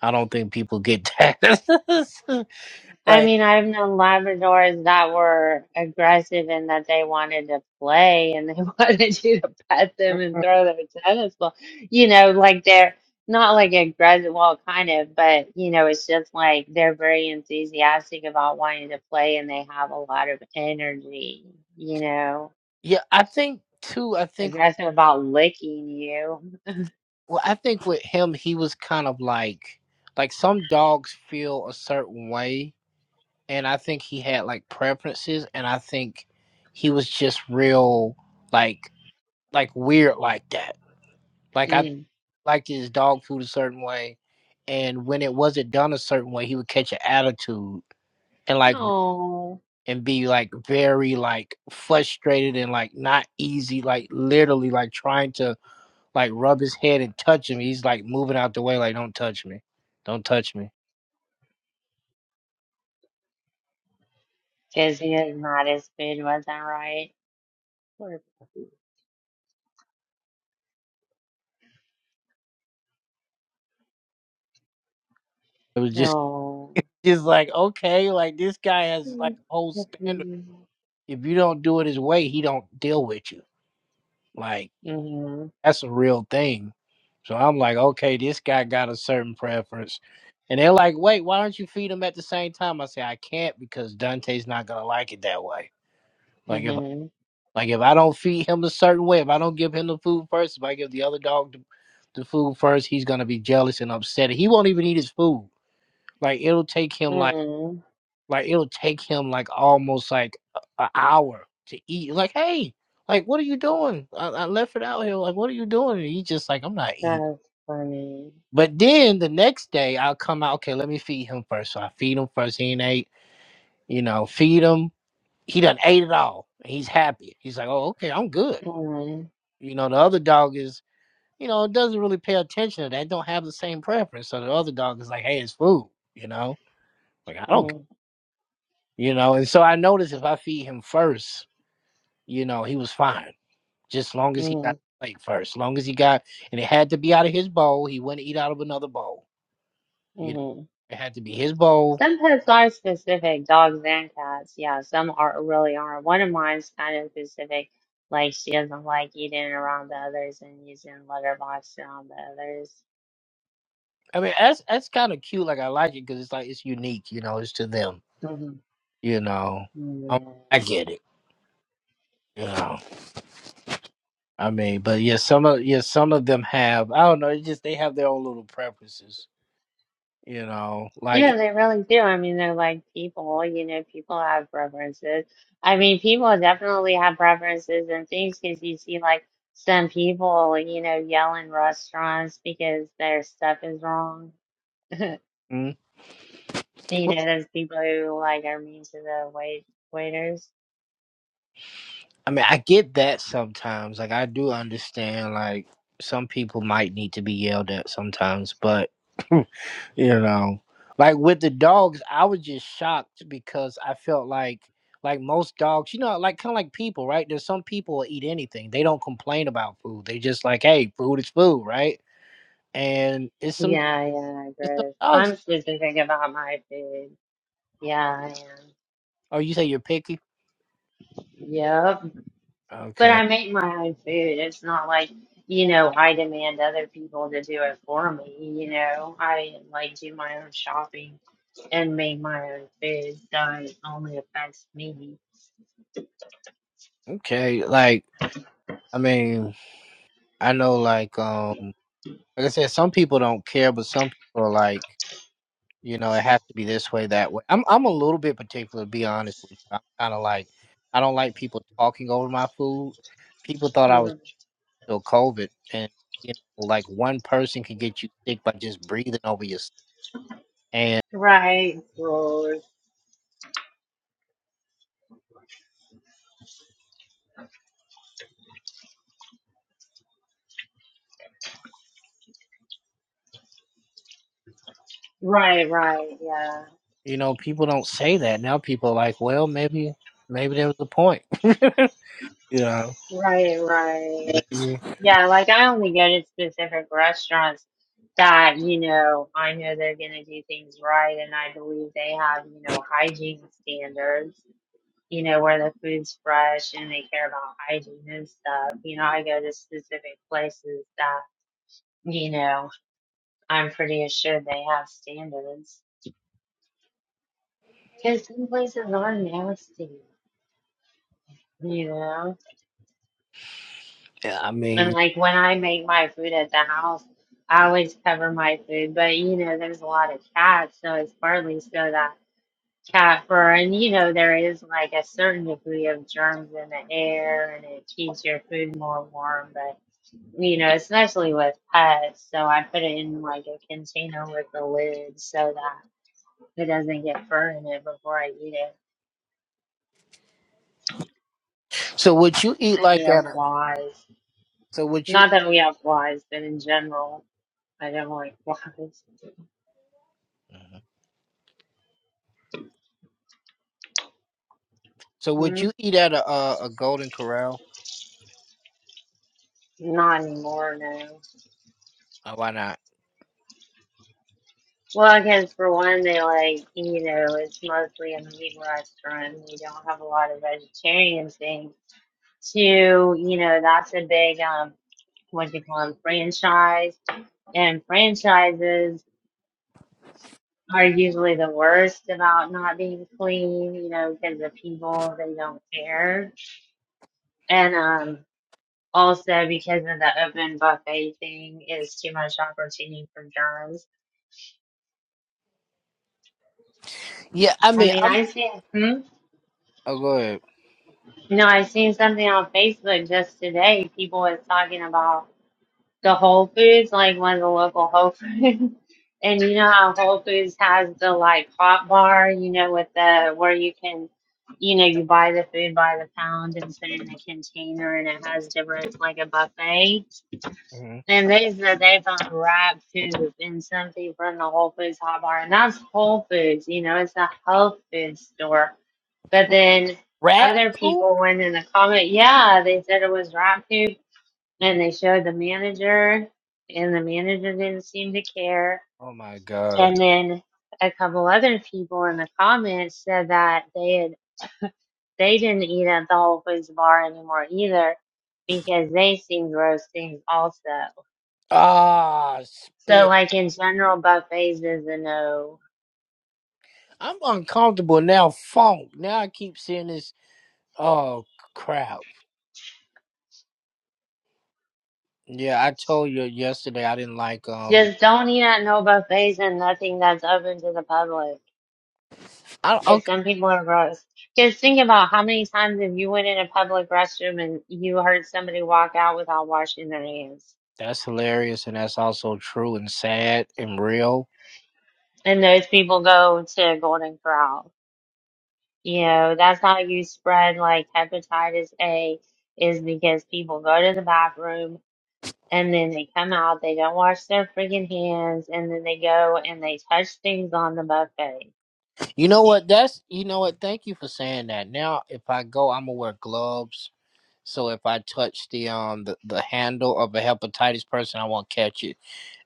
I don't think people get that. I like, mean, I've known Labradors that were aggressive in that they wanted to play and they wanted you to pet them and throw their tennis ball. You know, like they're not like aggressive, well, kind of, but you know, it's just like they're very enthusiastic about wanting to play and they have a lot of energy, you know. yeah, I think too. I think aggressive about licking you well, I think with him, he was kind of like like some dogs feel a certain way, and I think he had like preferences, and I think he was just real like like weird like that. Like I because liked his dog food a certain way, and when it wasn't done a certain way, he would catch an attitude. and like. and be like very like frustrated and like not easy, like literally like trying to like rub his head and touch him. He's like moving out the way, like, don't touch me. Don't touch me. his not his food wasn't right. Poor- It was just Oh. just like, okay, like this guy has like a whole standard. Mm-hmm. If you don't do it his way, he don't deal with you. Like Mm-hmm. that's a real thing. So I'm like, okay, this guy got a certain preference. And they're like, wait, why don't you feed him at the same time? I say, I can't because Dante's not gonna like it that way. Like if Mm-hmm. Like if I don't feed him a certain way, if I don't give him the food first, if I give the other dog the, the food first, he's gonna be jealous and upset. He won't even eat his food. Like it'll take him like Mm-hmm. like it'll take him like almost like a- an hour to eat. Like hey, like what are you doing? I, I left it out here. Like what are you doing? And he just like I'm not eating. That's funny. But then the next day I'll come out. Okay, let me feed him first. So I feed him first. He ain't ate. You know, feed him. He done ate it all. He's happy. He's like, oh okay, I'm good. Mm-hmm. You know, the other dog is you know, it doesn't really pay attention to that. Don't have the same preference. So the other dog is like, hey, it's food, you know? Like, I don't, c- you know? And so I noticed if I feed him first, you know, he was fine. Just long as he got Mm-hmm. the plate first. long as he got, and it had to be out of his bowl. He wouldn't eat out of another bowl. You know, Mm-hmm. it had to be his bowl. Some pets are specific, dogs and cats. Yeah, some are really are. One of mine's kind of specific. Like she doesn't like eating around the others and using litter box around the others. I mean, that's that's kind of cute. Like, I like it because it's like, it's unique, you know, it's to them, mm you know? Um, hmm I get it, you know? I mean, but yeah, some of Yeah. yeah, some of them have. I don't know. It's just they have their own little preferences, you know. Yeah, Like, they really do. I mean, they're like people, you know, people have preferences. I mean, people definitely have preferences and things because you see like some people, you know, yell in restaurants because their stuff is wrong. mm, You know, those people who like are mean to the wait waiters. I mean, I get that sometimes. Like, I do understand. Like, some people might need to be yelled at sometimes, but you know, like with the dogs, I was just shocked because I felt like. Like most dogs, you know, like kind of like people, right? There's some people will eat anything. They don't complain about food. They just like, hey, food is food, right? And it's some Yeah, yeah, I it's some agree. dogs. I'm specific about my food. Yeah, I am. Oh, you say you're picky? Yep. But Okay. I make my own food. It's not like, you know, I demand other people to do it for me, you know. I like do my own shopping and make my own food, so it only affects me. Okay. Like, I mean, I know, like, um, like I said, some people don't care, but some people are like, you know, it has to be this way, that way. I'm, I'm a little bit particular, to be honest with you. I'm kind of like, I don't like people talking over my food. People thought I was Mm. still COVID, and you know, like one person could get you sick by just breathing over your. stuff. And Right. Lord. Right, right, yeah. you know, people don't say that now. People are like, well, maybe, maybe there was a point. you know. Right, right. Yeah, like I only go to specific restaurants that, you know, I know they're gonna do things right and I believe they have, you know, hygiene standards you know, where the food's fresh and they care about hygiene and stuff. You know, I go to specific places that, you know, I'm pretty assured they have standards. Because some places are nasty, you know? Yeah, I And mean, like when I make my food at the house, I always cover my food, but you know, there's a lot of cats, so it's partly so that cat fur, and you know, there is like a certain degree of germs in the air and it keeps your food more warm, but. you know, especially with pets. So I put it in like a container with a lid so that it doesn't get fur in it before I eat it. so would you eat I need like no at a? flies. So would you? Not that we have flies, but in general, I don't like flies. So would Mm, you eat at a a, a Golden Corral? Not anymore, no. Uh, why not? Well, because for one, they like, you know, it's mostly a meat restaurant. We don't have a lot of vegetarian things. Two, you know, that's a big, um, what do you call them, franchise and franchises. are usually the worst about not being clean, you know, because the people they don't care. And um also because of the open buffet thing is too much opportunity for germs. Yeah, I I mean, mean I'm. I seen hmm? Oh, go ahead. no, I seen something on Facebook just today. People was talking about the Whole Foods, like one of the local Whole Foods. And you know how Whole Foods has the like hot bar, you know, with the where you can, you know, you buy the food by the pound and put it in a container and it has different, like a buffet. hmm And they said they found wrapped food in something from the Whole Foods hot bar. And that's Whole Foods, you know, it's a health food store. But then Rat other poop. people went in the comment, yeah, they said it was wrapped food and they showed the manager, and the manager didn't seem to care. Oh my god. And then a couple other people in the comments said that they had they didn't eat at the Whole Foods bar anymore either because they seemed roasting also. Ah, So spit. like in general, buffets is a no. I'm uncomfortable now. Funk. Now I keep seeing this. Oh crap. Yeah, I told you yesterday I didn't like um Just don't eat at no buffets and nothing that's open to the public. I, Because okay, some people are gross. Just think about how many times if you went in a public restroom and you heard somebody walk out without washing their hands. that's hilarious, and that's also true and sad and real. And those people go to Golden Corral. You know, that's how you spread like hepatitis A is because people go to the bathroom and then they come out, they don't wash their freaking hands, and then they go and they touch things on the buffet. You know what? That's you know what. Thank you for saying that. Now, if I go, I'm gonna wear gloves. So if I touch the um the, the handle of a hepatitis person, I won't catch it.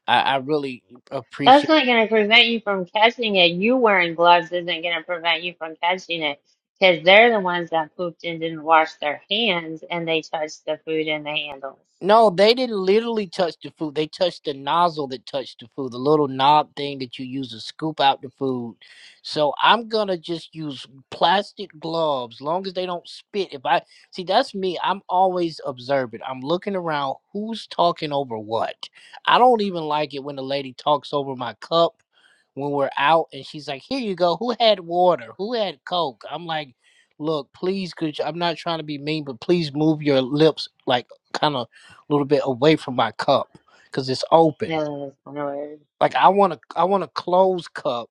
I, I really appreciate. That's not going to prevent you from catching it. You wearing gloves isn't going to prevent you from catching it because they're the ones that pooped and didn't wash their hands and they touched the food and the handles. No, they didn't literally touch the food. They touched the nozzle that touched the food, the little knob thing that you use to scoop out the food. So I'm gonna just use plastic gloves, long as they don't spit. If I see, that's me. I'm always observant. I'm looking around. Who's talking over what? I don't even like it when the lady talks over my cup when we're out, and she's like, "Here you go. Who had water? Who had Coke?" I'm like, "Look, please, could you, I'm not trying to be mean, but please move your lips like." Kind of a little bit away from my cup because it's Yeah, open. that's kind of weird. Like I want to, I want a closed cup.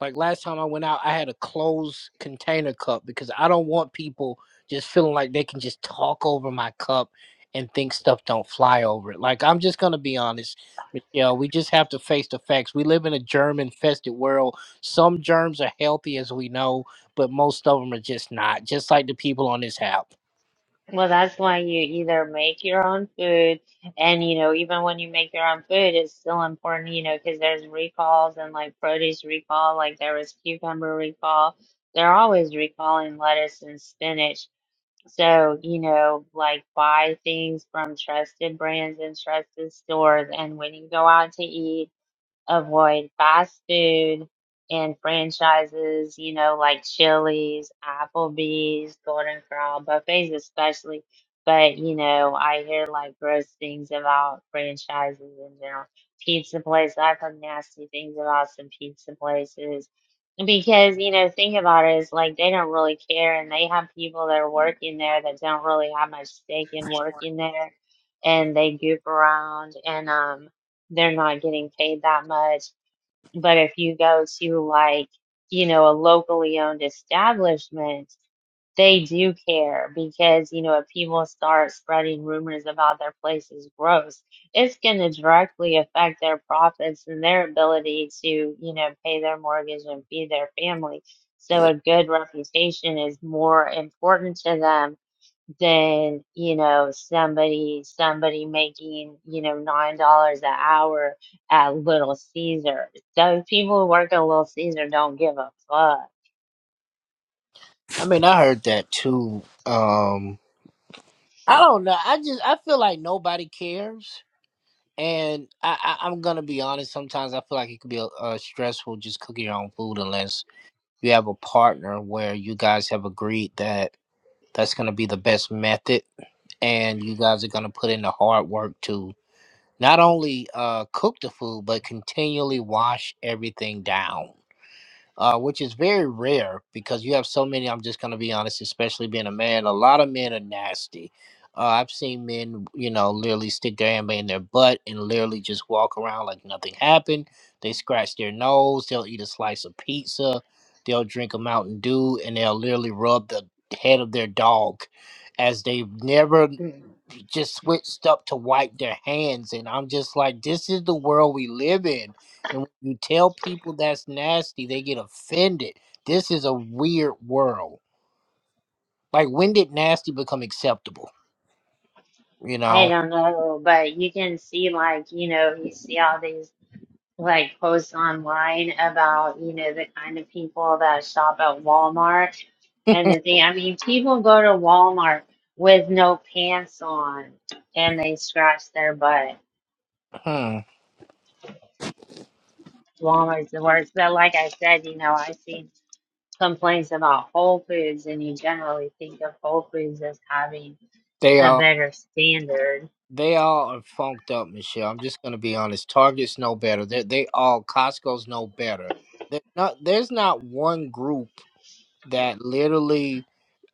Like last time I went out, I had a closed container cup because I don't want people just feeling like they can just talk over my cup and think stuff don't fly over it. Like I'm just gonna be honest, Michelle. We just have to face the facts. We live in a germ-infested world. Some germs are healthy, as we know, but most of them are just not. Just like the people on this app. Well, that's why you either make your own food and, you know, even when you make your own food, it's still important, you know, because there's recalls and like produce recall, like there was cucumber recall. They're always recalling lettuce and spinach So, you know, like buy things from trusted brands and trusted stores. And when you go out to eat, avoid fast food and franchises, you know, like Chili's, Applebee's, Golden Corral, buffets especially. But, you know, I hear like gross things about franchises in general. Pizza places, I've heard nasty things about some pizza places. Because, you know, think about it, it's like they don't really care and they have people that are working there that don't really have much stake in working there and they goof around. And um they're not getting paid that much. But if you go to like, you know, a locally owned establishment, they do care because, you know, if people start spreading rumors about their place's gross, it's going to directly affect their profits and their ability to, you know, pay their mortgage and feed their family. So a good reputation is more important to them than you know somebody somebody making you know nine dollars an hour at Little Caesars. Those people who work at Little Caesar don't give a fuck. I mean, I heard that too. Um, I don't know. I just I feel like nobody cares, and I, I I'm gonna be honest. Sometimes I feel like it could be a, uh stressful just cooking your own food unless you have a partner where you guys have agreed that that's gonna be the best method, and you guys are gonna put in the hard work to not only uh cook the food but continually wash everything down. uh, which is very rare because you have so many. I'm just going to be honest, especially being a man, a lot of men are nasty. Uh, I've seen men, you know, literally stick their hand in their butt and literally just walk around like nothing happened. They scratch their nose, they'll eat a slice of pizza, they'll drink a Mountain Dew, and they'll literally rub the head of their dog as they've never Mm. just switched up to wipe their hands and i'm just like this is the world we live in and when you tell people that's nasty they get offended this is a weird world like when did nasty become acceptable you I know don't know, but you can see like you know you see all these like posts online about you know the kind of people that shop at Walmart and the thing. I mean, people go to Walmart with no pants on and they scratch their butt. hmm. Walmart's the worst. But like I said, you know, I've seen complaints about Whole Foods, and you generally think of Whole Foods as having they a all better standard. they all are funked up michelle i'm just gonna be honest target's no better they they all costco's no better There- not, there's not one group that literally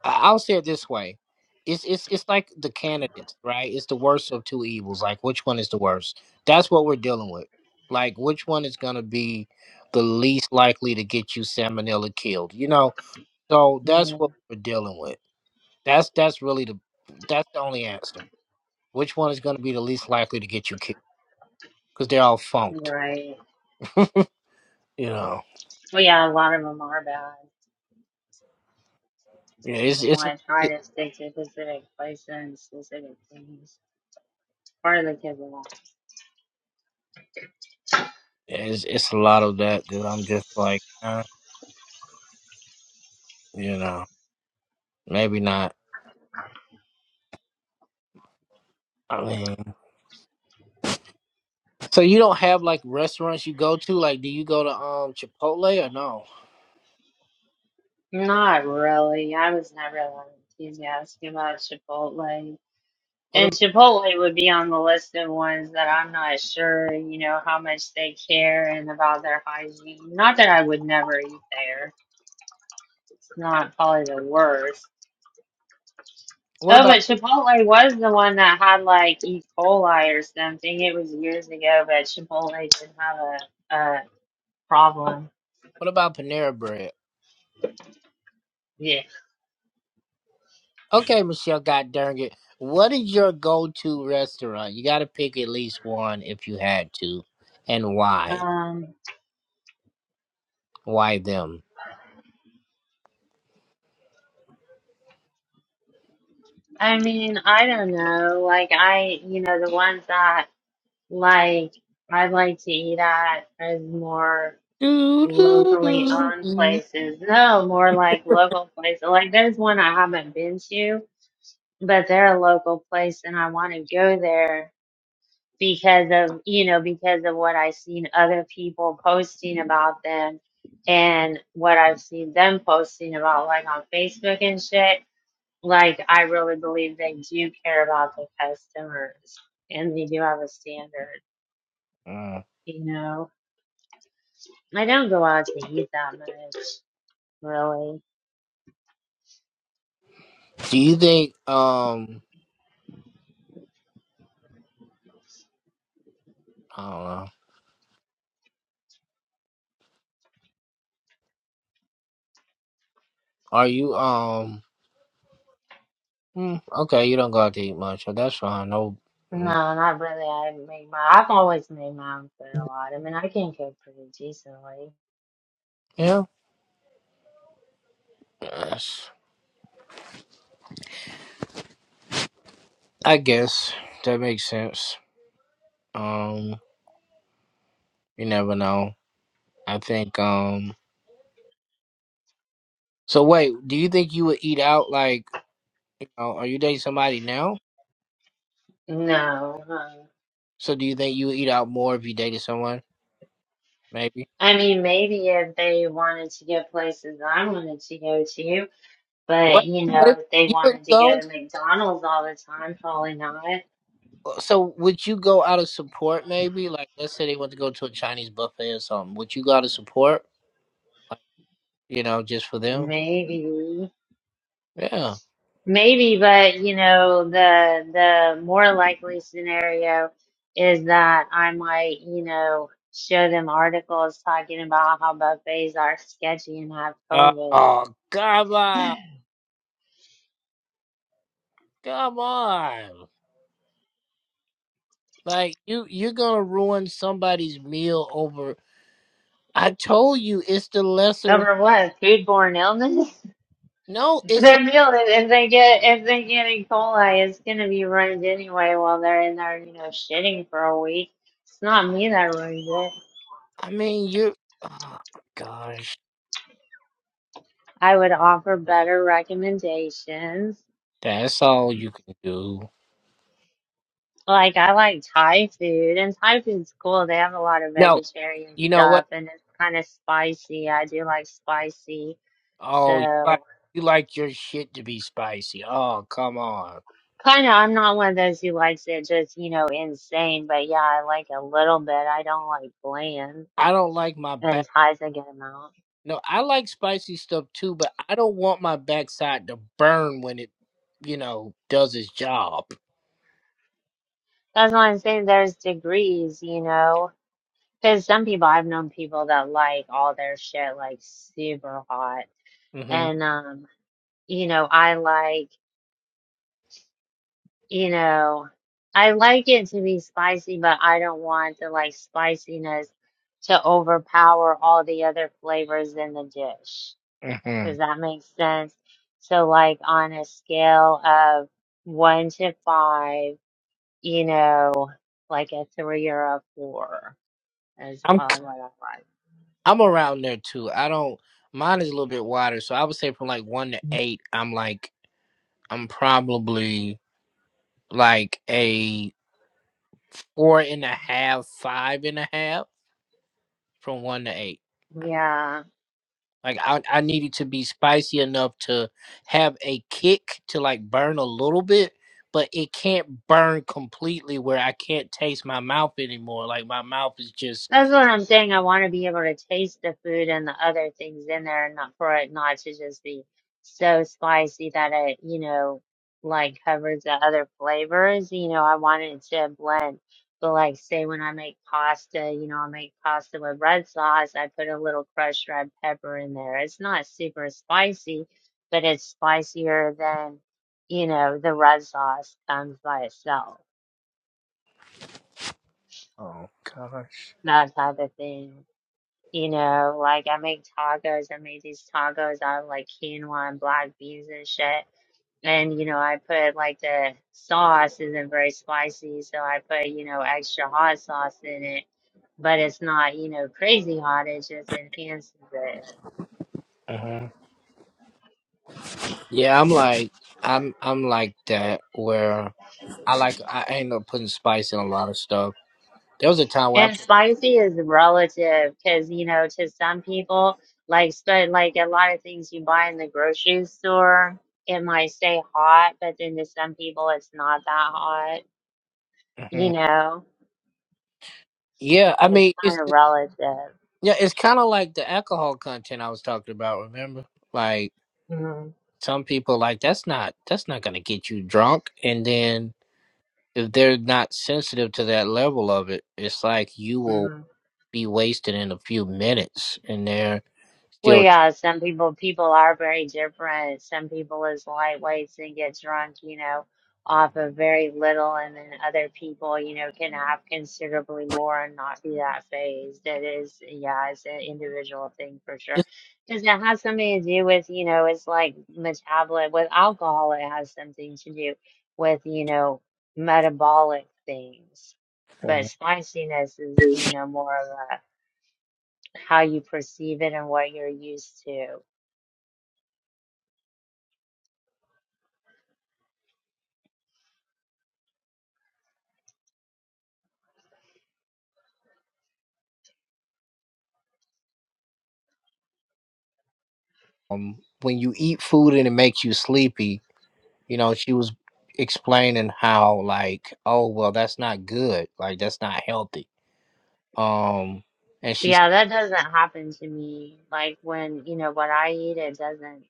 I- I'll say it this way. It's it's it's like the candidates, right? It's the worst of two evils. Like which one is the worst? That's what we're dealing with. Like which one is gonna be the least likely to get you salmonella killed? You know, so that's what Mhm. we're dealing with. That's that's really the that's the only answer. Which one is gonna be the least likely to get you killed? Because they're all funked. Right. You know, Well, yeah, a lot of them are bad. yeah. It's That's it's want to try it, to stick to specific places and specific things. Partly because of that. it's it's a lot of that that I'm just like, eh, you know, maybe not. I mean. So you don't have like restaurants you go to? Like, do you go to um Chipotle or no? Not really. I was never that enthusiastic about Chipotle. What And about Chipotle would be on the list of ones that I'm not sure, you know, how much they care and about their hygiene. Not that I would never eat there. It's not probably the worst. what Oh, but about Chipotle was the one that had like E. coli or something. It was years ago, but Chipotle didn't have a, a problem. what about Panera Bread? Yeah. Okay, Michelle, God darn it. What is your go-to restaurant? You got to pick at least one if you had to, and why? Um, Why them? I mean, I don't know. Like I, you know, the ones that like I'd like to eat at is more. Do, do, Locally do, owned do. places. No, more like local places. Like there's one I haven't been to, but they're a local place and I want to go there because of, you know, because of what I've seen other people posting about them and what I've seen them posting about, like on Facebook and shit. Like I really believe they do care about the customers and they do have a standard, Mm. you know. I don't go out to eat that much, really. Do you think um I don't know. Are you um mm, okay? You don't go out to eat much, so that's fine. No, No, mm, not really. I make my. I've always made my own food a lot. I mean, I can cook pretty decently. yeah, Yes. I guess that makes sense. Um, you never know. I think. Um. So wait, do you think you would eat out? Like, you know, are you dating somebody now? No, huh? So do you think you would eat out more if you dated someone? Maybe. I mean, maybe if they wanted to go places I wanted to go to, but What? you What if know, if they you would wanted not to go go? to McDonald's all the time, probably not. uh, So would you go out of support? Maybe. Like, let's say they want to go to a Chinese buffet or something. Would you go out of support? Like, you know, just for them? Maybe. Yeah. Maybe, but you know, the the more likely scenario is that I might, you know, show them articles talking about how buffets are sketchy and have Uh, COVID. oh, come on, come on. Like you, you're gonna ruin somebody's meal over I told you it's the lesser. Over what? Foodborne illness? No, it's. A, Their meal, if if they get if they get E. coli, it's gonna be ruined anyway while they're in there, you know, shitting for a week. It's not me that ruins it. I mean, you're. Oh, gosh, I would offer better recommendations that's all you can do. Like I like Thai food, and Thai food's cool. They have a lot of No, vegetarian you know stuff, what? and it's kind of spicy. I do like spicy, Oh, you like so you like your shit to be spicy. Oh, come on. kind of. I'm not one of those who likes it just, you know, insane. But yeah, I like a little bit. I don't like bland, I don't like my and back. Thai's a good amount. No, I like spicy stuff too, but I don't want my backside to burn when it, you know, does its job. That's why I'm saying there's degrees, you know, because some people I've known people that like all their shit like super hot, hmm and um, you know, I like. You know, I like it to be spicy, but I don't want the like spiciness to overpower all the other flavors in the dish. hmm Does that make sense? So, like on a scale of one to five, you know, like a three or a four is I'm probably ki- what I I'm around there too. I don't. Mine is a little bit wider, so I would say from like one to eight, I'm like. I'm probably like a four and a half, five and a half from one to eight. like. Yeah. Like I, I needed to be spicy enough to have a kick to like burn a little bit, but it can't burn completely where I can't taste my mouth anymore. Like my mouth is just That's what I'm saying. I want to be able to taste the food and the other things in there and not for it not to just be so spicy that it, you know, like covers the other flavors. You know, I want it to blend. But like say when I make pasta, you know, I make pasta with red sauce, I put a little crushed red pepper in there. It's not super spicy, but it's spicier than, you know, the red sauce comes by itself. Oh gosh. That type of thing. You know, like I make tacos. I made these tacos out of like quinoa and black beans and shit. And you know, I put like the sauce isn't very spicy, so I put, you know, extra hot sauce in it. But it's not, you know, crazy hot. It just enhances it. uh yeah. I'm like I'm I'm like that where I like I end up putting spice in a lot of stuff. There was a time where I And put, spicy is relative because, you know, to some people, like, spe- like a lot of things you buy in the grocery store, it might stay hot, but then to some people, it's not that hot, you Mhm. know? yeah, I It's mean it's kind of relative. yeah, it's kind of like the alcohol content I was talking about. Remember, like hmm some people like that's not that's not gonna get you drunk, and then if they're not sensitive to that level of it, it's like you will hmm be wasted in a few minutes, and they're Well, still yeah, some people people are very different. Some people is lightweights and get drunk, you know, off of very little, and then other people, you know, can have considerably more and not be that phased. It is, yeah, it's an individual thing for sure. Because it has something to do with, you know, it's like metabolism. With alcohol, it has something to do with, you know, metabolic things. But spiciness is, you know, more of a how you perceive it and what you're used to. um, when you eat food and it makes you sleepy. you know, she was explaining how like, oh well, that's not good. Like that's not healthy. Um, and she's Yeah, that doesn't happen to me. Like when, you know, what I eat, it doesn't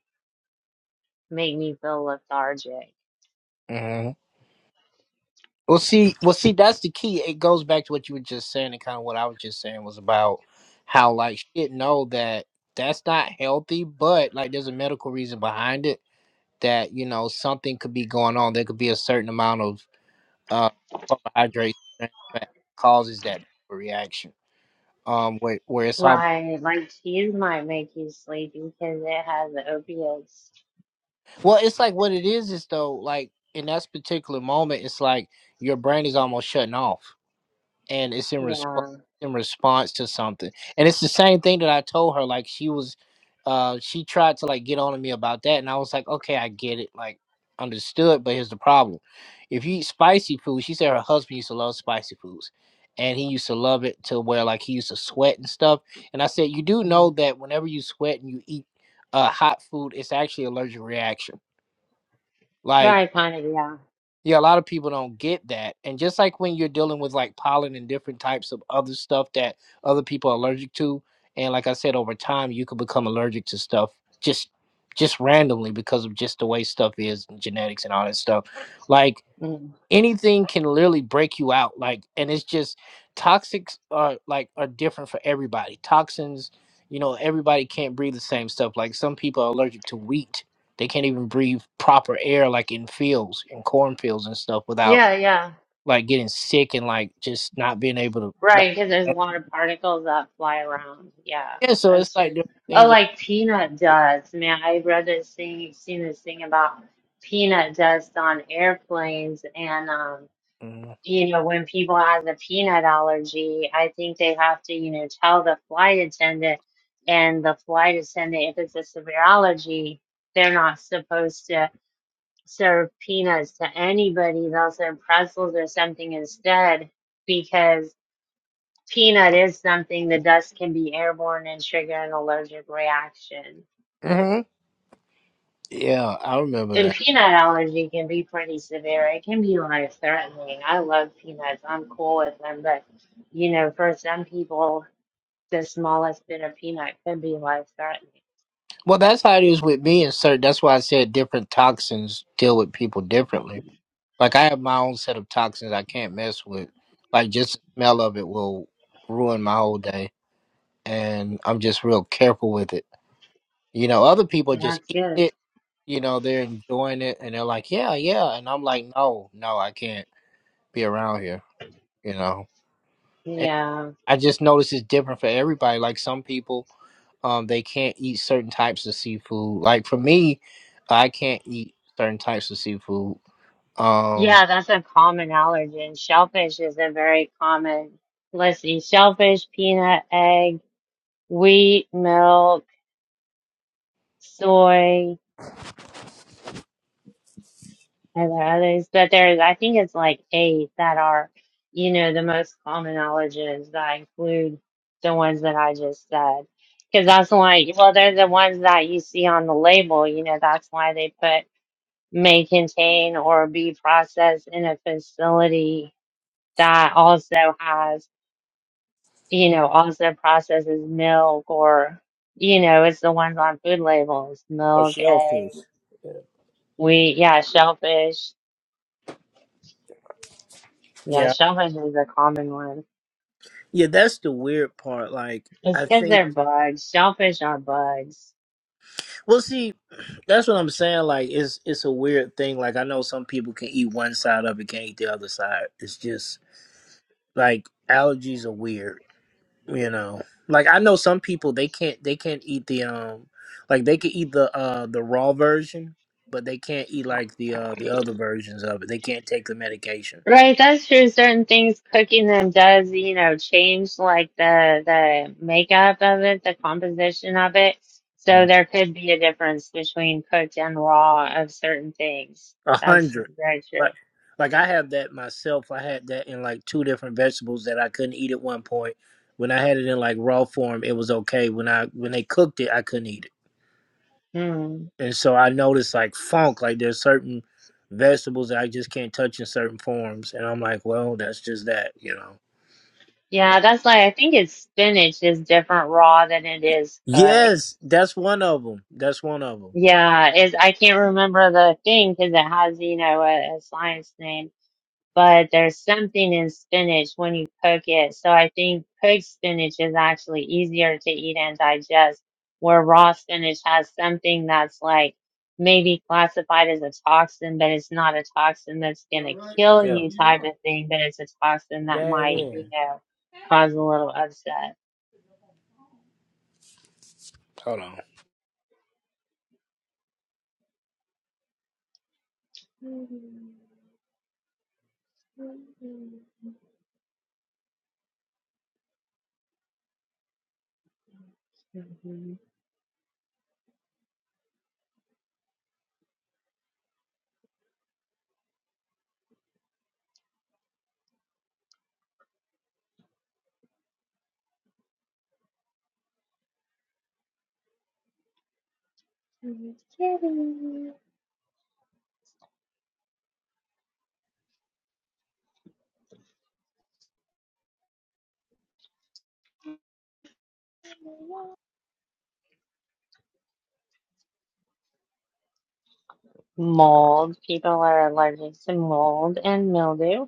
make me feel lethargic. mhm. well, see, well, see, that's the key. It goes back to what you were just saying, and kind of what I was just saying was about how like she didn't know that that's not healthy, but like there's a medical reason behind it. That you know something could be going on. There could be a certain amount of uh carbohydrates that causes that reaction. Um, where where it's almost Right. Like cheese might make you sleepy because it has opiates. Well, it's like what it is is though, like in that particular moment, it's like your brain is almost shutting off, and it's in response Yeah. in response to something. And it's the same thing that I told her. Like she was, uh, she tried to like get on to me about that, and I was like, okay, I get it, like understood. But here's the problem: if you eat spicy food, she said her husband used to love spicy foods. And he used to love it to where like he used to sweat and stuff. And I said, you do know that whenever you sweat and you eat uh, hot food, it's actually allergic reaction like, Right, kind of, yeah. yeah, a lot of people don't get that. And just like when you're dealing with like pollen and different types of other stuff that other people are allergic to, and like I said, over time you could become allergic to stuff just just randomly because of just the way stuff is and genetics and all that stuff. Like anything can literally break you out like and it's just toxics are like are different for everybody toxins you know everybody can't breathe the same stuff like some people are allergic to wheat they can't even breathe proper air like in fields in cornfields and stuff without Yeah, yeah. like getting sick and like just not being able to like Right, because there's a eh, lot of particles that fly around. Yeah, yeah so it's that's true. like different Oh, things that like peanut dust. Man, I read this thing, seen this thing about peanut dust on airplanes and um you know, when people have the peanut allergy, I think they have to, you know, tell the flight attendant, and the flight attendant, if it's a severe allergy, they're not supposed to serve peanuts to anybody. They'll serve pretzels or something instead, because peanut is something the dust can be airborne and trigger an allergic reaction. Mm-hmm. Yeah, I remember And that. peanut allergy can be pretty severe. It can be life threatening. I love peanuts. I'm cool with them, but you know, for some people the smallest bit of peanut could be life-threatening. Well, that's how it is with me and certain. That's why I said different toxins deal with people differently Like I have my own set of toxins I can't mess with. Like just the smell of it will ruin my whole day, and I'm just real careful with it. You know, other people just That's eat good. it. You know, they're enjoying it, and they're like, "Yeah, yeah," and I'm like, "No, no, I can't be around here." You know, and Yeah. I just notice it's different for everybody. Like some people, um, they can't eat certain types of seafood. Like for me, I can't eat certain types of seafood. Um, Yeah, that's a common allergen. Shellfish is a very common. Let's see, shellfish, peanut, egg, wheat, milk, soy, and there are others. But there's, I think it's like eight that are, you know, the most common allergens that include the ones that I just said. Because that's why, well, they're the ones that you see on the label, you know, that's why they put may contain or be processed in a facility that also has, you know, also processes milk or, you know, it's the ones on food labels, or milk, shellfish. egg, wheat, yeah, shellfish. Yeah, shellfish is a common one. Yeah, that's the weird part. Like, It's I because think, they're bugs. Shellfish are bugs. well, see, that's what I'm saying. Like, it's it's a weird thing. Like, I know some people can eat one side of it, can't eat the other side. It's just like allergies are weird, you know. Like, I know some people they can't they can't eat the um, like they can eat the uh the raw version, but they can't eat like the uh the other versions of it. They can't take the medication. Right, that's true. Certain things cooking them does, you know, change like the the makeup of it, the composition of it. So there could be a difference between cooked and raw of certain things. A That's hundred. very true. Like like I have that myself. I had that in like two different vegetables that I couldn't eat at one point. When I had it in like raw form, it was okay. When I when they cooked it, I couldn't eat Hmm. it. And so I noticed like funk, like there's certain vegetables that I just can't touch in certain forms. And I'm like, well, that's just that, you know. Yeah, that's like I think it's spinach is different raw than it is cooked. Yes, that's one of them. That's one of them. Yeah, is I can't remember the thing because it has, you know, a, a science name. but there's something in spinach when you cook it. So I think cooked spinach is actually easier to eat and digest, where raw spinach has something that's like maybe classified as a toxin, but it's not a toxin that's going to kill Yeah. you type of thing, but it's a toxin that That might, is. you know, cause a little upset. Hold on. Mold. People are allergic to mold and mildew.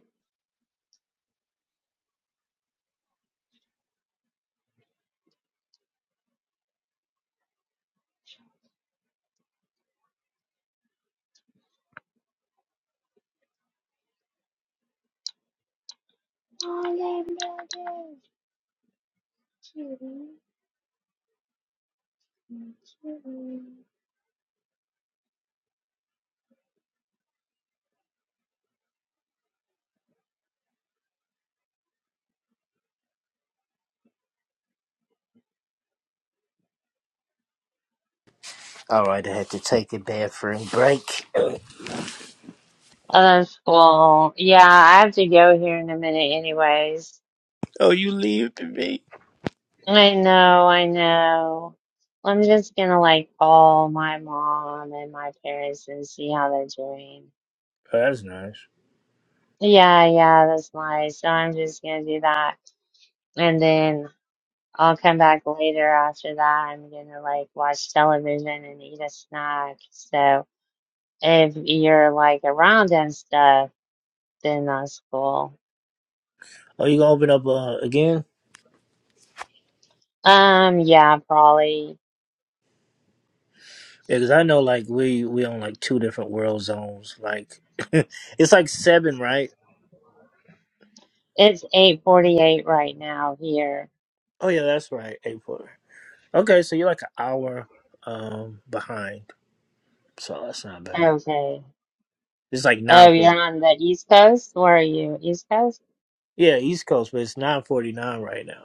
All right, I had to take a bathroom break. Oh, that's cool. Yeah, I have to go here in a minute anyways. oh, you leave to me. I know, I know. I'm just gonna like call my mom and my parents and see how they're doing. Oh, that's nice. Yeah, yeah, that's nice. So I'm just gonna do that. And then I'll come back later after that. I'm gonna like watch television and eat a snack. So if you're like around and stuff, then that's cool. Oh, you gonna open up uh, again? Um, yeah, probably. Yeah, because I know like we we on like two different world zones. Like it's like seven, right? It's 8:48 right now here. Oh yeah, that's right. April. Okay, so you're like an hour um behind, so that's not bad. Okay. It's like Oh, nine you're forty. on the East Coast? Where are you? East Coast? Yeah, East Coast, but it's nine forty nine right now.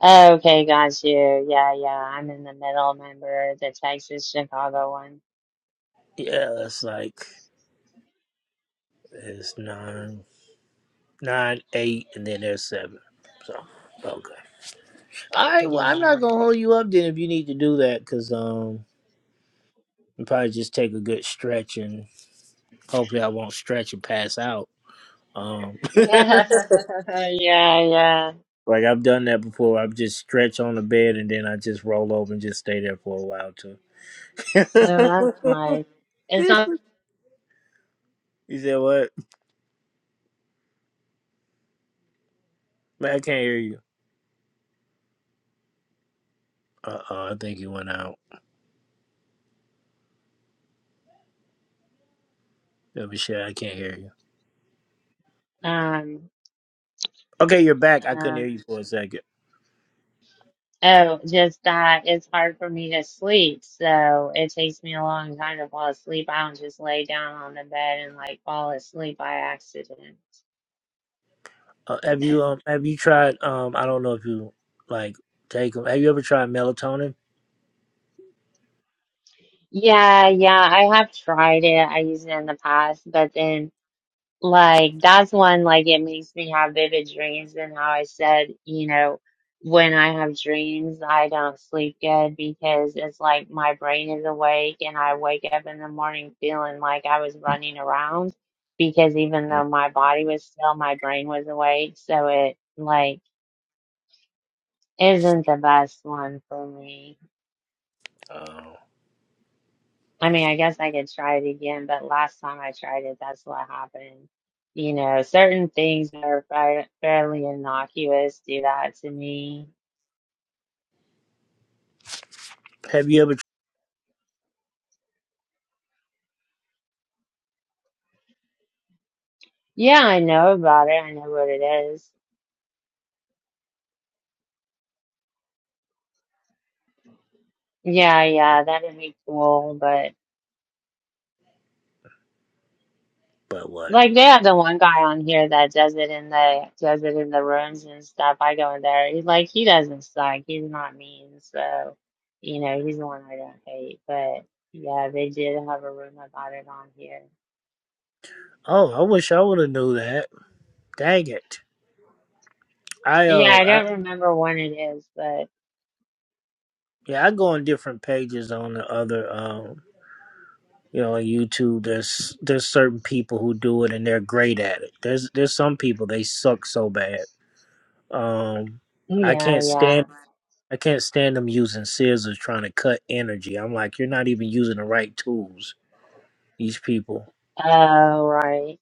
Oh, Okay, got you. Yeah, yeah. I'm in the middle. member, the Texas Chicago one? Yeah, that's like it's nine nine eight, and then there's seven. So okay. All right. Well, I'm Yeah. not gonna hold you up then if you need to do that, because um, you probably just take a good stretch and. Hopefully, I won't stretch and pass out. Um, Yeah, yeah. like I've done that before. I've just stretch on the bed and then I just roll over and just stay there for a while too. Oh, that's nice. It's not, you said what? Man, I can't hear you. Uh oh, I think you went out. Yeah, but shit, I can't hear you. um, Okay, you're back. I couldn't hear um, you for a second. oh, just that it's hard for me to sleep. So it takes me a long time to fall asleep. I don't just lay down on the bed and like fall asleep by accident. Uh, have you um have you tried um I don't know if you like take them. Have you ever tried melatonin? Yeah, yeah, I have tried it. I used it in the past, but then Like that's one like it makes me have vivid dreams and how I said, you know, when I have dreams, I don't sleep good because it's like my brain is awake and I wake up in the morning feeling like I was running around because even Mm, though my body was still, my brain was awake, so it like isn't the best one for me. Oh, I mean, I guess I could try it again, but last time I tried it, that's what happened. You know, certain things that are fa- fairly innocuous do that to me. have you ever? tr- Yeah, I know about it. I know what it is. Yeah, yeah, that'd be cool. But But what? like, they have the one guy on here that does it in the does it in the rooms and stuff. I go in there. He's like, he doesn't suck. He's not mean. So, you know, he's the one I don't hate. But yeah, they did have a room about it on here. Oh, I wish I would have knew that. Dang it. I Yeah, uh I I don't remember when it is, but yeah, I go on different pages on the other um you know, on YouTube there's there's certain people who do it and they're great at it. There's there's some people they suck so bad. Um I yeah, can't yeah. stand I can't stand them using scissors trying to cut energy. I'm like, you're not even using the right tools, these people. Oh, right.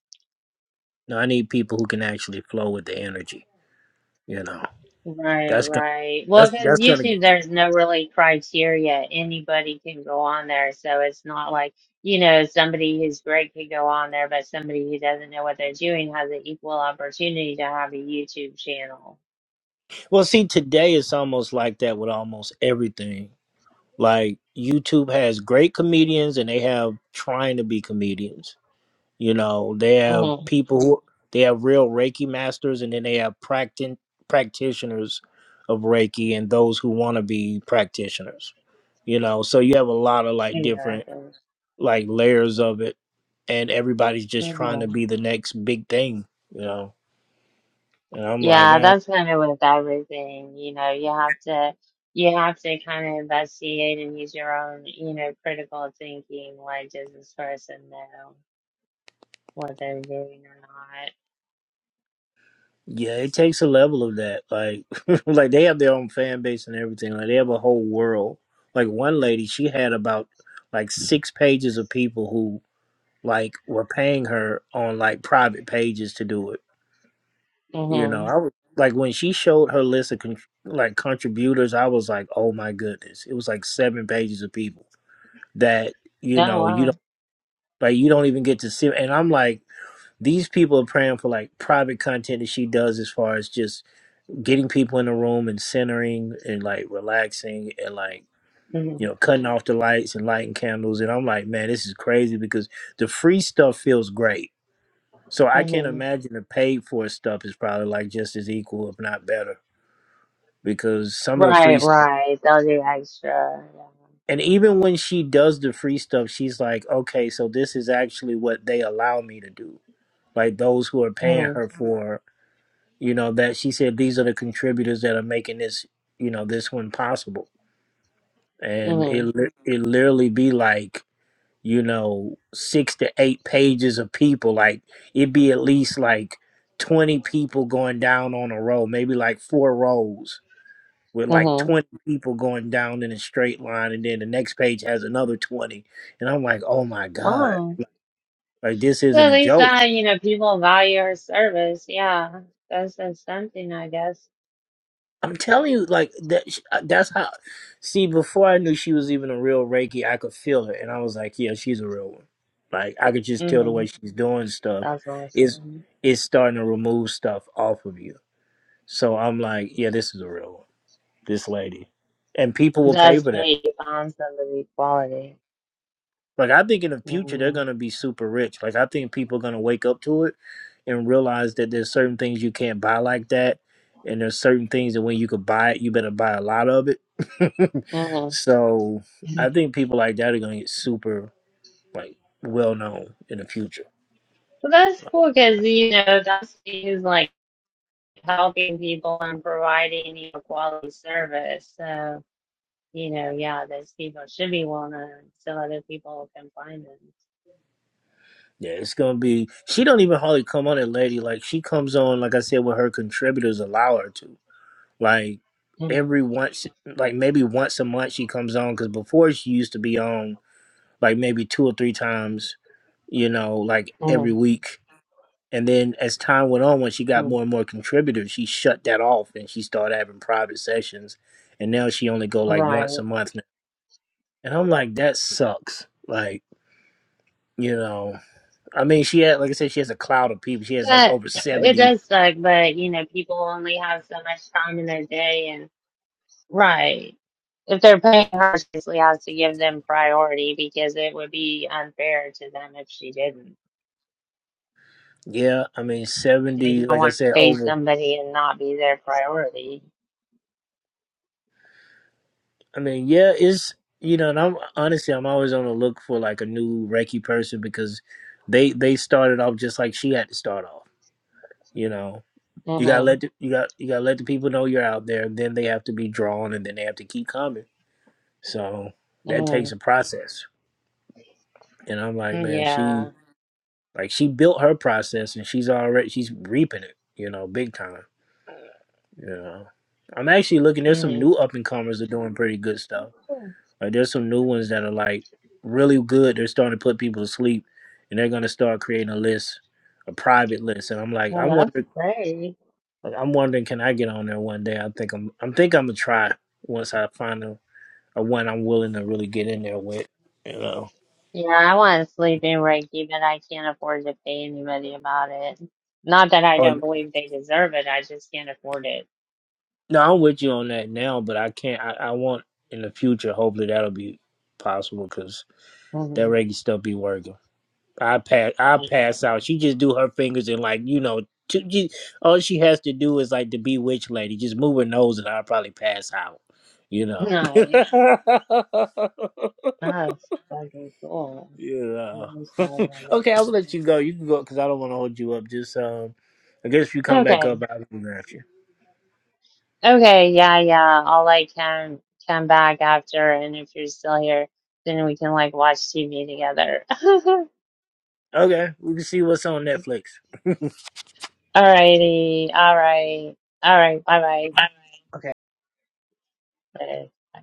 No, I need people who can actually flow with the energy, you know. Right, That's gonna right. Well, that's because that's gonna YouTube, there's no really criteria. Anybody can go on there. So it's not like, you know, somebody who's great could go on there, but somebody who doesn't know what they're doing has an equal opportunity to have a YouTube channel. well see today it's almost like that with almost everything Like YouTube has great comedians and they have trying to be comedians. You know, they have Mhm. people who they have real Reiki masters and then they have practi- practitioners of Reiki and those who want to be practitioners. You know, so you have a lot of like different like layers of it and everybody's just trying Exactly. to be the next big thing, you know. And I'm like, Yeah, eh. that's kind of with everything. You know, you have to you have to kind of investigate and use your own, you know, critical thinking. Like, does this person know what they're doing or not? Yeah, it takes a level of that. Like, like they have their own fan base and everything. Like they have a whole world. Like one lady, she had about like six pages of people who like were paying her on like private pages to do it. You know, Mm-hmm. I was like when she showed her list of con- like contributors, I was like, oh my goodness, it was like seven pages of people that you Oh, know you wow. don't like you don't even get to see. And I'm like, these people are praying for like private content that she does as far as just getting people in the room and centering and like relaxing and like Mm-hmm. you know cutting off the lights and lighting candles and i'm like man this is crazy because the free stuff feels great so i can't Mm-hmm. imagine the paid for stuff is probably like just as equal if not better because some of the free Right, stuff right. They'll do extra. and Yeah. even when she does the free stuff she's like okay so this is actually what they allow me to do like those who are paying Mm-hmm. her for you know that she said these are the contributors that are making this you know this one possible and it Mm-hmm. li- it literally be like you know six to eight pages of people like it'd be at least like 20 people going down on a row maybe like four rows with like Mm-hmm. 20 people going down in a straight line and then the next page has another 20 and i'm like oh my god Wow. like this So isn't at a least joke that, you know, people value our service. Yeah. That's, that's something, I guess. I'm telling you, like that. That's how. See, before I knew she was even a real Reiki, I could feel it, and I was like, "Yeah, she's a real one." Like I could just tell the Mm-hmm. way she's doing stuff That's is awesome. is starting to remove stuff off of you. So I'm like, "Yeah, this is a real one. This lady," and people will pay That's for that. how you find somebody quality. Like I think in the future they're Mm. gonna be super rich. Like I think people are gonna wake up to it and realize that there's certain things you can't buy like that, and there's certain things that when you could buy it, you better buy a lot of it. Mm. so I think people like that are gonna get super like well known in the future. So that's cool because, you know, that's who's like helping people and providing you know, quality service. So, you know, yeah, those people should be well known so other people can find them. Yeah, it's gonna be. She don't even hardly come on it, lady. Like she comes on, like I said, when her contributors allow her to. Like Mm-hmm. every once, like maybe once a month, she comes on because before she used to be on. like maybe two or three times, you know, like every Mm-hmm. week. And then as time went on, when she got more Mm-hmm. and more contributors, she shut that off and she started having private sessions. And now she only go like once Right. a month. now. And I'm like, that sucks. Like, you know, I mean, she had, like I said, she has a cloud of people. She has like But over it 70. does suck, but, you know, people only have so much time in their day Right. If they're paying her, she has to give them priority because it would be unfair to them if she didn't. Yeah. I mean, 70, You don't like I want to said, pay over. somebody and not be their priority. I mean, yeah, it's, you know, and I'm honestly, I'm always on the look for like a new Reiki person because they, they started off just like she had to start off you know you gotta hmm let the, you got you gotta let the people know you're out there then they have to be drawn and then they have to keep coming so that hmm takes a process and i'm like man she Yeah. like she built her process and she's already she's reaping it you know big time you know i'm actually looking there's some hmm new up and comers that are doing pretty good stuff like there's some new ones that are like really good they're starting to put people to sleep and they're going to start creating a list a private list and i'm like i Oh, that's wonder great. Like, I'm wondering, can I get on there one day? I think I'm, i think I'm gonna try once I find a, a one I'm willing to really get in there with. You know, Yeah, I want to sleep in Reiki, but I can't afford to pay anybody about it. Not that I or don't believe they deserve it, I just can't afford it. no, I'm with you on that now, but I can't. I, I want in the future. Hopefully, that'll be possible because that Mm-hmm. reggae stuff be working. I pass, I Time for pass out. She just do her fingers and like you know, to, she, all she has to do is like the bewitched lady, just move her nose, and I'll probably pass out. You it. know. Nice. That's fucking cool. I Yeah. wish I would have okay, I'll it. let you go. You can go because I don't want to hold you up. Just um, I guess if you come back Okay. up, I'll be back you. Okay. Yeah. Yeah. I'll like come come back after, and if you're still here, then we can like watch TV together. Okay, we can see what's on Netflix. Alrighty. All right. All right. Bye Okay. bye.